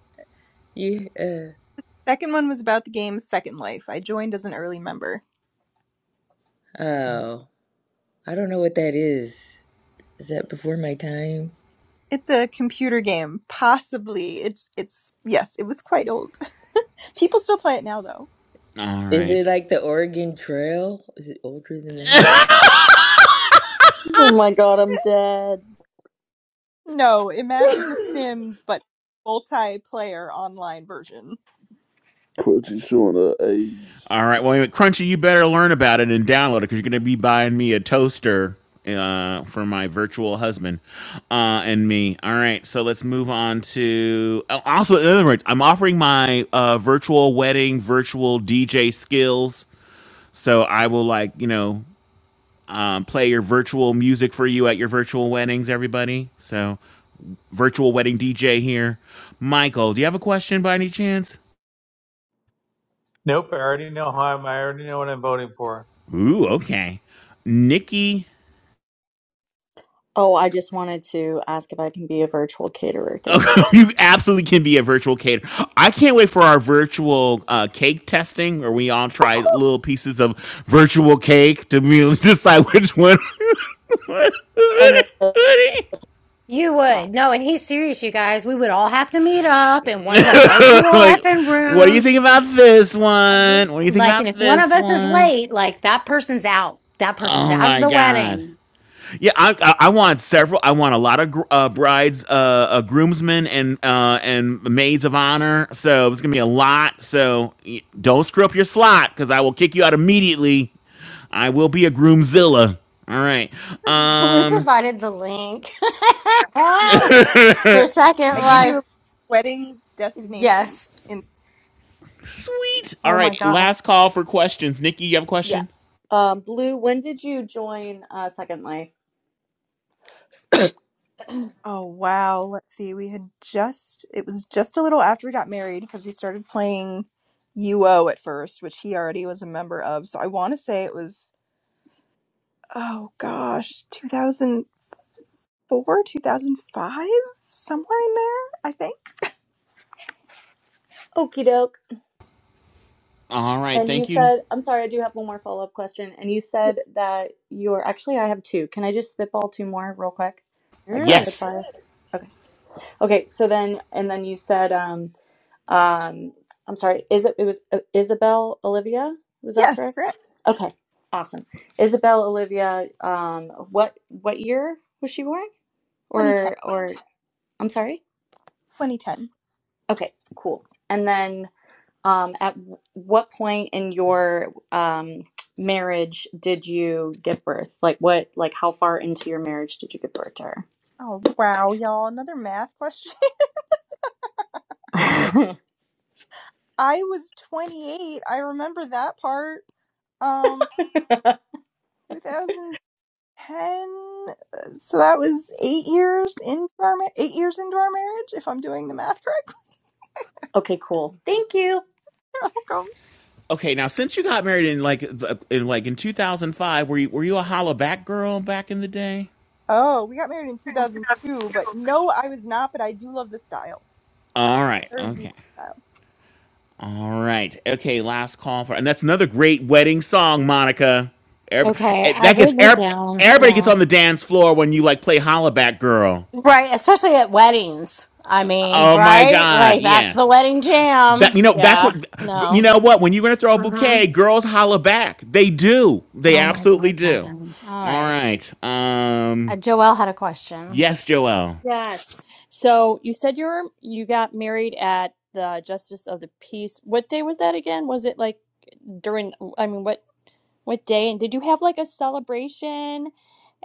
[SPEAKER 16] You, uh,
[SPEAKER 7] Second one was about the game Second Life. I joined as an early member.
[SPEAKER 16] oh, I don't know what that is. Is that before my time?
[SPEAKER 7] It's a computer game, possibly. It's it's yes, it was quite old. [laughs] People still play it now though
[SPEAKER 16] Is it
[SPEAKER 4] right.
[SPEAKER 16] like the Oregon Trail? Is it older than that?
[SPEAKER 4] [laughs]
[SPEAKER 15] Oh my god, I'm dead.
[SPEAKER 7] No, imagine The
[SPEAKER 8] [laughs]
[SPEAKER 7] Sims, but multiplayer online version.
[SPEAKER 8] Quincy showing her age.
[SPEAKER 4] All right. Well, Crunchy, you better learn about it and download it because you're going to be buying me a toaster uh, for my virtual husband uh, and me. All right. So let's move on to. oh, Also, in other words, I'm offering my uh, virtual wedding, virtual DJ skills. So I will, like, you know, um, play your virtual music for you at your virtual weddings, everybody. So, virtual wedding DJ here. Michael, do you have a question by any chance?
[SPEAKER 17] Nope, I already know how I'm. I already know what I'm voting for.
[SPEAKER 4] Ooh, okay. Nikki
[SPEAKER 15] Oh, I just wanted to ask if I can be a virtual caterer. Thank you.
[SPEAKER 4] [laughs] you absolutely can be a virtual caterer. I can't wait for our virtual uh, cake testing, where we all try little pieces of virtual cake to be, able to [laughs] decide which one.
[SPEAKER 15] Oh
[SPEAKER 4] [laughs]
[SPEAKER 15] no,
[SPEAKER 1] You
[SPEAKER 15] live.
[SPEAKER 1] would. No, and he's serious, you guys. We would all have to meet up in one of the virtual
[SPEAKER 4] like,
[SPEAKER 1] effing
[SPEAKER 4] what do you
[SPEAKER 1] rooms.
[SPEAKER 4] think about this one? What do you think
[SPEAKER 1] Like, and
[SPEAKER 4] about
[SPEAKER 1] if one of
[SPEAKER 4] this
[SPEAKER 1] us is
[SPEAKER 4] one?
[SPEAKER 1] late, like that person's out. That person's
[SPEAKER 4] Oh
[SPEAKER 1] out of
[SPEAKER 4] my
[SPEAKER 1] the
[SPEAKER 4] god!
[SPEAKER 1] wedding.
[SPEAKER 4] Yeah, I, I, I want several. I want a lot of gr- uh, brides, uh, uh, groomsmen, and uh, and maids of honor. So it's gonna be a lot. So y- don't screw up your slot because I will kick you out immediately. I will be a groomzilla. All right.
[SPEAKER 1] [laughs] Blue
[SPEAKER 4] Um.
[SPEAKER 1] provided the link
[SPEAKER 7] Yes.
[SPEAKER 1] [laughs] for Second
[SPEAKER 7] I gave
[SPEAKER 1] Life.
[SPEAKER 7] you wedding destinations
[SPEAKER 1] Yes.
[SPEAKER 7] in
[SPEAKER 4] Sweet. All
[SPEAKER 1] Oh my
[SPEAKER 4] right.
[SPEAKER 1] God.
[SPEAKER 4] Last call for questions. Nikki, you have a question?
[SPEAKER 15] yes. Um, Blue, when did you join uh, Second Life? [coughs]
[SPEAKER 7] Oh wow, let's see. We had just it was just a little after we got married because we started playing UO at first, which he already was a member of. So I want to say it was oh gosh, 2004, 2005, somewhere in there, I think.
[SPEAKER 15] Okie doke.
[SPEAKER 4] All right.
[SPEAKER 15] And you
[SPEAKER 4] Thank you.
[SPEAKER 15] said, I'm sorry, I do have one more follow up question. And you said that you're actually, I have two. Can I just spitball two more real quick, like
[SPEAKER 7] Sure.
[SPEAKER 15] rapid
[SPEAKER 4] Yes.
[SPEAKER 15] fire? Okay. Okay. So then, and then you said, um, um i'm sorry is it it was uh, isabel olivia was that
[SPEAKER 7] Yes, correct.
[SPEAKER 15] correct okay awesome isabel olivia um what what year was she born
[SPEAKER 7] 2010.
[SPEAKER 15] or or i'm sorry
[SPEAKER 7] 2010.
[SPEAKER 15] okay cool and then um at w- what point in your um marriage did you give birth like what like how far into your marriage did you give birth to
[SPEAKER 7] Oh wow, y'all, another math question.
[SPEAKER 15] her
[SPEAKER 7] I was 28. I remember that part. Um, 2010. uh, So that was eight years into our ma- eight years into our marriage, if I'm doing the math correctly.
[SPEAKER 15] [laughs] okay cool thank you
[SPEAKER 7] [laughs] I'll
[SPEAKER 4] Okay. Now, since you got married in like the- in like in 2005, were you were you a holla back girl back in the day?
[SPEAKER 7] oh, we got married in 2002, but no, I was not. But I do love the style.
[SPEAKER 4] All right.
[SPEAKER 7] There's your
[SPEAKER 4] Okay.
[SPEAKER 7] style.
[SPEAKER 4] All right. Okay. Last call for, and that's another great wedding song, Monica. Everybody,
[SPEAKER 1] Okay. I've
[SPEAKER 4] that gets
[SPEAKER 1] written it
[SPEAKER 4] every-
[SPEAKER 1] down.
[SPEAKER 4] everybody gets
[SPEAKER 1] Yeah.
[SPEAKER 4] on the dance floor when you like play Holla Back Girl.
[SPEAKER 1] Right. Especially at weddings. I mean,
[SPEAKER 4] Oh my
[SPEAKER 1] right?
[SPEAKER 4] God.
[SPEAKER 1] Like, that's the
[SPEAKER 4] Yes.
[SPEAKER 1] wedding
[SPEAKER 4] That
[SPEAKER 1] jam.
[SPEAKER 4] you know that's
[SPEAKER 1] Yeah.
[SPEAKER 4] what you
[SPEAKER 1] No.
[SPEAKER 4] know what when you're gonna throw a bouquet, girls holla back. They do. They
[SPEAKER 1] Oh my
[SPEAKER 4] absolutely
[SPEAKER 1] God,
[SPEAKER 4] do.
[SPEAKER 1] Kevin. All
[SPEAKER 4] All
[SPEAKER 1] right.
[SPEAKER 4] right.
[SPEAKER 1] Uh,
[SPEAKER 4] Um.
[SPEAKER 1] Joelle had a question.
[SPEAKER 4] Yes, Joelle.
[SPEAKER 11] Yes. So you said you're you got married at the Justice of the Peace. What day was that again? Was it like during? I mean, what? What day? And did you have like a celebration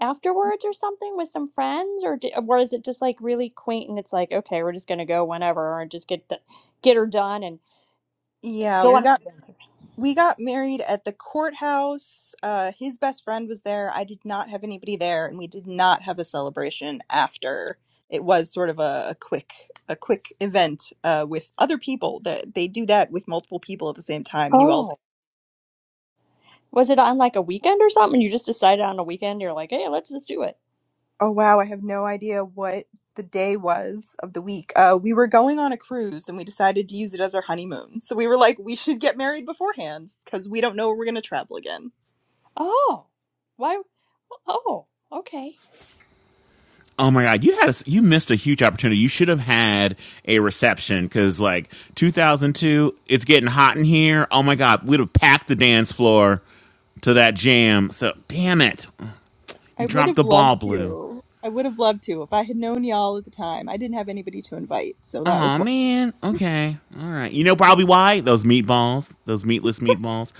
[SPEAKER 11] afterwards or something with some friends, or di or is it just like really quaint and it's like, okay, we're just gonna go whenever or just get d get her done and
[SPEAKER 7] Yeah,
[SPEAKER 11] go
[SPEAKER 7] we
[SPEAKER 11] on an
[SPEAKER 7] got
[SPEAKER 11] adventure?
[SPEAKER 7] we got married at the courthouse. Uh, his best friend was there. I did not have anybody there, and we did not have a celebration after. It was sort of a, a quick, a quick event uh, with other people. That they do that with multiple people at the same time, and you all say,
[SPEAKER 11] Oh, was it on like a weekend or something? You just decided on a weekend, you're like, hey, let's just do it.
[SPEAKER 7] "Oh wow, I have no idea what the day was of the week." Uh, we were going on a cruise, and we decided to use it as our honeymoon. So we were like, "We should get married beforehand because we don't know where we're going to travel again."
[SPEAKER 11] Oh, why? Oh, okay.
[SPEAKER 4] Oh my God, you had a, you missed a huge opportunity. You should have had a reception because like 2002, it's getting hot in here. Oh my God, we'd have packed the dance floor to that jam. So damn it,
[SPEAKER 7] I
[SPEAKER 4] you
[SPEAKER 7] would
[SPEAKER 4] dropped
[SPEAKER 7] have
[SPEAKER 4] the
[SPEAKER 7] loved
[SPEAKER 4] ball, Blue.
[SPEAKER 7] to. I would have loved to if I had known y'all at the time. I didn't have anybody to invite, so that was
[SPEAKER 4] Oh
[SPEAKER 7] why
[SPEAKER 4] man, okay, all right. You know probably why those meatballs, those meatless meatballs.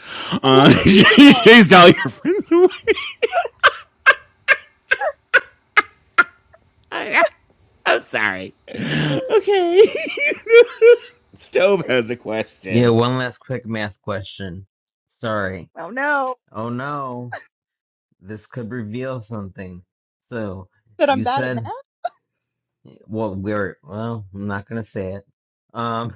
[SPEAKER 7] I
[SPEAKER 4] Uh,
[SPEAKER 7] wasn't
[SPEAKER 4] [laughs]
[SPEAKER 7] vegan
[SPEAKER 4] you
[SPEAKER 7] then.
[SPEAKER 4] chased all your friends away. [laughs] I'm sorry. Okay. [laughs] Stove has a
[SPEAKER 2] Yeah.
[SPEAKER 4] question.
[SPEAKER 2] One last quick math question. Sorry.
[SPEAKER 7] Oh no,
[SPEAKER 2] Oh no, this could reveal something. So
[SPEAKER 7] that I'm
[SPEAKER 2] you
[SPEAKER 7] bad at math.
[SPEAKER 2] said, well, we're well. I'm not gonna say it. Um.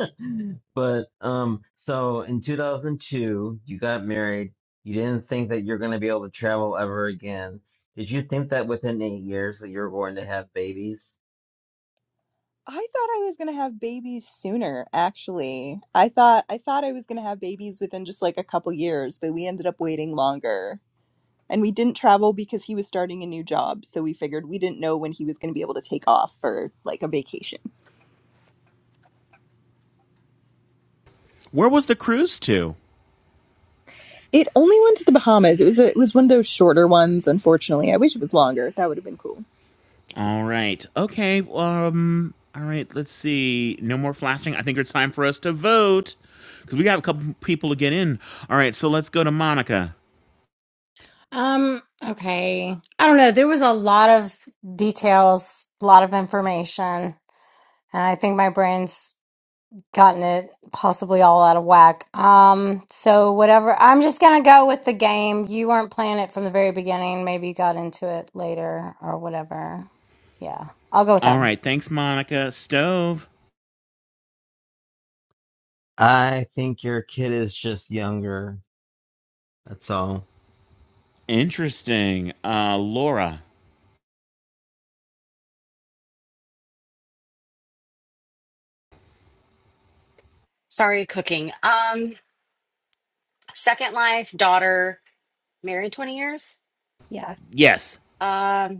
[SPEAKER 2] [laughs] But um, so in 2002, you got married. You didn't think that you're going to be able to travel ever again. Did you think that within eight years that you're going to have babies?
[SPEAKER 7] I thought I was gonna have babies sooner. Actually, I thought I thought I was gonna have babies within just like a couple years, but we ended up waiting longer. And we didn't travel because he was starting a new job, so we figured we didn't know when he was going to be able to take off for like a vacation.
[SPEAKER 4] Where was the cruise to?
[SPEAKER 7] It only went to the Bahamas. It was a, it was one of those shorter ones, unfortunately. I wish it was longer. That would have been cool.
[SPEAKER 4] All right. Okay. Um. All right. Let's see. No more flashing. I think it's time for us to vote because we got a couple people to get in. All right. So let's go to Monica.
[SPEAKER 1] Um, okay. I don't know. There was a lot of details, a lot of information, and I think my brain's gotten it possibly all out of whack. Um, so whatever. I'm just gonna go with the game. You weren't playing it from the very beginning. Maybe you got into it later or whatever. Yeah. I'll go with that
[SPEAKER 4] All
[SPEAKER 1] one.
[SPEAKER 4] right. Thanks, Monica. Stove.
[SPEAKER 2] I think your kid is just younger. That's all.
[SPEAKER 4] Interesting. Uh, Laura.
[SPEAKER 3] Sorry, cooking. Um, Second Life, daughter, married 20 years.
[SPEAKER 1] Yeah.
[SPEAKER 4] Yes.
[SPEAKER 3] Um.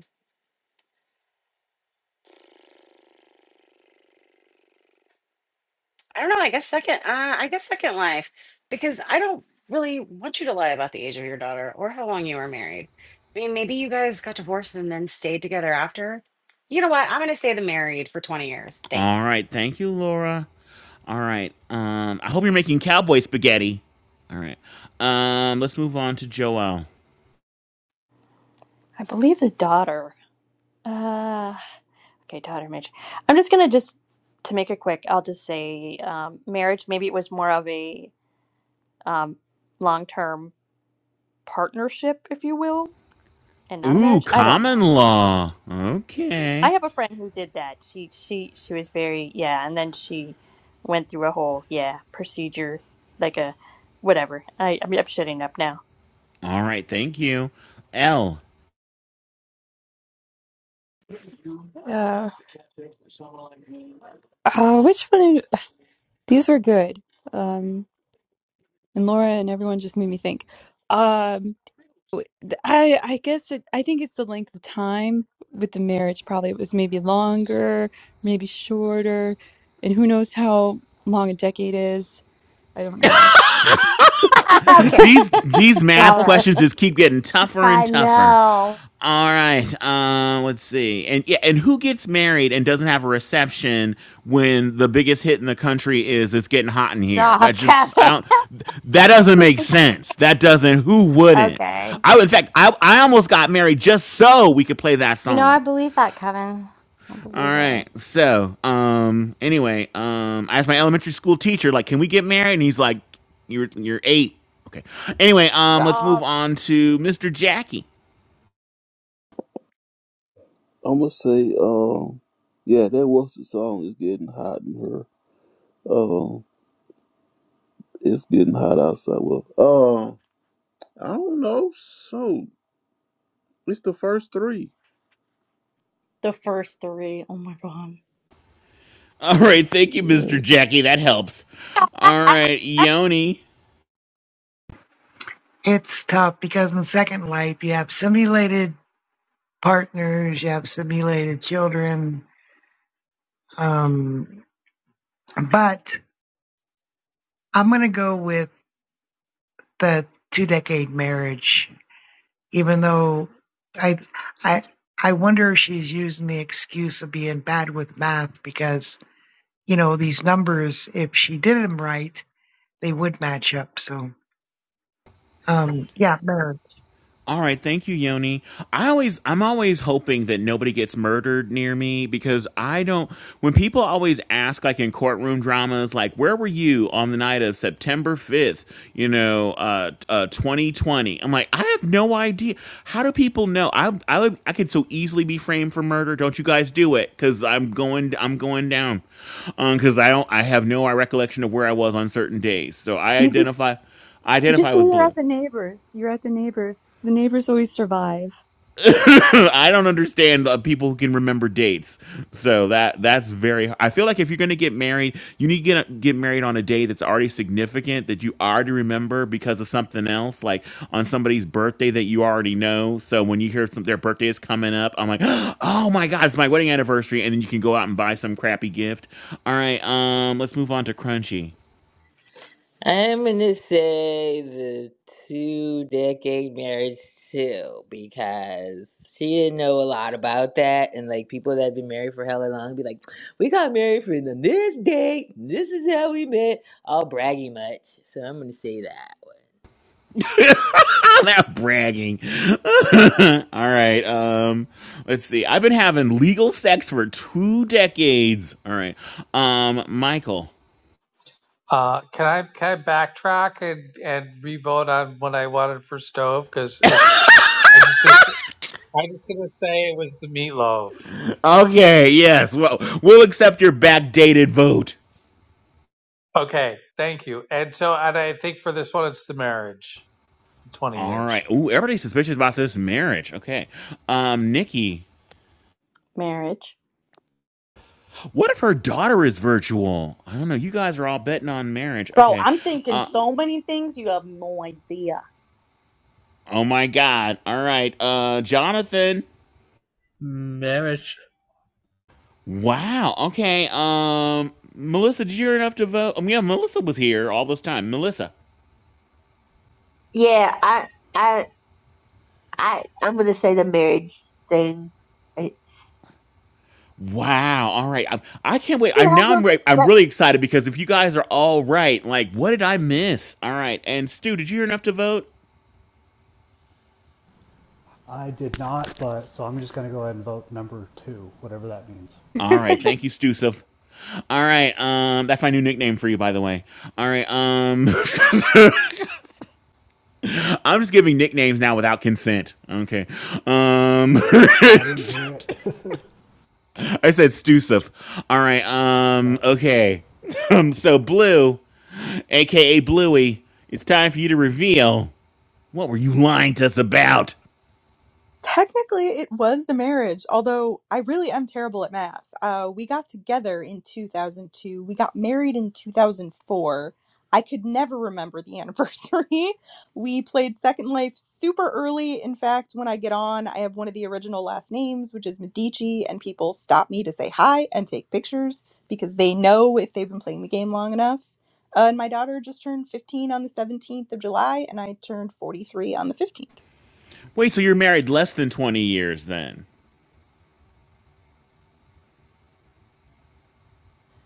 [SPEAKER 3] I don't know. I guess second. Uh, I guess second life because I don't really want you to lie about the age of your daughter or how long you were married. I mean, maybe you guys got divorced and then stayed together after. You know what? I'm going to say the married for 20 years.
[SPEAKER 4] All
[SPEAKER 3] Thanks.
[SPEAKER 4] right. Thank you, Laura. All right. Um. I hope you're making cowboy spaghetti. All right. Um. Let's move on to Joel.
[SPEAKER 11] I believe the daughter. Uh, okay, daughter marriage. I'm just gonna just to make it quick. I'll just say um, marriage. Maybe it was more of a um, long term partnership, if you will, and not a
[SPEAKER 4] Ooh,
[SPEAKER 11] marriage. I don't
[SPEAKER 4] common
[SPEAKER 11] know.
[SPEAKER 4] law.
[SPEAKER 11] I
[SPEAKER 4] Okay.
[SPEAKER 11] have a friend who did that. She she she was very yeah, and then she went through a whole yeah procedure, like a whatever. I I'm, I'm shutting up now.
[SPEAKER 4] All right. Thank you, L.
[SPEAKER 9] Uh, uh, which one? These were good. Um, and Laura and everyone just made me think. Um, w- th- I I guess it, I think it's the length of time with the marriage. Probably it was maybe longer, maybe shorter, and who knows how long a decade is. I don't know.
[SPEAKER 1] [laughs] okay.
[SPEAKER 4] these
[SPEAKER 15] [laughs]
[SPEAKER 4] these
[SPEAKER 1] All
[SPEAKER 4] math
[SPEAKER 1] right.
[SPEAKER 4] questions just keep getting tougher and
[SPEAKER 1] I
[SPEAKER 4] tougher.
[SPEAKER 1] know.
[SPEAKER 4] All right, uh, let's see, and yeah, and who gets married and doesn't have a reception when the biggest hit in the country is "It's Getting Hot in Here"?
[SPEAKER 1] Stop,
[SPEAKER 4] That
[SPEAKER 1] [laughs]
[SPEAKER 4] just I
[SPEAKER 1] Kevin.
[SPEAKER 4] don't. That doesn't make sense. That doesn't. Who wouldn't?
[SPEAKER 1] Okay.
[SPEAKER 4] I in fact, I I almost got married just so we could play that
[SPEAKER 1] You know,
[SPEAKER 4] song.
[SPEAKER 1] I believe that, Kevin. I
[SPEAKER 4] All
[SPEAKER 1] believe that.
[SPEAKER 4] right. So, um, anyway, um, I asked my elementary school teacher, like, can we get married? And he's like, you're you're eight. Okay. Anyway, um, let's move
[SPEAKER 1] Stop.
[SPEAKER 4] on to Mr. Jackie.
[SPEAKER 8] I'm gonna say, um, yeah, that was the song. It's getting hot in here. Um, it's getting hot outside. Well, um. I don't know. So it's the first three.
[SPEAKER 15] the first three. Oh my god
[SPEAKER 4] [laughs] All right. Thank you,
[SPEAKER 8] Yeah.
[SPEAKER 4] Mr. Jackie. That helps. All
[SPEAKER 1] ah, [laughs]
[SPEAKER 4] right, Yoni.
[SPEAKER 13] It's tough because in Second Life, you have simulated partners, you have simulated children. Um, but I'm going to go with the two decade marriage, even though I, I, I wonder if she's using the excuse of being bad with math because, you know, these numbers, if she did them right, they would match up. So, um, yeah, no,
[SPEAKER 4] All right, thank you, Yoni. I always, I'm always hoping that nobody gets murdered near me because I don't. When people always ask, like in courtroom dramas, like "Where were you on the night of September 5th?" You know, uh, uh, 2020. I'm like, I have no idea. How do people know? I, I, would, I could so easily be framed for murder. Don't you guys do it? Because I'm going, I'm going down. Um, because I don't, I have no uh, recollection of where I was on certain days. So I
[SPEAKER 9] You just
[SPEAKER 4] identify, I
[SPEAKER 9] you just
[SPEAKER 4] identify
[SPEAKER 9] say
[SPEAKER 4] with
[SPEAKER 9] you're at
[SPEAKER 4] blue.
[SPEAKER 9] the neighbors. You're at the neighbors. The neighbors always survive.
[SPEAKER 4] [laughs] I don't understand uh, people who can remember dates. So that that's very. I feel like if you're going to get married, you need to get get married on a day that's already significant that you already remember because of something else, like on somebody's birthday that you already know. So when you hear some their birthday is coming up, I'm like, [gasps] oh my god, it's my wedding anniversary, and then you can go out and buy some crappy gift. All right, um, let's move on to Crunchy.
[SPEAKER 16] I'm gonna say the two decade marriage too, because she didn't know a lot about that, and like people that have been married for hella long be like, "We got married for the- this date. This is how we met." All braggy much, so I'm gonna say that one.
[SPEAKER 4] [laughs] that bragging. [laughs] All right. Um, let's see. I've been having legal sex for two decades. All right. Um, Michael.
[SPEAKER 17] Uh, can I can I backtrack and and revote on what I wanted for stove? Because it's I'm just gonna I'm just gonna say it was the meatloaf.
[SPEAKER 4] Okay. Yes. Well, we'll accept your backdated vote.
[SPEAKER 17] Okay, thank you. And so and I think for this one it's the marriage. Twenty
[SPEAKER 4] All right.
[SPEAKER 17] years.
[SPEAKER 4] Ooh, everybody's suspicious about this marriage. Okay. Um, Nikki.
[SPEAKER 15] marriage
[SPEAKER 4] What if her daughter is virtual? I don't know. You guys are all betting on marriage.
[SPEAKER 15] Bro,
[SPEAKER 4] Okay.
[SPEAKER 15] I'm thinking
[SPEAKER 4] Uh,
[SPEAKER 15] so many things you have no idea.
[SPEAKER 4] oh my God. All right. Uh, Jonathan.
[SPEAKER 18] Marriage
[SPEAKER 4] Wow. Okay. Um, Melissa, did you hear enough to vote? Um, yeah, Melissa was here all this time. Melissa.
[SPEAKER 14] Yeah, I, I. I I'm gonna say the marriage thing. It's
[SPEAKER 4] Wow. All right. I, I can't wait. I'm now. I'm. Re- I'm really excited because if you guys are all right, like, what did I miss? All right. And Stu, did you hear enough to vote?
[SPEAKER 19] I did not, but, so I'm just gonna go ahead and vote number two, whatever that means.
[SPEAKER 4] All right.
[SPEAKER 15] [laughs]
[SPEAKER 4] Thank you, Stu. So. All right. Um, that's my new nickname for you, by the way. All right. Um, [laughs] I'm just giving nicknames now without consent. Okay. Um, [laughs]
[SPEAKER 19] I didn't hear it, [laughs]
[SPEAKER 4] I said Stusif. All right. Um,
[SPEAKER 19] but
[SPEAKER 4] okay. [laughs] Um, so blue. aka Bluey, it's time for you to reveal what were you lying to us about?
[SPEAKER 7] Technically, it was the marriage, although I really am terrible at math. Uh, we got together in 2002. We got married in 2004. I could never remember the anniversary. [laughs] We played Second Life super early. In fact, when I get on, I have one of the original last names, which is Medici, and people stop me to say hi and take pictures because they know if they've been playing the game long enough. Uh, and my daughter just turned 15 on the 17th of July, and I turned 43 on the 15th.
[SPEAKER 4] Wait, so you're married less than 20 years then.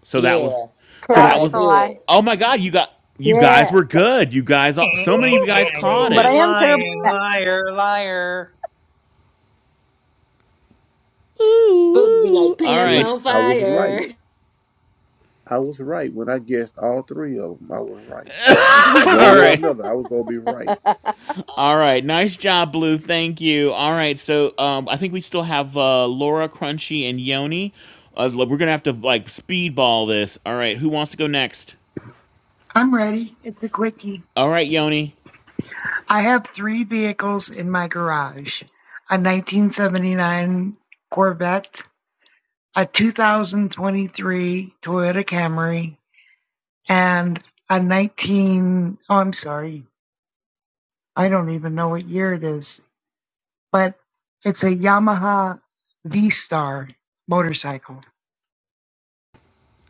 [SPEAKER 4] So that was
[SPEAKER 16] Yeah,
[SPEAKER 4] so
[SPEAKER 1] that
[SPEAKER 4] that
[SPEAKER 1] was
[SPEAKER 16] I
[SPEAKER 4] was
[SPEAKER 1] the
[SPEAKER 16] knew
[SPEAKER 15] Correct.
[SPEAKER 1] lie.
[SPEAKER 16] it.
[SPEAKER 4] Oh my god, you got you guys
[SPEAKER 15] Yeah.
[SPEAKER 4] were good. You guys
[SPEAKER 17] Eh,
[SPEAKER 4] so
[SPEAKER 15] Boop,
[SPEAKER 4] many of you
[SPEAKER 15] boop,
[SPEAKER 17] eh, eh,
[SPEAKER 4] guys
[SPEAKER 17] I knew
[SPEAKER 4] caught
[SPEAKER 17] she
[SPEAKER 7] But
[SPEAKER 17] was
[SPEAKER 7] I
[SPEAKER 4] it.
[SPEAKER 7] am terrible
[SPEAKER 17] lying,
[SPEAKER 7] at math.
[SPEAKER 17] liar, liar.
[SPEAKER 4] Ooh.
[SPEAKER 16] Supposed to be
[SPEAKER 4] ooh.
[SPEAKER 16] like
[SPEAKER 4] All
[SPEAKER 16] pants
[SPEAKER 8] See,
[SPEAKER 4] right.
[SPEAKER 16] on
[SPEAKER 8] I was
[SPEAKER 16] fire.
[SPEAKER 8] right. I was right when I guessed all three of them. I was right.
[SPEAKER 4] [laughs]
[SPEAKER 8] One
[SPEAKER 4] All
[SPEAKER 8] way or
[SPEAKER 4] right.
[SPEAKER 15] boop,
[SPEAKER 8] another, I was gonna be right.
[SPEAKER 4] All right. Nice job, Blue. Thank you. All right. So um I think we still have uh Laura Crunchy and Yoni. Uh, we're going to have to like speedball this. All right. Who wants to go next?
[SPEAKER 13] I'm ready. It's a quickie.
[SPEAKER 4] All right, Yoni.
[SPEAKER 13] I have three vehicles in my garage a 1979 Corvette, a 2023 Toyota Camry, and a 19, oh, I'm sorry, I don't even know what year it is, but it's a Yamaha V Star motorcycle.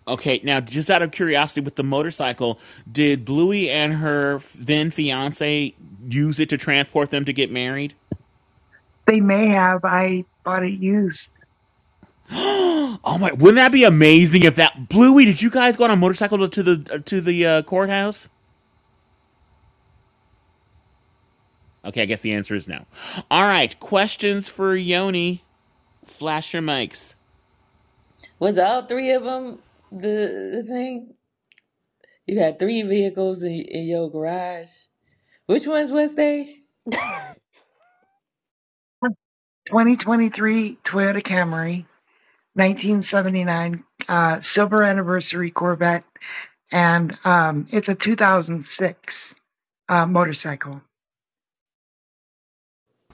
[SPEAKER 4] Okay, now just out of curiosity, with the motorcycle, did Bluey and her then fiance use it to transport them to get married?
[SPEAKER 13] They may have, I bought it used.
[SPEAKER 4] Oh my! Wouldn't that be amazing if that Bluey? Did you guys go on a motorcycle to the uh, to the uh, courthouse? Okay, I guess the answer is no. All right, questions for Yoni? Flash your mics.
[SPEAKER 16] [laughs] Was all three of them the, the thing? You had three vehicles in, in your garage. Which ones was they?
[SPEAKER 15] boop. [laughs]
[SPEAKER 13] 2023 Toyota Camry, 1979 uh, silver anniversary Corvette, and um, it's a 2006 uh, motorcycle.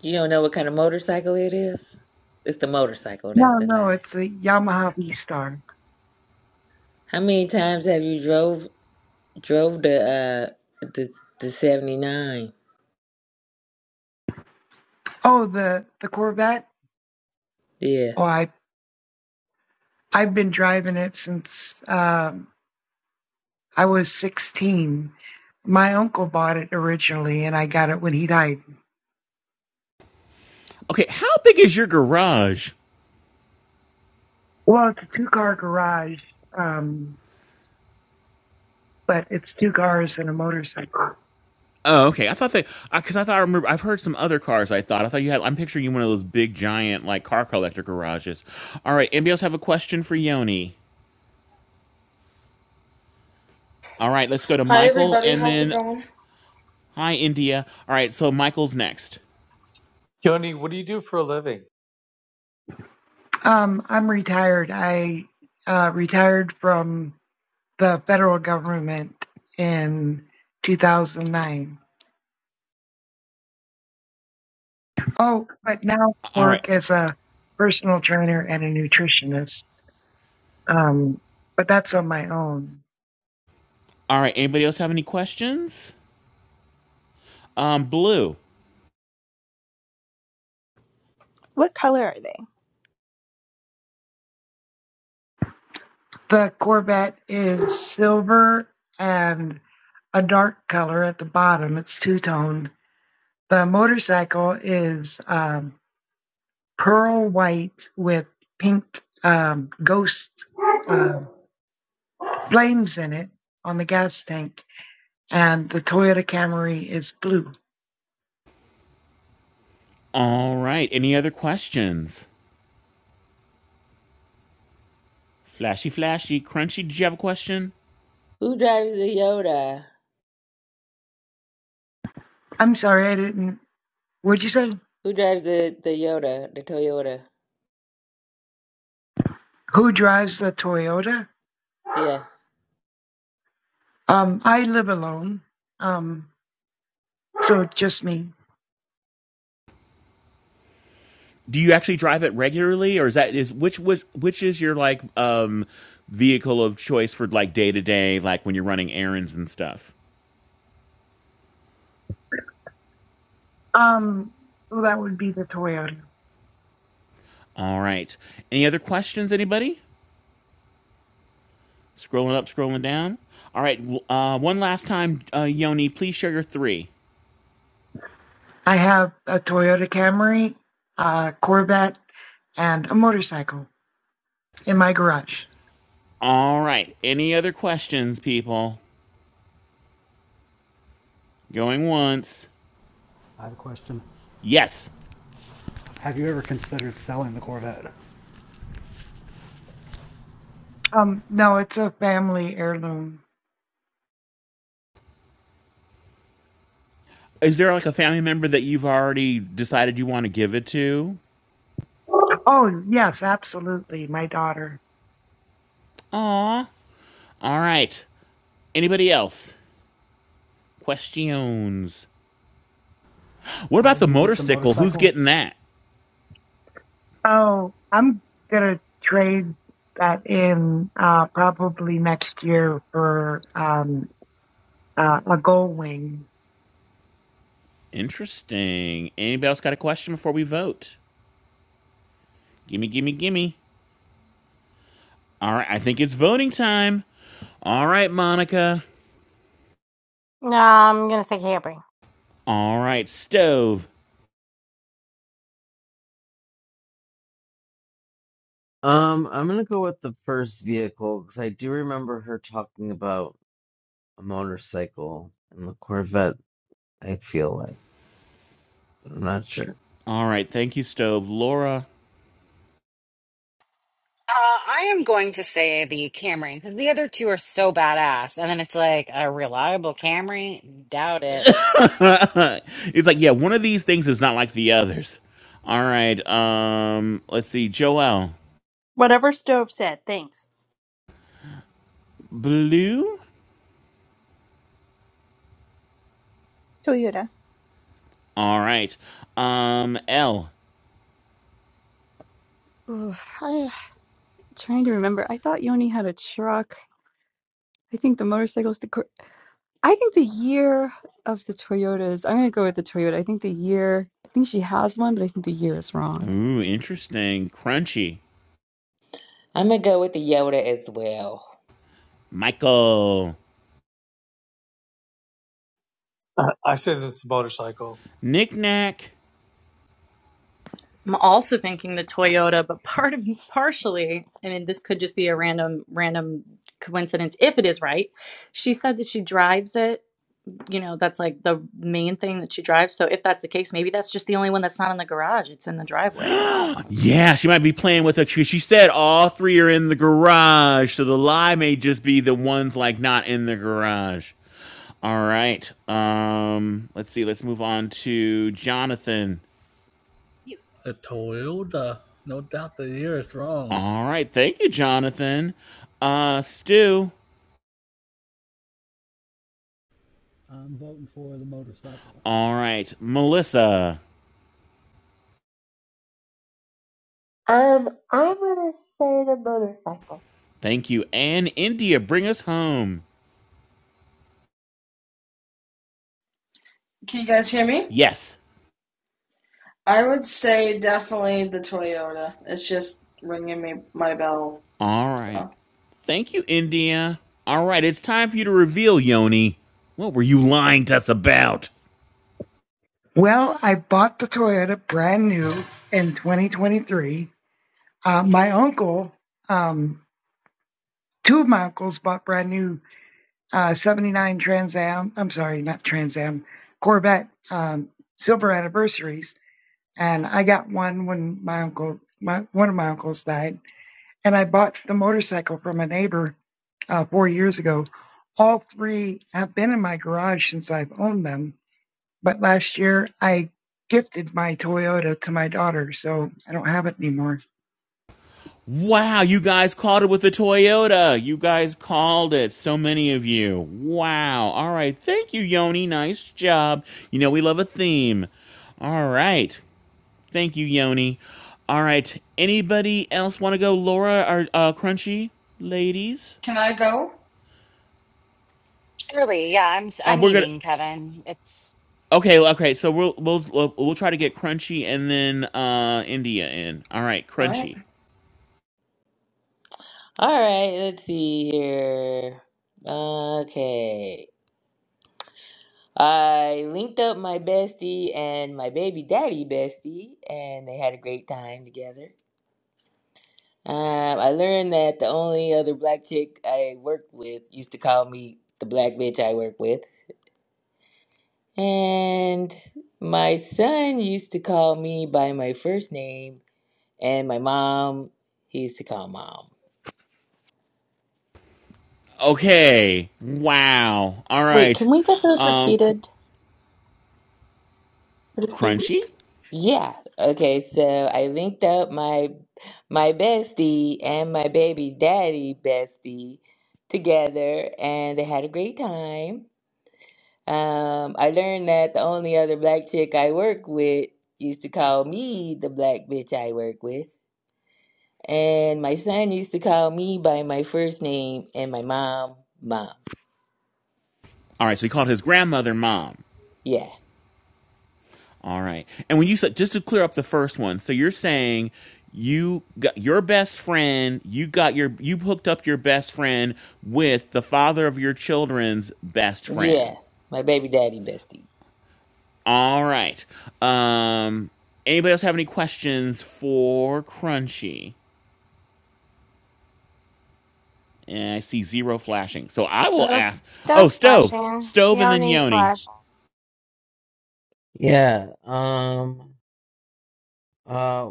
[SPEAKER 16] You don't know what kind of motorcycle it is. It's the motorcycle. That's
[SPEAKER 13] No,
[SPEAKER 16] the
[SPEAKER 13] no,
[SPEAKER 16] lie.
[SPEAKER 13] it's a Yamaha V Star.
[SPEAKER 16] How many times have you drove drove the uh the the seventy nine?
[SPEAKER 13] Oh, the the Corvette.
[SPEAKER 16] Yeah.
[SPEAKER 13] Oh, I I've been driving it since um, I was 16. My uncle bought it originally, and I got it when he died.
[SPEAKER 4] Okay, how big is your garage?
[SPEAKER 13] Well, it's a two car garage, um, but it's two cars and a motorcycle.
[SPEAKER 4] Oh, okay. I thought that because I thought I remember I've heard some other cars. I thought I thought you had. I'm picturing you one of those big giant like car collector garages. All right. Anybody else have a question for Yoni? All right. Let's go to
[SPEAKER 20] Hi
[SPEAKER 4] Michael
[SPEAKER 20] everybody,
[SPEAKER 4] and
[SPEAKER 20] how's it
[SPEAKER 4] then
[SPEAKER 20] going?
[SPEAKER 4] hi India. All right. So Michael's next.
[SPEAKER 17] Yoni, what do you do for a living?
[SPEAKER 13] Um, I'm retired. I uh, retired from the federal government in 2009. Oh, but now
[SPEAKER 4] All right.
[SPEAKER 13] work as a personal trainer and a nutritionist. Um, but that's on my own.
[SPEAKER 4] All right. Anybody else have any questions? Um, Blue.
[SPEAKER 7] What color are they?
[SPEAKER 13] The Corvette is silver and a dark color at the bottom. It's two toned. The motorcycle is um, pearl white with pink um, ghost uh, flames in it on the gas tank and the Toyota Camry is blue.
[SPEAKER 4] All right. Any other questions? Flashy, flashy, crunchy. Did you have a question?
[SPEAKER 16] Who drives the Yoda?
[SPEAKER 13] I'm sorry, I didn't. What'd you say?
[SPEAKER 16] Who drives the the Yoda? The Toyota?
[SPEAKER 13] Who drives the Toyota?
[SPEAKER 16] Yeah.
[SPEAKER 13] Um, I live alone, um, so just me.
[SPEAKER 4] do you actually drive it regularly, or is that is which which which is your like um vehicle of choice for like day to day, like when you're running errands and stuff?
[SPEAKER 13] Um, well, that would be the Toyota.
[SPEAKER 4] All right. Any other questions, anybody? Scrolling up, scrolling down. All right. Uh, one last time, uh, Yoni, please share your three.
[SPEAKER 13] I have a Toyota Camry, a Corvette, and a motorcycle in my garage.
[SPEAKER 4] All right. Any other questions, people? Going once.
[SPEAKER 19] I have a question.
[SPEAKER 4] Yes.
[SPEAKER 19] Have you ever considered selling the Corvette?
[SPEAKER 13] Um, no, it's a family heirloom.
[SPEAKER 4] Is there like a family member that you've already decided you want to give it to?
[SPEAKER 13] Oh, yes, absolutely. My daughter.
[SPEAKER 4] Aw. All right. Anybody else? Questions? What
[SPEAKER 19] How
[SPEAKER 4] about the
[SPEAKER 19] did you get the
[SPEAKER 4] motorcycle? Who's
[SPEAKER 19] motorcycle?
[SPEAKER 4] getting that?
[SPEAKER 13] Oh, I'm gonna trade that in uh, probably next year for um, uh, a gold wing.
[SPEAKER 4] Interesting. Anybody else got a question before we vote? Gimme, gimme, gimme. All right, I think it's voting time. All right, Monica.
[SPEAKER 1] No, I'm gonna say camping.
[SPEAKER 4] All right, Stove.
[SPEAKER 2] Um, I'm gonna go with the first vehicle because I do remember her talking about a motorcycle and the Corvette. I feel like, but I'm not sure.
[SPEAKER 4] All right, thank you, Stove. Laura.
[SPEAKER 3] Uh, I am going to say the Camry because the other two are so badass, and then it's like a reliable Camry. Doubt it.
[SPEAKER 4] [laughs] it's like, yeah, one of these things is not like the others. All right, um, let's see. Joel.
[SPEAKER 11] Whatever Stove said. Thanks.
[SPEAKER 4] Blue?
[SPEAKER 7] Toyota.
[SPEAKER 4] All right. Um, L.
[SPEAKER 9] Ooh, I'm trying to remember. I thought Yoni had a truck. I think the motorcycle's the cr- I think the year of the Toyotas, I'm going to go with the Toyota. I think the year, I think she has one, but I think the year is wrong.
[SPEAKER 4] Ooh, interesting. Crunchy.
[SPEAKER 16] I'm gonna go with the Yoda as well.
[SPEAKER 4] Michael.
[SPEAKER 17] Uh, I said it's a motorcycle.
[SPEAKER 4] Knick-knack.
[SPEAKER 15] I'm also thinking the Toyota, but part of partially, I mean, this could just be a random random coincidence if it is right. She said that she drives it. You know, that's like the main thing that she drives. So if that's the case, maybe that's just the only one that's not in the garage. It's in the driveway. I don't
[SPEAKER 4] [gasps]
[SPEAKER 15] know.
[SPEAKER 4] Yeah, she might be playing with it. She, she said all three are in the garage, so the lie may just be the ones like not in the garage. All right. Um, let's see. Let's move on to Jonathan.
[SPEAKER 18] You. a Toyota. No doubt the year is wrong.
[SPEAKER 4] All right. Thank you, Jonathan. Uh, Stu.
[SPEAKER 19] I'm voting for the motorcycle.
[SPEAKER 4] All right, Melissa.
[SPEAKER 14] um I'm gonna say the motorcycle.
[SPEAKER 4] Thank you, and India. Bring us home.
[SPEAKER 20] Can you guys hear me?
[SPEAKER 4] Yes.
[SPEAKER 20] I would say definitely the Toyota. It's just ringing me my bell.
[SPEAKER 4] All
[SPEAKER 20] So
[SPEAKER 4] right. Thank you, India. All right. It's time for you to reveal, Yoni. What were you lying to us about?
[SPEAKER 13] Well, I bought the Toyota brand new in 2023. Uh, my uncle, um, two of my uncles bought brand new uh, 79 Trans Am. I'm sorry, not Trans Am, Corvette um, silver anniversaries, and I got one when my uncle, my one of my uncles died, and I bought the motorcycle from a neighbor uh, four years ago. All three have been in my garage since I've owned them. But last year I gifted my Toyota to my daughter, so I don't have it anymore.
[SPEAKER 4] Wow, you guys called it with a Toyota. You guys called it. So many of you. Wow. All right. Thank you, Yoni. Nice job. You know, we love a theme. All right. Thank you, Yoni. All right. Anybody else want to go, Laura or uh, Crunchy, ladies?
[SPEAKER 20] can I go?
[SPEAKER 3] Surely, yeah. I'm s-
[SPEAKER 4] Um,
[SPEAKER 3] I'm
[SPEAKER 4] we're gonna.
[SPEAKER 3] eating Kevin. It's
[SPEAKER 4] Okay. Okay. So we'll we'll we'll we'll try to get Crunchy and then uh, India in. All right,
[SPEAKER 20] All right.
[SPEAKER 4] Crunchy.
[SPEAKER 16] All right, let's see here. Okay. I linked up my bestie and my baby daddy bestie, and they had a great time together. Um, I learned that the only other black chick I worked with used to call me the black bitch I work with. And my son used to call me by my first name, and my mom, he used to call mom.
[SPEAKER 4] Okay. Wow. All
[SPEAKER 15] Wait,
[SPEAKER 4] right.
[SPEAKER 15] can we get those
[SPEAKER 4] Um, Cr-
[SPEAKER 15] repeated?
[SPEAKER 4] Crunchy.
[SPEAKER 16] Yeah. Okay. So I linked up my my bestie and my baby daddy bestie together, and they had a great time. Um, I learned that the only other black chick I work with used to call me the black bitch I work with, and my son used to call me by my first name, and my mom, mom.
[SPEAKER 4] All right, so he called his grandmother mom.
[SPEAKER 16] Yeah.
[SPEAKER 4] All right, and when you said just to clear up the first one, so you're saying you got your best friend, you got your you hooked up your best friend with the father of your children's best friend.
[SPEAKER 16] Yeah. My baby daddy bestie.
[SPEAKER 4] All right. Um, anybody else have any questions for Crunchy? And I see zero flashing, so I will
[SPEAKER 1] Stove,
[SPEAKER 4] ask. Oh,
[SPEAKER 1] stove
[SPEAKER 4] stove,
[SPEAKER 1] splashing,
[SPEAKER 4] stove, and then
[SPEAKER 1] peony
[SPEAKER 4] Yoni.
[SPEAKER 1] splash.
[SPEAKER 2] Yeah. Um. Uh.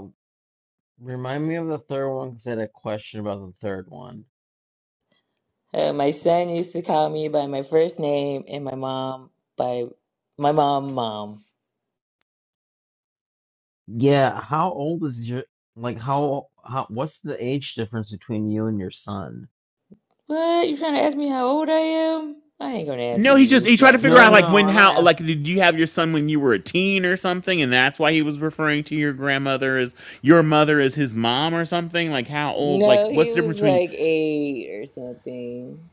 [SPEAKER 2] Remind me of the third one because I had a question about the third one.
[SPEAKER 16] Uh, my son used to call me by my first name and my mom by my mom, mom.
[SPEAKER 2] Yeah, how old is your like how how what's the age difference between you and your son?
[SPEAKER 16] What? You trying to ask me how old I am? I ain't gonna answer
[SPEAKER 4] No, he just
[SPEAKER 16] you,
[SPEAKER 4] he tried to
[SPEAKER 16] young
[SPEAKER 4] figure
[SPEAKER 2] No,
[SPEAKER 4] out
[SPEAKER 2] no,
[SPEAKER 16] man.
[SPEAKER 4] like
[SPEAKER 2] no,
[SPEAKER 4] when
[SPEAKER 2] I'm not
[SPEAKER 4] how like
[SPEAKER 2] asking.
[SPEAKER 4] did you have your son when you were a teen or something, and that's why he was referring to your grandmother as your mother as his mom or something. Like how old? Like
[SPEAKER 16] No, he
[SPEAKER 4] what's the
[SPEAKER 16] was
[SPEAKER 4] difference between
[SPEAKER 16] like eight or something.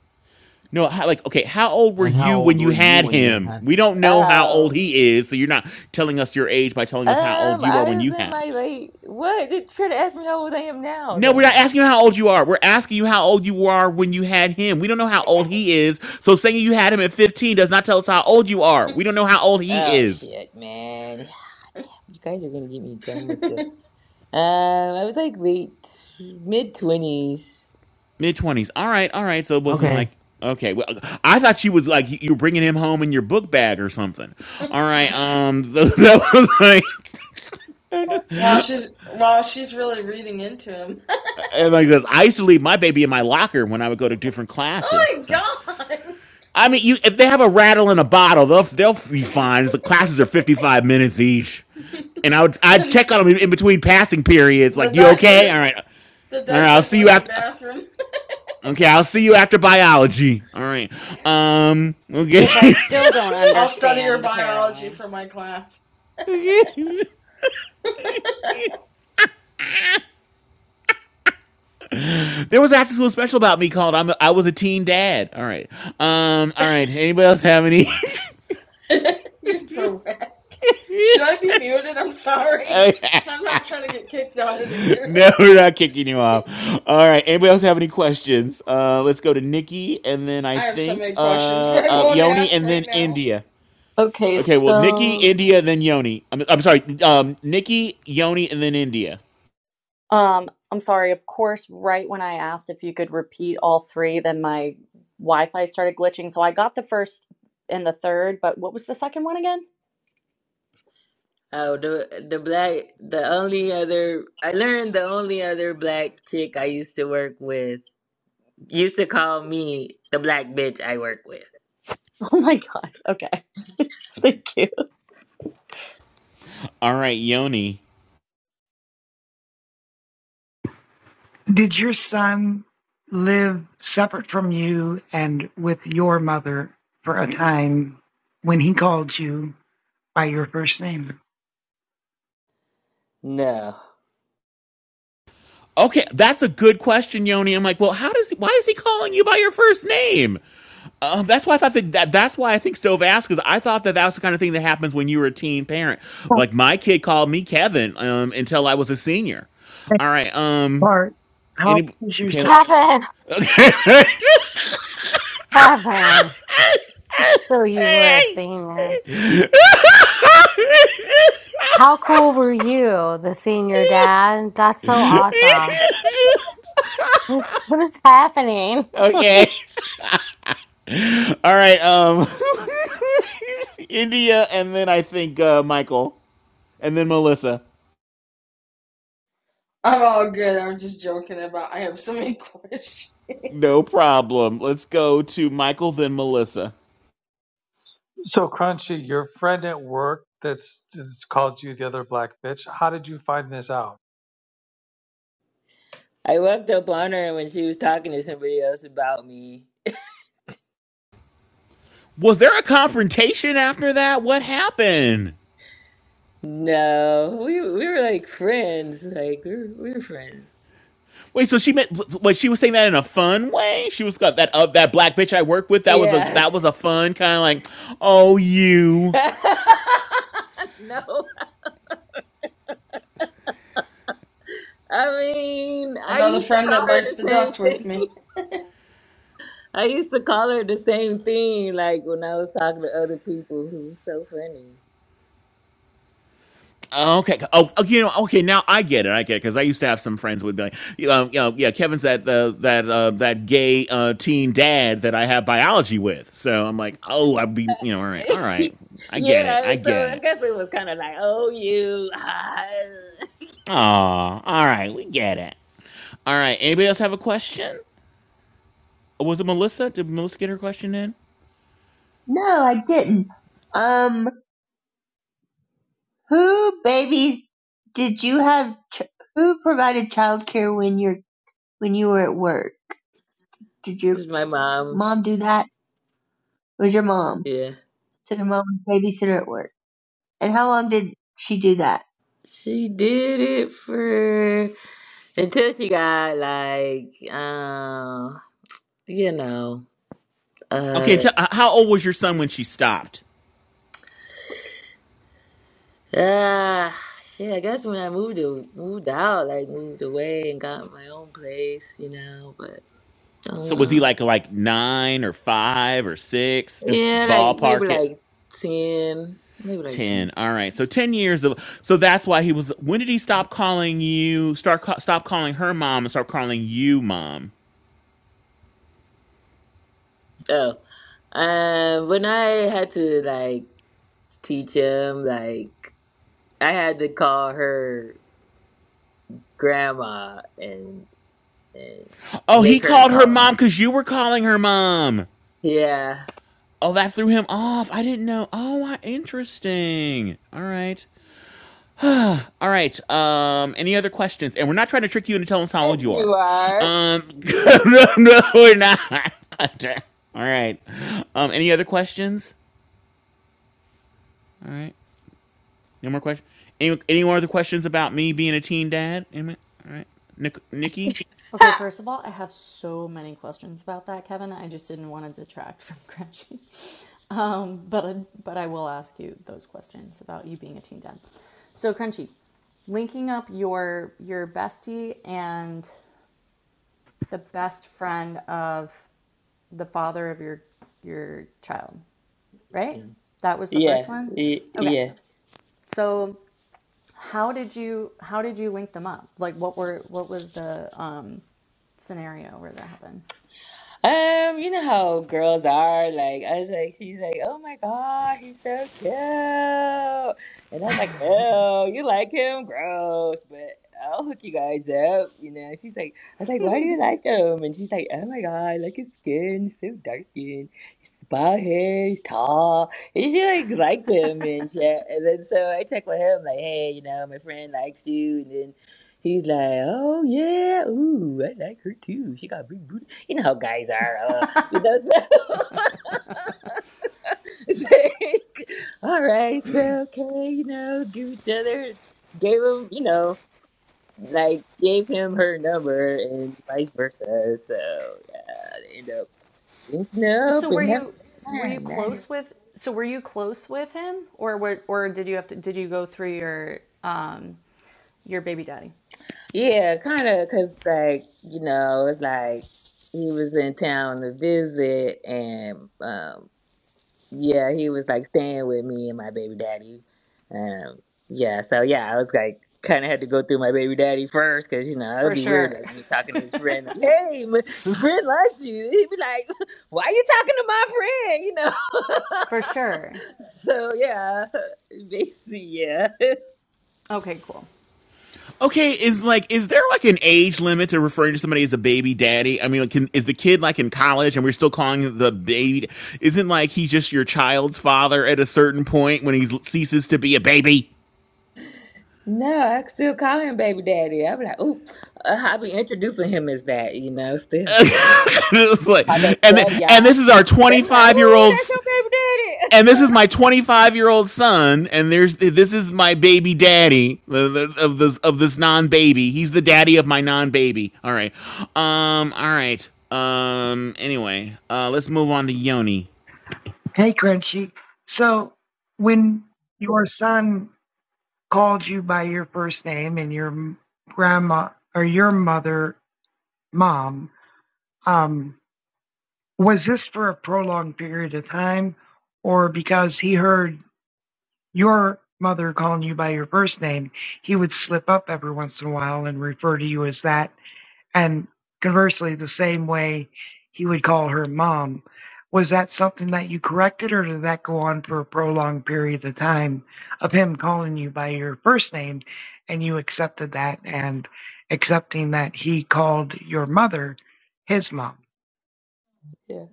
[SPEAKER 4] no? How, like okay, how old were
[SPEAKER 2] And how
[SPEAKER 4] you
[SPEAKER 2] old
[SPEAKER 4] when you
[SPEAKER 2] were you
[SPEAKER 4] had
[SPEAKER 2] when you
[SPEAKER 4] him?
[SPEAKER 2] had
[SPEAKER 4] We don't
[SPEAKER 2] him?
[SPEAKER 4] know how old
[SPEAKER 16] Oh,
[SPEAKER 4] he is, so you're not telling us your age by telling us how old
[SPEAKER 16] um,
[SPEAKER 4] you are
[SPEAKER 16] I
[SPEAKER 4] when
[SPEAKER 16] was
[SPEAKER 4] you
[SPEAKER 16] in
[SPEAKER 4] had. him.
[SPEAKER 16] my late. What? Did you try to ask me how old I am now?
[SPEAKER 4] No, we're not
[SPEAKER 16] Then.
[SPEAKER 4] asking you how old you are. We're asking you how old you are when you had him. We don't know how old he is. So saying you had him at 15 does not tell us how old you are. We don't know how old he
[SPEAKER 16] Oh
[SPEAKER 4] is.
[SPEAKER 16] shit, man. You guys are gonna get me dumb with you. Um, I was like late, mid twenties.
[SPEAKER 4] Mid twenties. All right, all right. So it wasn't
[SPEAKER 2] Okay.
[SPEAKER 4] like okay. Well, I thought she was like you were bringing him home in your book bag or something. All right. Um. So [laughs] that was like
[SPEAKER 20] Wow, she's wow, she's really reading into him.
[SPEAKER 4] and like this. I used to leave my baby in my locker when I would go to different
[SPEAKER 20] [laughs]
[SPEAKER 4] classes.
[SPEAKER 20] oh my
[SPEAKER 4] So
[SPEAKER 20] god!
[SPEAKER 4] I mean, you if they have a rattle in a bottle, they'll they'll be fine. The classes are fifty five minutes each, and I would I'd
[SPEAKER 20] [laughs]
[SPEAKER 4] check on them in between passing periods.
[SPEAKER 20] the
[SPEAKER 4] Like you okay?
[SPEAKER 20] diaper,
[SPEAKER 4] All right. All
[SPEAKER 20] the
[SPEAKER 4] right. I'll
[SPEAKER 20] diaper's
[SPEAKER 4] see you
[SPEAKER 20] like the
[SPEAKER 4] after.
[SPEAKER 20] bathroom.
[SPEAKER 4] Okay, I'll see you after biology. All right. Um,
[SPEAKER 3] which I
[SPEAKER 4] okay. [laughs]
[SPEAKER 3] still don't
[SPEAKER 20] [laughs] I'll study your
[SPEAKER 3] understand
[SPEAKER 20] biology
[SPEAKER 3] apparently.
[SPEAKER 20] for my class.
[SPEAKER 4] There was an after school special about me called I'm a, I was a teen dad. All right. Um all right. Anybody else have any
[SPEAKER 20] [laughs] You're so bad. Should I be muted? I'm sorry.
[SPEAKER 4] [laughs]
[SPEAKER 20] I'm not trying to get kicked out of here.
[SPEAKER 4] No, we're not kicking you off. All right. Anybody else have any questions? Uh let's go to Nikki and then I
[SPEAKER 20] I have so
[SPEAKER 4] think
[SPEAKER 20] many questions, [laughs]
[SPEAKER 4] uh,
[SPEAKER 20] but I
[SPEAKER 4] uh
[SPEAKER 20] won't
[SPEAKER 4] Yoni
[SPEAKER 20] ask
[SPEAKER 4] and then
[SPEAKER 20] right now.
[SPEAKER 4] India.
[SPEAKER 15] Okay,
[SPEAKER 4] Okay, well Nikki,
[SPEAKER 15] so
[SPEAKER 4] India, then Yoni. I'm, I'm sorry. Um Nikki, Yoni and then India.
[SPEAKER 15] um, I'm sorry. Of course, right when I asked if you could repeat all three, then my Wi-Fi started glitching. So I got the first and the third, but what was the second one again?
[SPEAKER 16] Oh, the the black the only other I learned the only other black chick I used to work with used to call me the black bitch I work with.
[SPEAKER 15] [laughs] Oh my God. Okay. [laughs] Thank you.
[SPEAKER 4] All right, Yoni.
[SPEAKER 13] Did your son live separate from you and with your mother for a time when he called you by your first name?
[SPEAKER 16] No.
[SPEAKER 4] Okay, that's a good question, Yoni. I'm like, well, how does he, why is he calling you by your first name? Um, that's why I thought that, that that's why I think Stove asked because I thought that that was the kind of thing that happens when you were a teen parent.
[SPEAKER 13] Well,
[SPEAKER 4] Like my kid called me Kevin um, until I was a senior.
[SPEAKER 13] Next
[SPEAKER 4] All right. Um.
[SPEAKER 13] part. How
[SPEAKER 4] Any.
[SPEAKER 13] old your
[SPEAKER 1] [laughs]
[SPEAKER 4] Okay.
[SPEAKER 13] son?
[SPEAKER 4] let-
[SPEAKER 1] Kevin, Kevin. So you were a
[SPEAKER 4] [laughs]
[SPEAKER 1] senior. How cool were you, the senior dad? That's so awesome. What's what is happening? [laughs]
[SPEAKER 4] okay. All right. Um. [laughs] India, and then I think uh, Michael, and then Melissa.
[SPEAKER 20] I'm all good. I'm just joking about I have so many [laughs] questions.
[SPEAKER 4] No problem. Let's go to Michael, then Melissa.
[SPEAKER 17] So Crunchy, your friend at work that's, that's called you the other black bitch. How did you find this out?
[SPEAKER 16] I walked up on her when she was talking to somebody else about me.
[SPEAKER 4] Was there a confrontation after that? What happened?
[SPEAKER 16] No, we we were like friends, like we were, we were friends.
[SPEAKER 4] Wait, so she meant wait, she was saying that in a fun way? She was got that uh, that black bitch I worked with, that was a
[SPEAKER 16] Yeah.
[SPEAKER 4] that was a fun kind of like, "Oh, you."
[SPEAKER 16] [laughs] No. I mean, I
[SPEAKER 20] Another
[SPEAKER 16] used to
[SPEAKER 20] friend
[SPEAKER 16] call
[SPEAKER 20] that
[SPEAKER 16] her
[SPEAKER 20] bites
[SPEAKER 16] the
[SPEAKER 20] the
[SPEAKER 16] same
[SPEAKER 20] dust with
[SPEAKER 16] thing.
[SPEAKER 20] me.
[SPEAKER 16] I used to call her the same thing, like when I was talking to other people who was so funny.
[SPEAKER 4] Okay. Oh, oh, you know. Okay, now I get it. I get it because I used to have some friends who would be like, you know, you know yeah, Kevin's that uh, that uh, that gay uh, teen dad that I have biology with. So I'm like, oh, I'd be, you know, all right, all right,
[SPEAKER 16] [laughs]
[SPEAKER 4] I get it,
[SPEAKER 16] yeah,
[SPEAKER 4] I
[SPEAKER 16] so
[SPEAKER 4] get
[SPEAKER 16] I
[SPEAKER 4] it.
[SPEAKER 16] guess it was kind of like, oh, you. Ah. [laughs]
[SPEAKER 4] Aw, all right, we get it. All right, anybody else have a question? Was it Melissa? Did Melissa get her question in?
[SPEAKER 14] No, I didn't. Um, who babies did you have? Ch- who provided childcare when you're when you were at work? Did
[SPEAKER 16] it
[SPEAKER 14] your
[SPEAKER 16] was my mom.
[SPEAKER 14] mom do that? It was your mom?
[SPEAKER 16] Yeah.
[SPEAKER 14] So your mom was babysitter at work. And how long did she do that?
[SPEAKER 16] She did it for until she got like, uh, you know,
[SPEAKER 4] Okay,
[SPEAKER 16] uh,
[SPEAKER 4] t- how old was your son when she stopped?
[SPEAKER 16] ah, shit. I guess when I moved to, moved out, like moved away and got my own place, you know, but.
[SPEAKER 4] So was
[SPEAKER 16] uh,
[SPEAKER 4] he like like nine or five or six? Just
[SPEAKER 16] Yeah, like maybe
[SPEAKER 4] ballpark it.
[SPEAKER 16] like ten, maybe like ten.
[SPEAKER 4] Ten. All right. So ten years of. So that's why he was. When did he stop calling you? Start ca- stop calling her mom and start calling you mom.
[SPEAKER 16] Oh, um, when I had to like teach him, like I had to call her grandma and and
[SPEAKER 4] Oh, he
[SPEAKER 16] make her
[SPEAKER 4] called her
[SPEAKER 16] call me.
[SPEAKER 4] mom because you were calling her mom.
[SPEAKER 16] Yeah,
[SPEAKER 4] Oh, that threw him off. I didn't know. Oh, why interesting. All right. All right. Um, any other questions? And we're not trying to trick you into telling us how
[SPEAKER 16] yes,
[SPEAKER 4] old you are.
[SPEAKER 16] you are.
[SPEAKER 4] Um, [laughs] no, no, we're not. [laughs] All right. Um, any other questions? All right. No more questions. Any, any more other questions about me being a teen dad? Any- All right. Nick, Nikki.
[SPEAKER 15] Okay, first of all, I have so many questions about that, Kevin. I just didn't want to detract from [laughs] Gretchen. Um, but, but I will ask you those questions about you being a teen dad. So, Crunchy, linking up your, your bestie and the best friend of the father of your, your child, right?
[SPEAKER 16] Yeah,
[SPEAKER 15] That was the first
[SPEAKER 16] yeah,
[SPEAKER 15] one? Okay.
[SPEAKER 16] y-
[SPEAKER 15] So, how did you how did you link them up? Like what were what was the um. scenario where that happened.
[SPEAKER 16] Um, you know how girls are. Like, I was like, she's like, oh my God, he's so cute. And I was like, oh, you like him? Gross. But I'll hook you guys up. You know, she's like, I was like, why do you like him? And she's like, oh my God, I like his skin. He's so dark skin. He's bald hair. He's tall. And she like liked him and shit. And then so I checked with him, like, hey, you know, my friend likes you. and then. He's like, oh yeah, ooh, I like her too. She got a big booty. You know how guys are, uh, you know. So [laughs] it's like, all right, so okay, you know, give each other, gave him, you know, like gave him her number and vice versa. So yeah, they end up linking
[SPEAKER 15] So
[SPEAKER 16] up
[SPEAKER 15] were
[SPEAKER 16] and having
[SPEAKER 15] you
[SPEAKER 16] a good
[SPEAKER 15] were you
[SPEAKER 16] time. Nice.
[SPEAKER 15] close with so were you close with him or were, or did you have to did you go through your um your baby daddy?
[SPEAKER 16] Yeah, kind of, cause like you know, it's like he was in town to visit and um yeah, he was like staying with me and my baby daddy. Um, yeah, so yeah, I was like kind of had to go through my baby daddy first because you know it'd
[SPEAKER 15] For
[SPEAKER 16] be weird
[SPEAKER 15] sure.
[SPEAKER 16] like me talking to his friend like, hey, my my friend likes you. He'd be like, [laughs] why you talking to my friend?
[SPEAKER 15] For sure.
[SPEAKER 16] You know. [laughs] so yeah, basically yeah. [laughs]
[SPEAKER 15] Okay, cool.
[SPEAKER 4] Okay. Is like, is there like an age limit to referring to somebody as a baby daddy? I mean, like, can, is the kid like in college and we're still calling him the baby? Isn't like he's just your child's father at a certain point when he ceases to be a baby?
[SPEAKER 16] No, I still call him baby daddy. I'm like, ooh, uh, i be introducing him as that, you know, still like, he's
[SPEAKER 4] [laughs] it's like,
[SPEAKER 16] my baby
[SPEAKER 4] and
[SPEAKER 16] daddy,
[SPEAKER 4] th- and
[SPEAKER 16] y'all.
[SPEAKER 4] this is our
[SPEAKER 16] They be like,
[SPEAKER 4] 25 year
[SPEAKER 16] ooh,
[SPEAKER 4] old,
[SPEAKER 16] that's your baby
[SPEAKER 4] and
[SPEAKER 16] daddy.
[SPEAKER 4] this
[SPEAKER 16] [laughs]
[SPEAKER 4] is my 25 year old son, and there's this is my baby daddy the- the- of this of this non baby. He's the daddy of my non baby. All right, um, all right, um. Anyway, uh, let's move on to Yoni.
[SPEAKER 13] Hey, Crunchy. So when your son called you by your first name and your grandma or your mother, mom, um, was this for a prolonged period of time or because he heard your mother calling you by your first name, he would slip up every once in a while and refer to you as that? And conversely, the same way he would call her mom. Was that something that you corrected, or did that go on for a prolonged period of time of him calling you by your first name and you accepted that and accepting that he called your mother his mom?
[SPEAKER 16] Yeah.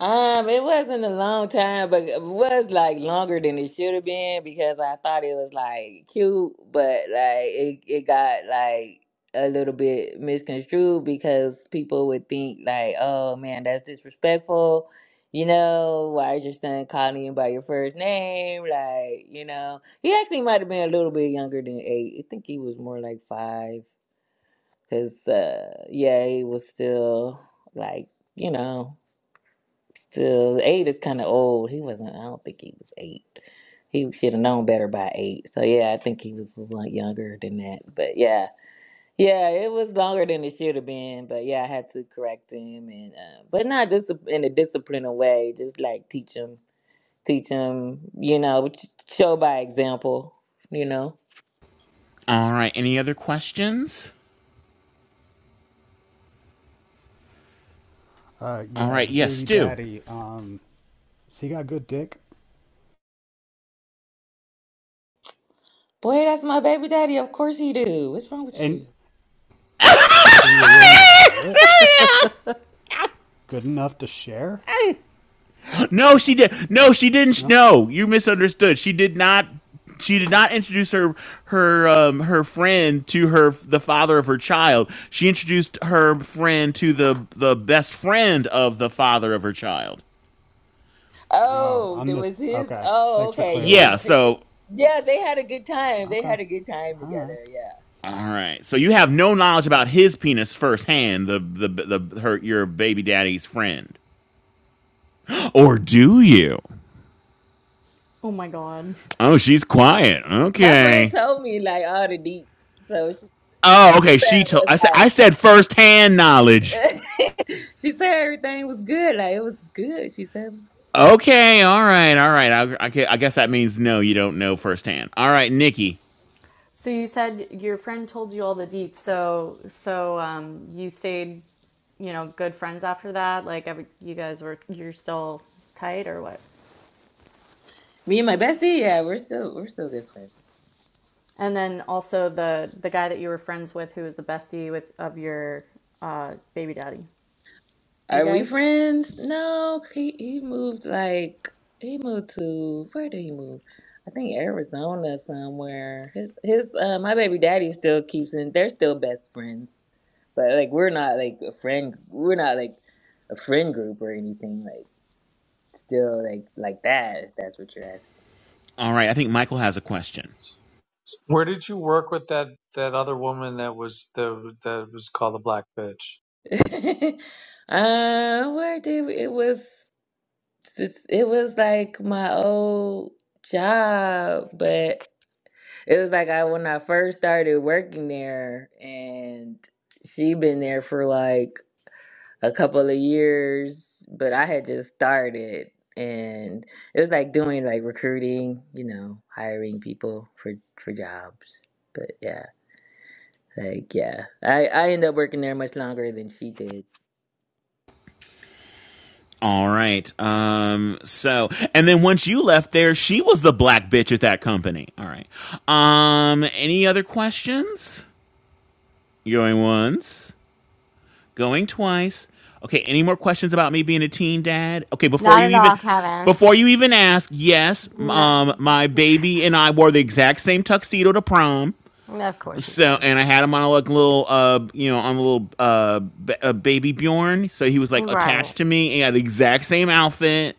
[SPEAKER 16] Um, it wasn't a long time, but it was like longer than it should have been because I thought it was like cute, but like it, it got like a little bit misconstrued because people would think like, oh man, that's disrespectful. You know, why is your son calling you by your first name? Like, you know, he actually might have been a little bit younger than eight. I think he was more like five because, uh, yeah, he was still like, you know. Still, eight is kind of old. He wasn't. I don't think he was eight. He should have known better by eight. So yeah, I think he was a lot younger than that. But yeah, yeah, it was longer than it should have been. But yeah, I had to correct him, and uh, but not just in a disciplining way, just like teach him, teach him, you know, show by example, you know.
[SPEAKER 4] All right, any other questions?
[SPEAKER 19] Uh,
[SPEAKER 4] All
[SPEAKER 19] yeah,
[SPEAKER 4] right,
[SPEAKER 19] the
[SPEAKER 4] yes,
[SPEAKER 19] baby
[SPEAKER 4] Stu.
[SPEAKER 19] daddy. Um, so you got good dick,
[SPEAKER 16] Boy, that's my baby daddy. Of course he do. What's wrong with you?
[SPEAKER 19] and and you're willing to share it?
[SPEAKER 4] [laughs]
[SPEAKER 19] Good enough to share?
[SPEAKER 4] No, she did. No, she didn't.
[SPEAKER 19] No.
[SPEAKER 4] No, you misunderstood. She did not. She did not introduce her her um, her friend to her the father of her child. She introduced her friend to the the best friend of the father of her child.
[SPEAKER 19] Oh,
[SPEAKER 16] Oh,
[SPEAKER 19] I'm
[SPEAKER 16] that
[SPEAKER 19] this.
[SPEAKER 16] was his.
[SPEAKER 19] Okay.
[SPEAKER 16] Oh,
[SPEAKER 19] Thanks for
[SPEAKER 16] okay.
[SPEAKER 19] clearing
[SPEAKER 16] Or
[SPEAKER 19] that
[SPEAKER 4] Yeah.
[SPEAKER 16] was-
[SPEAKER 19] up.
[SPEAKER 16] it-
[SPEAKER 4] So
[SPEAKER 16] Yeah, they had a good time. They
[SPEAKER 19] Okay.
[SPEAKER 16] had a good time
[SPEAKER 19] All right.
[SPEAKER 16] together. Yeah,
[SPEAKER 4] all right. So you have no knowledge about his penis firsthand. The the the her your baby daddy's friend. Or do you?
[SPEAKER 15] Oh my god.
[SPEAKER 4] Oh, she's quiet.
[SPEAKER 16] my friend
[SPEAKER 4] Okay.
[SPEAKER 16] told me like all the deets. So she,
[SPEAKER 4] Oh,
[SPEAKER 16] she
[SPEAKER 4] okay.
[SPEAKER 16] said
[SPEAKER 4] She
[SPEAKER 16] it
[SPEAKER 4] told. I said. I
[SPEAKER 16] was
[SPEAKER 4] said firsthand knowledge.
[SPEAKER 16] like [laughs] she said everything was good. Like it was good. She said it was. good.
[SPEAKER 4] Okay, all right, all right. I, I, I guess that means no, you don't know firsthand. All right, Nikki.
[SPEAKER 15] So you said your friend told you all the deets. So so um you stayed, you know, good friends after that? Like every, you guys were you're still tight or what?
[SPEAKER 16] Me and my bestie, yeah, we're still we're still good friends.
[SPEAKER 15] And then also the the guy that you were friends with who was the bestie with of your uh baby daddy. You
[SPEAKER 16] Are we
[SPEAKER 15] guys?
[SPEAKER 16] friends? No, he, he moved like he moved to where did he move? I think Arizona somewhere. His his uh, my baby daddy still keeps in. They're still best friends, but like we're not like a friend. We're not like a friend group or anything. Like still like like that. If that's what you're
[SPEAKER 4] All right, I think Michael has a question.
[SPEAKER 17] Where did you work with that that other woman that was the that was called the black bitch?
[SPEAKER 16] asking. [laughs] uh, where did we, it was it was like my old job, but. It was like I when I first started working there, and she been there for like a couple of years, but I had just started, and it was like doing like recruiting, you know, hiring people for for jobs. But yeah, like yeah, I I ended up working there much longer than she did.
[SPEAKER 4] All right. Um. So, and then once you left there, she was the black bitch at that company. All right. Um. Any other questions? Going once, going twice. Okay. Any more questions about me being a teen dad? Okay. Before
[SPEAKER 1] Not
[SPEAKER 4] you
[SPEAKER 1] at
[SPEAKER 4] even,
[SPEAKER 1] all, Kevin.
[SPEAKER 4] before you even ask, yes.
[SPEAKER 1] No,
[SPEAKER 4] Um. My baby and I wore the exact same tuxedo to prom.
[SPEAKER 1] [laughs] of course you
[SPEAKER 4] So
[SPEAKER 1] did.
[SPEAKER 4] and I had him on a like, little uh you know on a little uh, b- a baby Bjorn, so he was like
[SPEAKER 1] Right.
[SPEAKER 4] attached to me and he had the exact same outfit,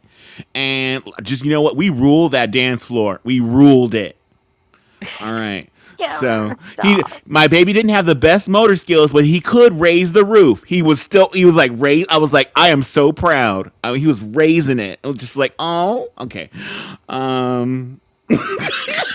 [SPEAKER 4] and just you know what we ruled that dance floor, we ruled it. All
[SPEAKER 1] [laughs]
[SPEAKER 4] right,
[SPEAKER 1] Kevin,
[SPEAKER 4] so he
[SPEAKER 1] stop.
[SPEAKER 4] my baby didn't have the best motor skills, but he could raise the roof. He was still he was like raise. I was like I am so proud. I mean, he was raising it. I was just like oh okay, um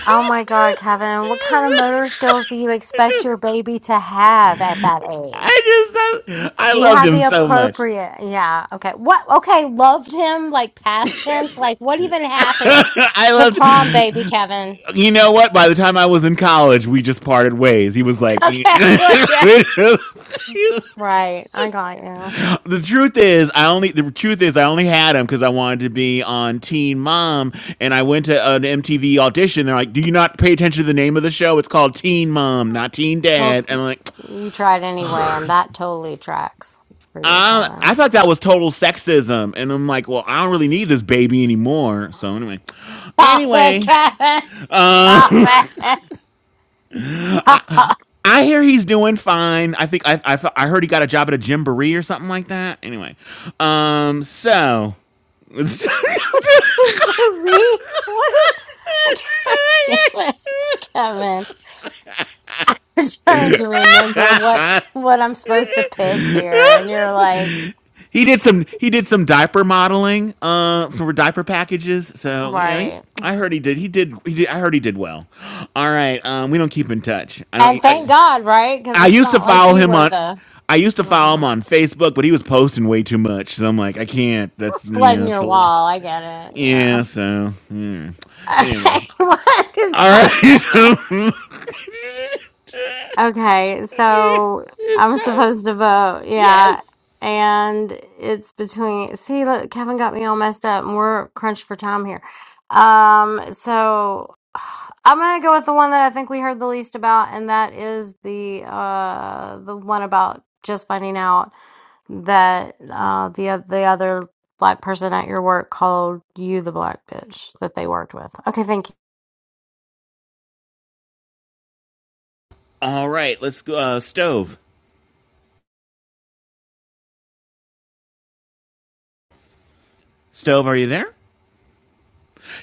[SPEAKER 1] Oh my God, Kevin, what kind of motor skills do you expect your baby to have at that age?
[SPEAKER 4] I just I, I
[SPEAKER 1] He
[SPEAKER 4] loved
[SPEAKER 1] had
[SPEAKER 4] him
[SPEAKER 1] the
[SPEAKER 4] so much.
[SPEAKER 1] appropriate, yeah, okay. What, okay, loved him like past tense? Like, what even happened
[SPEAKER 4] [laughs] I
[SPEAKER 1] to
[SPEAKER 4] loved
[SPEAKER 1] prom baby Kevin? [laughs]
[SPEAKER 4] you know what? By the time I was in college, we just parted ways. He was like, [laughs]
[SPEAKER 1] Okay, well, yeah.
[SPEAKER 4] the
[SPEAKER 1] Right, I got you.
[SPEAKER 4] truth is, I only the truth is I only had him because I wanted to be on Teen Mom, and I went to an MTV audition. They're like, "Do you not pay attention to the name of the show? It's called Teen Mom, not Teen
[SPEAKER 1] Well,
[SPEAKER 4] Dad." And
[SPEAKER 1] if
[SPEAKER 4] I'm like,
[SPEAKER 1] you tried anyway, and that totally tracks for you,
[SPEAKER 4] I
[SPEAKER 1] Kevin.
[SPEAKER 4] thought that was total sexism, and I'm like, well, I don't really need this baby anymore. So anyway,
[SPEAKER 1] Stop it,
[SPEAKER 4] anyway,
[SPEAKER 1] Kevin. Stop it. Stop.
[SPEAKER 4] I hear he's doing fine. I think I, I I heard he got a job at a gymboree or something like that. Anyway, um, so [laughs]
[SPEAKER 1] [laughs] Marie, what is [laughs] God Damn it, Kevin. [laughs] I'm trying to remember what what I'm supposed to pick here. And you're like,
[SPEAKER 4] he did some he did some diaper modeling uh for diaper packages. So yeah, he's,
[SPEAKER 1] right.
[SPEAKER 4] I heard he did he did he did I heard he did well. All right, um, we don't keep in touch. I
[SPEAKER 1] And
[SPEAKER 4] don't.
[SPEAKER 1] thank
[SPEAKER 4] I,
[SPEAKER 1] God, right? Because
[SPEAKER 4] I
[SPEAKER 1] it's
[SPEAKER 4] used to
[SPEAKER 1] not like
[SPEAKER 4] follow
[SPEAKER 1] you
[SPEAKER 4] him
[SPEAKER 1] were
[SPEAKER 4] on.
[SPEAKER 1] the
[SPEAKER 4] I used to follow
[SPEAKER 1] uh
[SPEAKER 4] him on Facebook, but he was posting way too much. So I'm like, I can't. That's
[SPEAKER 1] flooding
[SPEAKER 4] yeah, it's
[SPEAKER 1] your
[SPEAKER 4] a lot.
[SPEAKER 1] wall. I get it. Yeah.
[SPEAKER 4] Yeah, so hmm. anyway,
[SPEAKER 1] Okay. [laughs] what is
[SPEAKER 4] all right.
[SPEAKER 1] happening? Okay, so
[SPEAKER 4] It's
[SPEAKER 1] I'm [laughs]
[SPEAKER 4] time.
[SPEAKER 1] supposed to vote,
[SPEAKER 4] Yes.
[SPEAKER 1] yeah. And it's between, see, look, Kevin got me all messed up and we're crunched for time here. Um, so [sighs] I'm gonna go with the one that I think we heard the least about, and that is the uh the one about just finding out that uh the oth- the other black person at your work called you the black bitch that they worked with. Okay, thank
[SPEAKER 4] All right, let's go. Uh, Stove. Stove, are you there?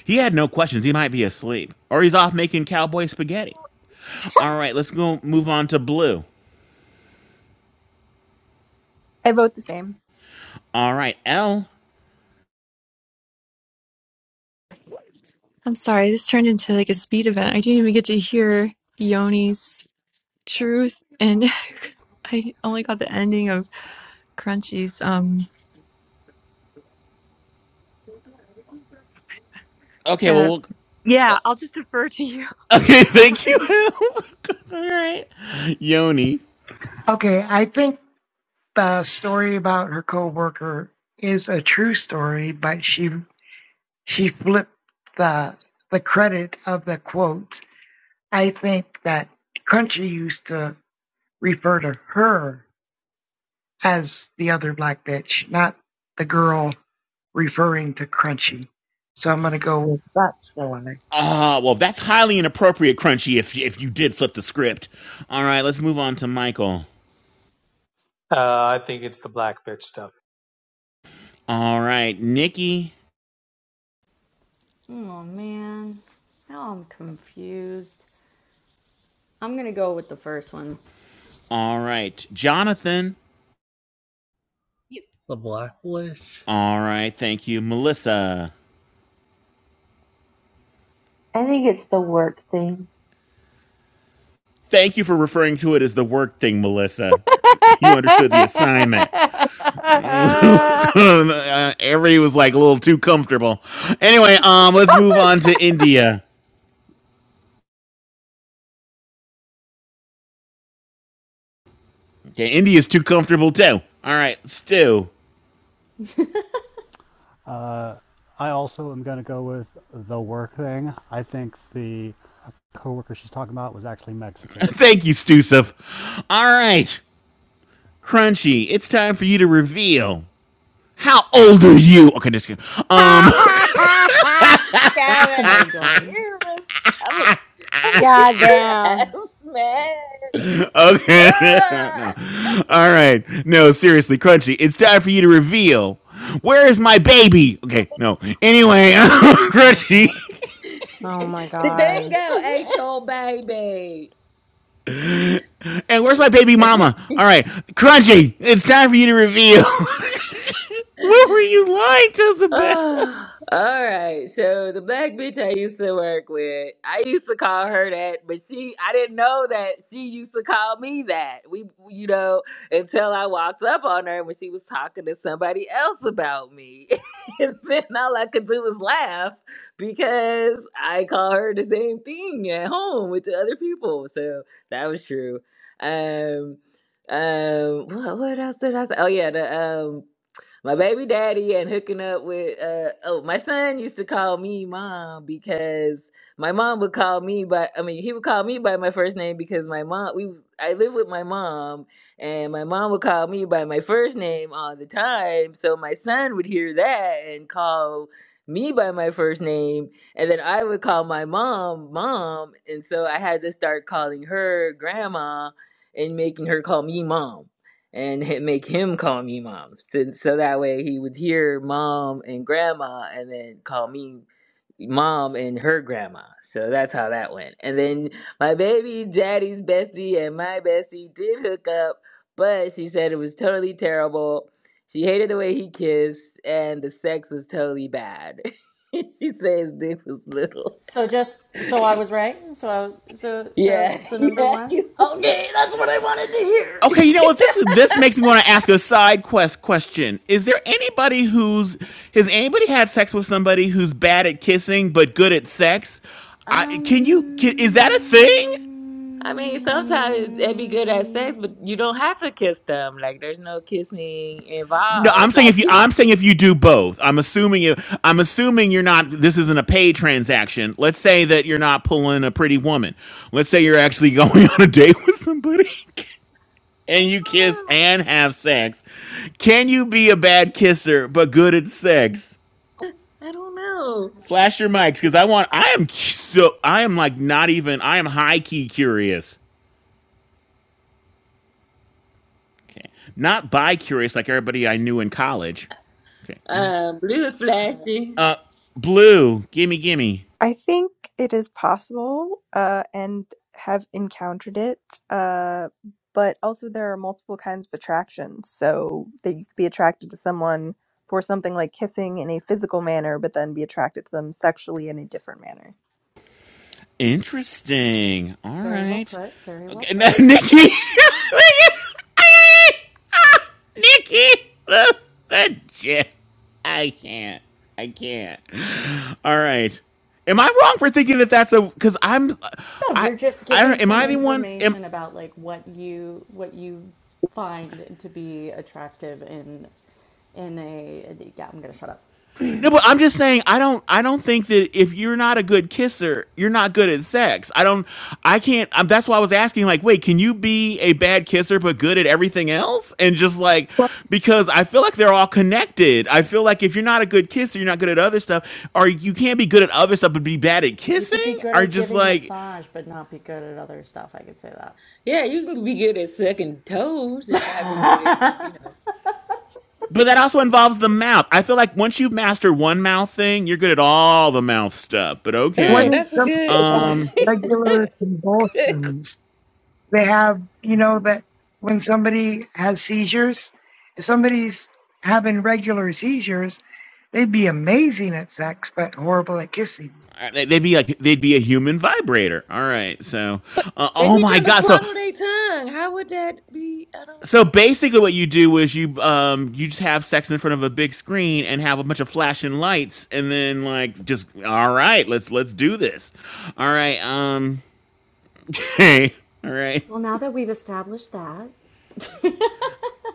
[SPEAKER 4] He had no questions. He might be asleep. Or he's off making cowboy spaghetti. All right, let's go move on to Blue.
[SPEAKER 7] I vote the same.
[SPEAKER 4] All right, L.
[SPEAKER 9] I'm sorry, this turned into like a speed event. I didn't even get to hear Yoni's truth and [laughs] i only got the ending of crunchy's um
[SPEAKER 4] Okay, well,
[SPEAKER 9] uh,
[SPEAKER 4] we'll. [laughs]
[SPEAKER 9] yeah i'll just defer to you [laughs] I'm
[SPEAKER 4] Okay,
[SPEAKER 9] sorry.
[SPEAKER 4] thank you, L. [laughs] Yoni.
[SPEAKER 13] Okay, I think the story about her coworker is a true story, but she she flipped the the credit of the quote. I think that Crunchy used to refer to her as the other black bitch, not the girl referring to Crunchy. So I'm going to go with that's the lie.
[SPEAKER 4] Ah, uh, well, that's highly inappropriate, Crunchy, if, if you did flip the script. All right, let's move on to Michael.
[SPEAKER 17] Uh, I think it's the black bitch stuff.
[SPEAKER 4] All right, Nikki.
[SPEAKER 15] Oh man. Now I'm confused. I'm going to go with the first one. [laughs]
[SPEAKER 4] All right, Jonathan.
[SPEAKER 18] You. The Black Witch.
[SPEAKER 4] All right, thank you, Melissa.
[SPEAKER 14] I think it's the work thing.
[SPEAKER 4] Thank you for referring to it as the work thing, Melissa. You understood the assignment. [laughs]
[SPEAKER 1] you. [laughs]
[SPEAKER 4] uh, everybody was like a little too comfortable. Anyway, um, let's move on
[SPEAKER 1] [laughs]
[SPEAKER 4] to India. Okay, India's too comfortable too. All right, Stu.
[SPEAKER 19] Uh, I also am going to go with the work thing. I think the coworker she's talking about was actually
[SPEAKER 4] [laughs]
[SPEAKER 19] Mexican.
[SPEAKER 4] Thank you, Stusif. All right, Crunchy. It's time for you to reveal. How old are you? Okay, just kidding. Um,
[SPEAKER 1] Kevin.
[SPEAKER 15] Oh my god.
[SPEAKER 16] Yeah, I'm gonna I'm gonna kick
[SPEAKER 1] God
[SPEAKER 16] your [laughs]
[SPEAKER 1] damn.
[SPEAKER 16] ass, man.
[SPEAKER 4] Okay. [laughs] no.
[SPEAKER 16] Ah!
[SPEAKER 4] All right. No, seriously, Crunchy. It's time for you to reveal. Where is my baby? Okay, no. Anyway, [laughs]
[SPEAKER 1] Stop
[SPEAKER 4] Crunchy.
[SPEAKER 1] it. Oh
[SPEAKER 16] [laughs]
[SPEAKER 1] my
[SPEAKER 16] the
[SPEAKER 1] god.
[SPEAKER 16] dingo ate your baby.
[SPEAKER 4] And where's my baby mama? All right, Crunchy. It's time for you to reveal. [laughs] what were you lying to
[SPEAKER 16] [sighs] Oh, All right. So the black bitch I used to work with, I used to call her that, but she I didn't know that she used to call me that. We you know, until I walked up on her when she was talking to somebody else about me. [laughs] and then all I could do was laugh because I call her the same thing at home with the other people. So that was true. Um um what, what else did I say? Oh yeah, the um my baby daddy and hooking up with uh oh my son used to call me mom because my mom would call me by I mean he would call me by my first name because my mom we was, I live with my mom and my mom would call me by my first name all the time so my son would hear that and call me by my first name and then I would call my mom mom and so I had to start calling her grandma and making her call me mom and [laughs] make him call me mom. So, so that way he would hear mom and grandma and then call me mom and her grandma. So that's how that went. And then my baby daddy's bestie and my bestie did hook up, but she said it was totally terrible. She hated the way he kissed and the sex was totally bad. [laughs] she says his dick was little. [laughs]
[SPEAKER 15] So just so I was right. So I so so
[SPEAKER 16] Yeah,
[SPEAKER 15] so number
[SPEAKER 16] yeah,
[SPEAKER 15] one.
[SPEAKER 16] he
[SPEAKER 15] Okay, that's what I wanted to hear.
[SPEAKER 4] Okay,
[SPEAKER 16] was.
[SPEAKER 4] you know what?
[SPEAKER 16] [laughs]
[SPEAKER 4] This this makes me want to ask a side quest question. Is there anybody who's has anybody had sex with somebody who's bad at kissing but good at sex? I, can you? Can, is that a thing?
[SPEAKER 16] I mean,
[SPEAKER 15] Um I
[SPEAKER 16] sometimes they be good at sex,
[SPEAKER 15] mean
[SPEAKER 16] but you don't have to kiss them. Like, there's no kissing
[SPEAKER 4] No,
[SPEAKER 16] involved.
[SPEAKER 4] I'm
[SPEAKER 16] It's
[SPEAKER 4] saying if
[SPEAKER 16] like
[SPEAKER 4] you
[SPEAKER 16] kiss.
[SPEAKER 4] I'm saying if you do both. I'm assuming you I'm assuming you're not this isn't a paid transaction. Let's say that you're not pulling a pretty woman. Let's say you're actually [laughs] going on a date with somebody
[SPEAKER 16] I
[SPEAKER 4] and you kiss
[SPEAKER 16] don't know.
[SPEAKER 4] and have sex. Can you be a bad kisser but good at sex?
[SPEAKER 16] I don't know.
[SPEAKER 4] Flash your mics cuz I want I am so I am like not even I am high key curious. Okay. Not bi curious like everybody I knew in college. Okay.
[SPEAKER 16] Um, blue is flashy.
[SPEAKER 4] Uh blue, gimme gimme.
[SPEAKER 7] I think it is possible uh, and have encountered it. Uh, but also, there are multiple kinds of attractions. So that you could be attracted to someone for something like kissing in a physical manner, but then be attracted to them sexually in a different manner.
[SPEAKER 4] Interesting. All
[SPEAKER 15] Very well
[SPEAKER 4] right.
[SPEAKER 15] put. Very well
[SPEAKER 4] Okay, now,
[SPEAKER 15] put.
[SPEAKER 4] Nikki. [laughs] Nikki. I can't. I can't. All right. Am I wrong for thinking that that's a? Because I'm.
[SPEAKER 15] No,
[SPEAKER 4] I.
[SPEAKER 15] you're just
[SPEAKER 4] I
[SPEAKER 15] giving
[SPEAKER 4] don't. Am
[SPEAKER 15] some
[SPEAKER 4] I the one? Am
[SPEAKER 15] information about like what you what you find to be attractive in in a yeah, I'm gonna shut up.
[SPEAKER 4] No, but I'm just saying I don't I don't think that if you're not a good kisser, you're not good at sex. I don't I can't um that's why I was asking like, wait, can you be a bad kisser but good at everything else? And just like
[SPEAKER 13] What,
[SPEAKER 4] because I feel like they're all connected. I feel like if you're not a good kisser, you're not good at other stuff or you can't be good at other stuff but be bad at
[SPEAKER 15] You
[SPEAKER 4] kissing
[SPEAKER 15] could be good
[SPEAKER 4] or
[SPEAKER 15] at
[SPEAKER 4] just
[SPEAKER 15] giving
[SPEAKER 4] like
[SPEAKER 15] massage but not be good at other stuff, I could say
[SPEAKER 16] Yeah, you can be good at sucking toes and not be good at, you
[SPEAKER 15] that. [laughs]
[SPEAKER 16] know.
[SPEAKER 4] but that also involves the mouth. I feel like once you've mastered one mouth thing, you're good at all the mouth stuff. But
[SPEAKER 13] what
[SPEAKER 16] Oh,
[SPEAKER 4] okay.
[SPEAKER 13] is
[SPEAKER 16] that's a
[SPEAKER 13] the
[SPEAKER 16] good, [laughs] good.
[SPEAKER 4] Um
[SPEAKER 13] regular convulsions? They have, you know, that when somebody has seizures, if somebody's having regular seizures, they'd be amazing at sex, but horrible at kissing.
[SPEAKER 4] Uh, they- would be like they'd be a human vibrator. All right, so uh,
[SPEAKER 16] They
[SPEAKER 4] oh
[SPEAKER 16] be
[SPEAKER 4] my
[SPEAKER 16] trying to
[SPEAKER 4] god, so
[SPEAKER 16] swallow their tongue. How would that be? I don't.
[SPEAKER 4] so basically what you do is you um you just have sex in front of a big screen and have a bunch of flashing lights and then like just all right, let's let's do this. All right, um, [laughs] okay, all right.
[SPEAKER 15] Well, now that we've established that,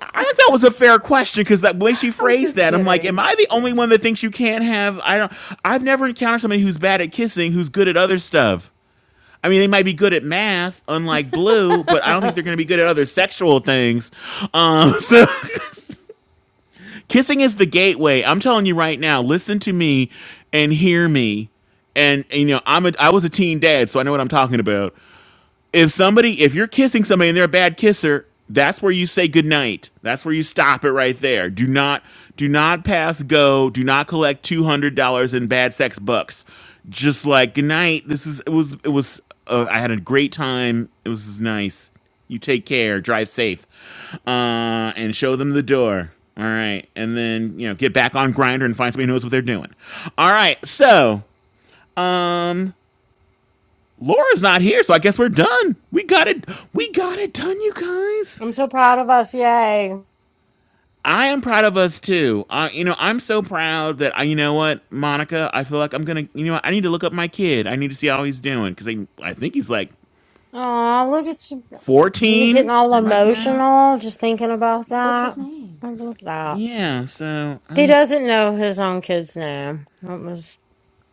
[SPEAKER 4] I think that was a fair question because the way she
[SPEAKER 15] I'm
[SPEAKER 4] phrased
[SPEAKER 15] just
[SPEAKER 4] that, I'm like, am
[SPEAKER 15] kidding.
[SPEAKER 4] I the only one that thinks you can't have? I don't. I've never encountered somebody who's bad at kissing who's good at other stuff. I mean, they might be good at math, unlike Blue, but I don't think they're going to be good at other sexual things. Um, so, [laughs] kissing is the gateway. I'm telling you right now. Listen to me and hear me. And, and, you know, I'm a I was a teen dad, so I know what I'm talking about if somebody if you're kissing somebody and they're a bad kisser that's where you say goodnight that's where you stop it right there do not do not pass go do not collect $200 in bad sex bucks just like goodnight this is it was it was uh, i had a great time it was nice you take care drive safe uh, and show them the door all right and then you know get back on grinder and find somebody who knows what they're doing all right so um. Laura's not here, so I guess we're done. We got it. We got it done, you guys.
[SPEAKER 1] I'm so proud of us. Yay.
[SPEAKER 4] I am proud of us too. Uh, you know, I'm so proud that I, you know what, Monica. I feel like I'm gonna, you know, I need to look up my kid. I need to see how he's doing because I, I think he's like
[SPEAKER 1] Aw, look at you. You're getting
[SPEAKER 4] 14
[SPEAKER 1] all
[SPEAKER 4] right now.
[SPEAKER 1] emotional just thinking about
[SPEAKER 15] what's his
[SPEAKER 1] that.
[SPEAKER 15] name?
[SPEAKER 1] I love that.
[SPEAKER 4] Yeah. So I,
[SPEAKER 1] He
[SPEAKER 4] don't,
[SPEAKER 1] doesn't know his own kid's name. That was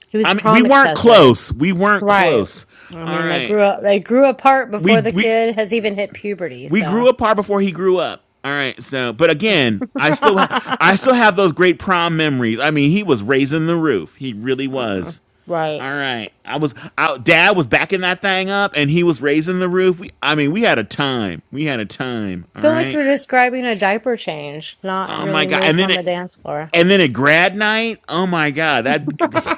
[SPEAKER 1] he was
[SPEAKER 4] I mean, we
[SPEAKER 1] prom
[SPEAKER 4] weren't
[SPEAKER 1] accessory.
[SPEAKER 4] close. We weren't
[SPEAKER 1] Right.
[SPEAKER 4] close.
[SPEAKER 1] I
[SPEAKER 4] All
[SPEAKER 1] mean they
[SPEAKER 4] right.
[SPEAKER 1] grew up they grew apart before
[SPEAKER 4] We
[SPEAKER 1] the
[SPEAKER 4] we
[SPEAKER 1] kid has even hit puberty,
[SPEAKER 4] we
[SPEAKER 1] so
[SPEAKER 4] grew apart before he grew up. All right, so but again,
[SPEAKER 1] [laughs]
[SPEAKER 4] I still have I still have those great prom memories. I mean, he was raising the roof. He really
[SPEAKER 1] Mm-mm.
[SPEAKER 4] was.
[SPEAKER 1] right.
[SPEAKER 4] All right, I was out. Dad was backing that thing up, and he was raising the roof. We, I mean, we had a time. We had a time. All
[SPEAKER 1] feel like
[SPEAKER 4] right.
[SPEAKER 1] you're describing a diaper change, not
[SPEAKER 4] Oh
[SPEAKER 1] really
[SPEAKER 4] my god! And
[SPEAKER 1] moves
[SPEAKER 4] then
[SPEAKER 1] on the
[SPEAKER 4] it
[SPEAKER 1] dance floor.
[SPEAKER 4] and then at grad night, oh my god, that
[SPEAKER 1] [laughs]
[SPEAKER 4] [laughs]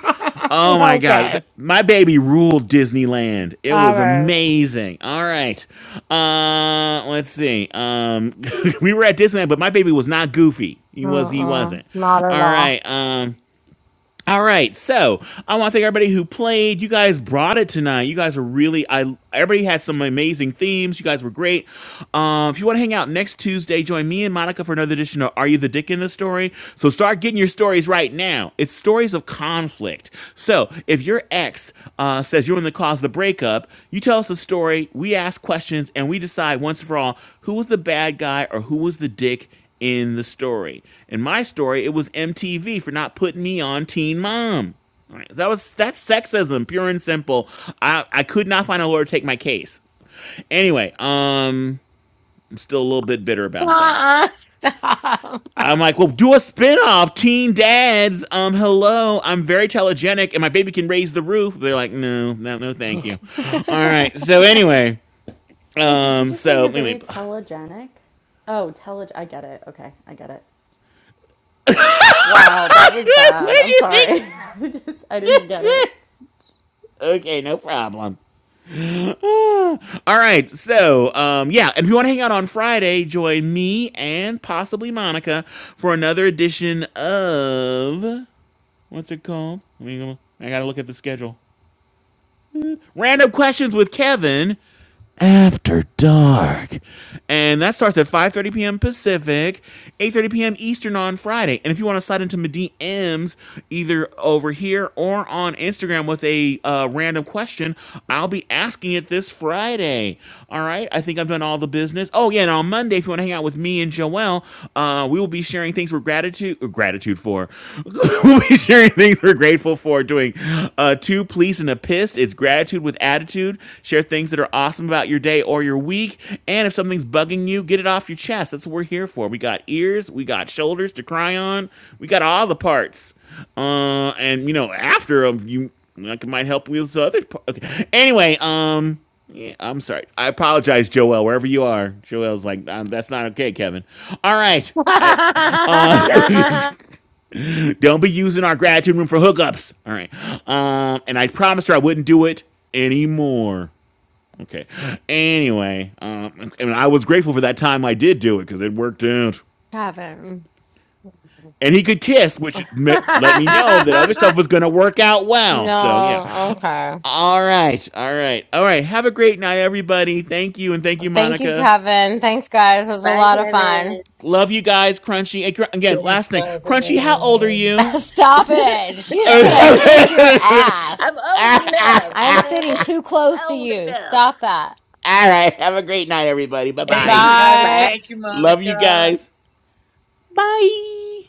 [SPEAKER 4] oh my god,
[SPEAKER 1] okay.
[SPEAKER 4] my baby ruled Disneyland. It
[SPEAKER 1] All
[SPEAKER 4] was
[SPEAKER 1] right.
[SPEAKER 4] amazing. All right. Uh let's see. Um [laughs] we were at Disneyland, but my baby was not goofy. He was he
[SPEAKER 1] Uh-uh.
[SPEAKER 4] wasn't.
[SPEAKER 1] Not at
[SPEAKER 4] All
[SPEAKER 1] all.
[SPEAKER 4] right. Um all right, so I want to thank everybody who played. You guys brought it tonight. You guys were really I. Everybody had some amazing themes. You guys were great. Um, if you want to hang out next Tuesday, join me and Monica for another edition of Are You the Dick in the Story? So start getting your stories right now. It's stories of conflict. So if your ex uh, says you're in the cause of the breakup, you tell us a story. We ask questions and we decide once for all who was the bad guy or who was the dick in the story. In my story, it was MTV for not putting me on Teen Mom. All right, That was that's sexism, pure and simple. I I could not find a lawyer to take my case. Anyway, um, I'm still a little bit bitter about that.
[SPEAKER 1] Uh-uh. Stop.
[SPEAKER 4] I'm like, well, do a spinoff, Teen Dads. Um, hello, I'm very telegenic, and my baby can raise the roof. They're like, no, no, no, thank you. All right. So anyway,
[SPEAKER 15] Wait, did you
[SPEAKER 4] um,
[SPEAKER 15] just say
[SPEAKER 4] so
[SPEAKER 15] you're very
[SPEAKER 4] anyway,
[SPEAKER 15] telegenic? Oh, teleg I get it. Okay, I get it. Wow, that was
[SPEAKER 4] [laughs] what
[SPEAKER 15] bad. I'm
[SPEAKER 4] do you
[SPEAKER 15] sorry. [laughs] I just I didn't get
[SPEAKER 4] think?
[SPEAKER 15] it.
[SPEAKER 4] [laughs] okay, no problem. [sighs] All right. So, um, yeah. And if you want to hang out on Friday, join me and possibly Monica for another edition of what's it called? Let me go. I gotta look at the schedule. Random questions with Kevin after dark, and that starts at 5:30 p.m. Pacific, 8:30 p.m. Eastern on Friday. And if you want to slide into my D M's either over here or on Instagram with a uh, random question, I'll be asking it this Friday. All right. I think I've done all the business. Oh, yeah. And on Monday, if you want to hang out with me and Joelle, uh, we will be sharing things we're gratitude or gratitude for. [laughs] we'll be sharing things we're grateful for doing uh, two pleas and a pissed. It's gratitude with attitude. Share things that are awesome about your day or your week. And if something's bugging you, get it off your chest. That's what we're here for. We got ears, we got shoulders to cry on, we got all the parts. Uh, and you know, after after 'em, you like it might help with other. Okay. Anyway, um. Yeah, I'm sorry. I apologize, Joel, wherever you are. Joel's like, um, that's not okay, Kevin. All right. I, uh,
[SPEAKER 1] [laughs]
[SPEAKER 4] [laughs] don't be using our gratitude room for hookups. All right. Um, and I promised her I wouldn't do it anymore. Okay. Anyway, um, and I was grateful for that time I did do it because it worked out.
[SPEAKER 1] Kevin.
[SPEAKER 4] And he could kiss,
[SPEAKER 1] [laughs]
[SPEAKER 4] which me- let me know that other stuff was going to work out well. So, yeah.
[SPEAKER 1] no. Okay.
[SPEAKER 4] All right. All right. All right. Have a great night, everybody. Thank you. And thank you,
[SPEAKER 1] Thank you,
[SPEAKER 4] Monica.
[SPEAKER 1] Kevin. Thanks, guys. It was a
[SPEAKER 16] Bye,
[SPEAKER 1] lot of
[SPEAKER 16] Kevin.
[SPEAKER 1] fun.
[SPEAKER 4] Love you guys, Crunchy. And cr- again,
[SPEAKER 17] Thanks,
[SPEAKER 4] last thing, Crunchy, how old are
[SPEAKER 17] Kevin.
[SPEAKER 1] [laughs]
[SPEAKER 4] you?
[SPEAKER 1] Stop
[SPEAKER 16] [laughs]
[SPEAKER 1] it.
[SPEAKER 4] [laughs]
[SPEAKER 1] She's
[SPEAKER 4] All
[SPEAKER 1] going to kick your ass.
[SPEAKER 16] I'm old enough.
[SPEAKER 1] I am
[SPEAKER 16] Damn
[SPEAKER 1] sitting
[SPEAKER 16] it,
[SPEAKER 1] too close to
[SPEAKER 16] old
[SPEAKER 1] you.
[SPEAKER 16] enough.
[SPEAKER 1] Stop that.
[SPEAKER 4] right. Have a great night, everybody. Bye
[SPEAKER 17] Thank you,
[SPEAKER 4] bye.
[SPEAKER 16] [laughs]
[SPEAKER 17] Kevin.
[SPEAKER 16] Bye.
[SPEAKER 1] Bye.
[SPEAKER 17] Thank you,
[SPEAKER 4] Love you
[SPEAKER 17] Monica.
[SPEAKER 4] guys. Bye.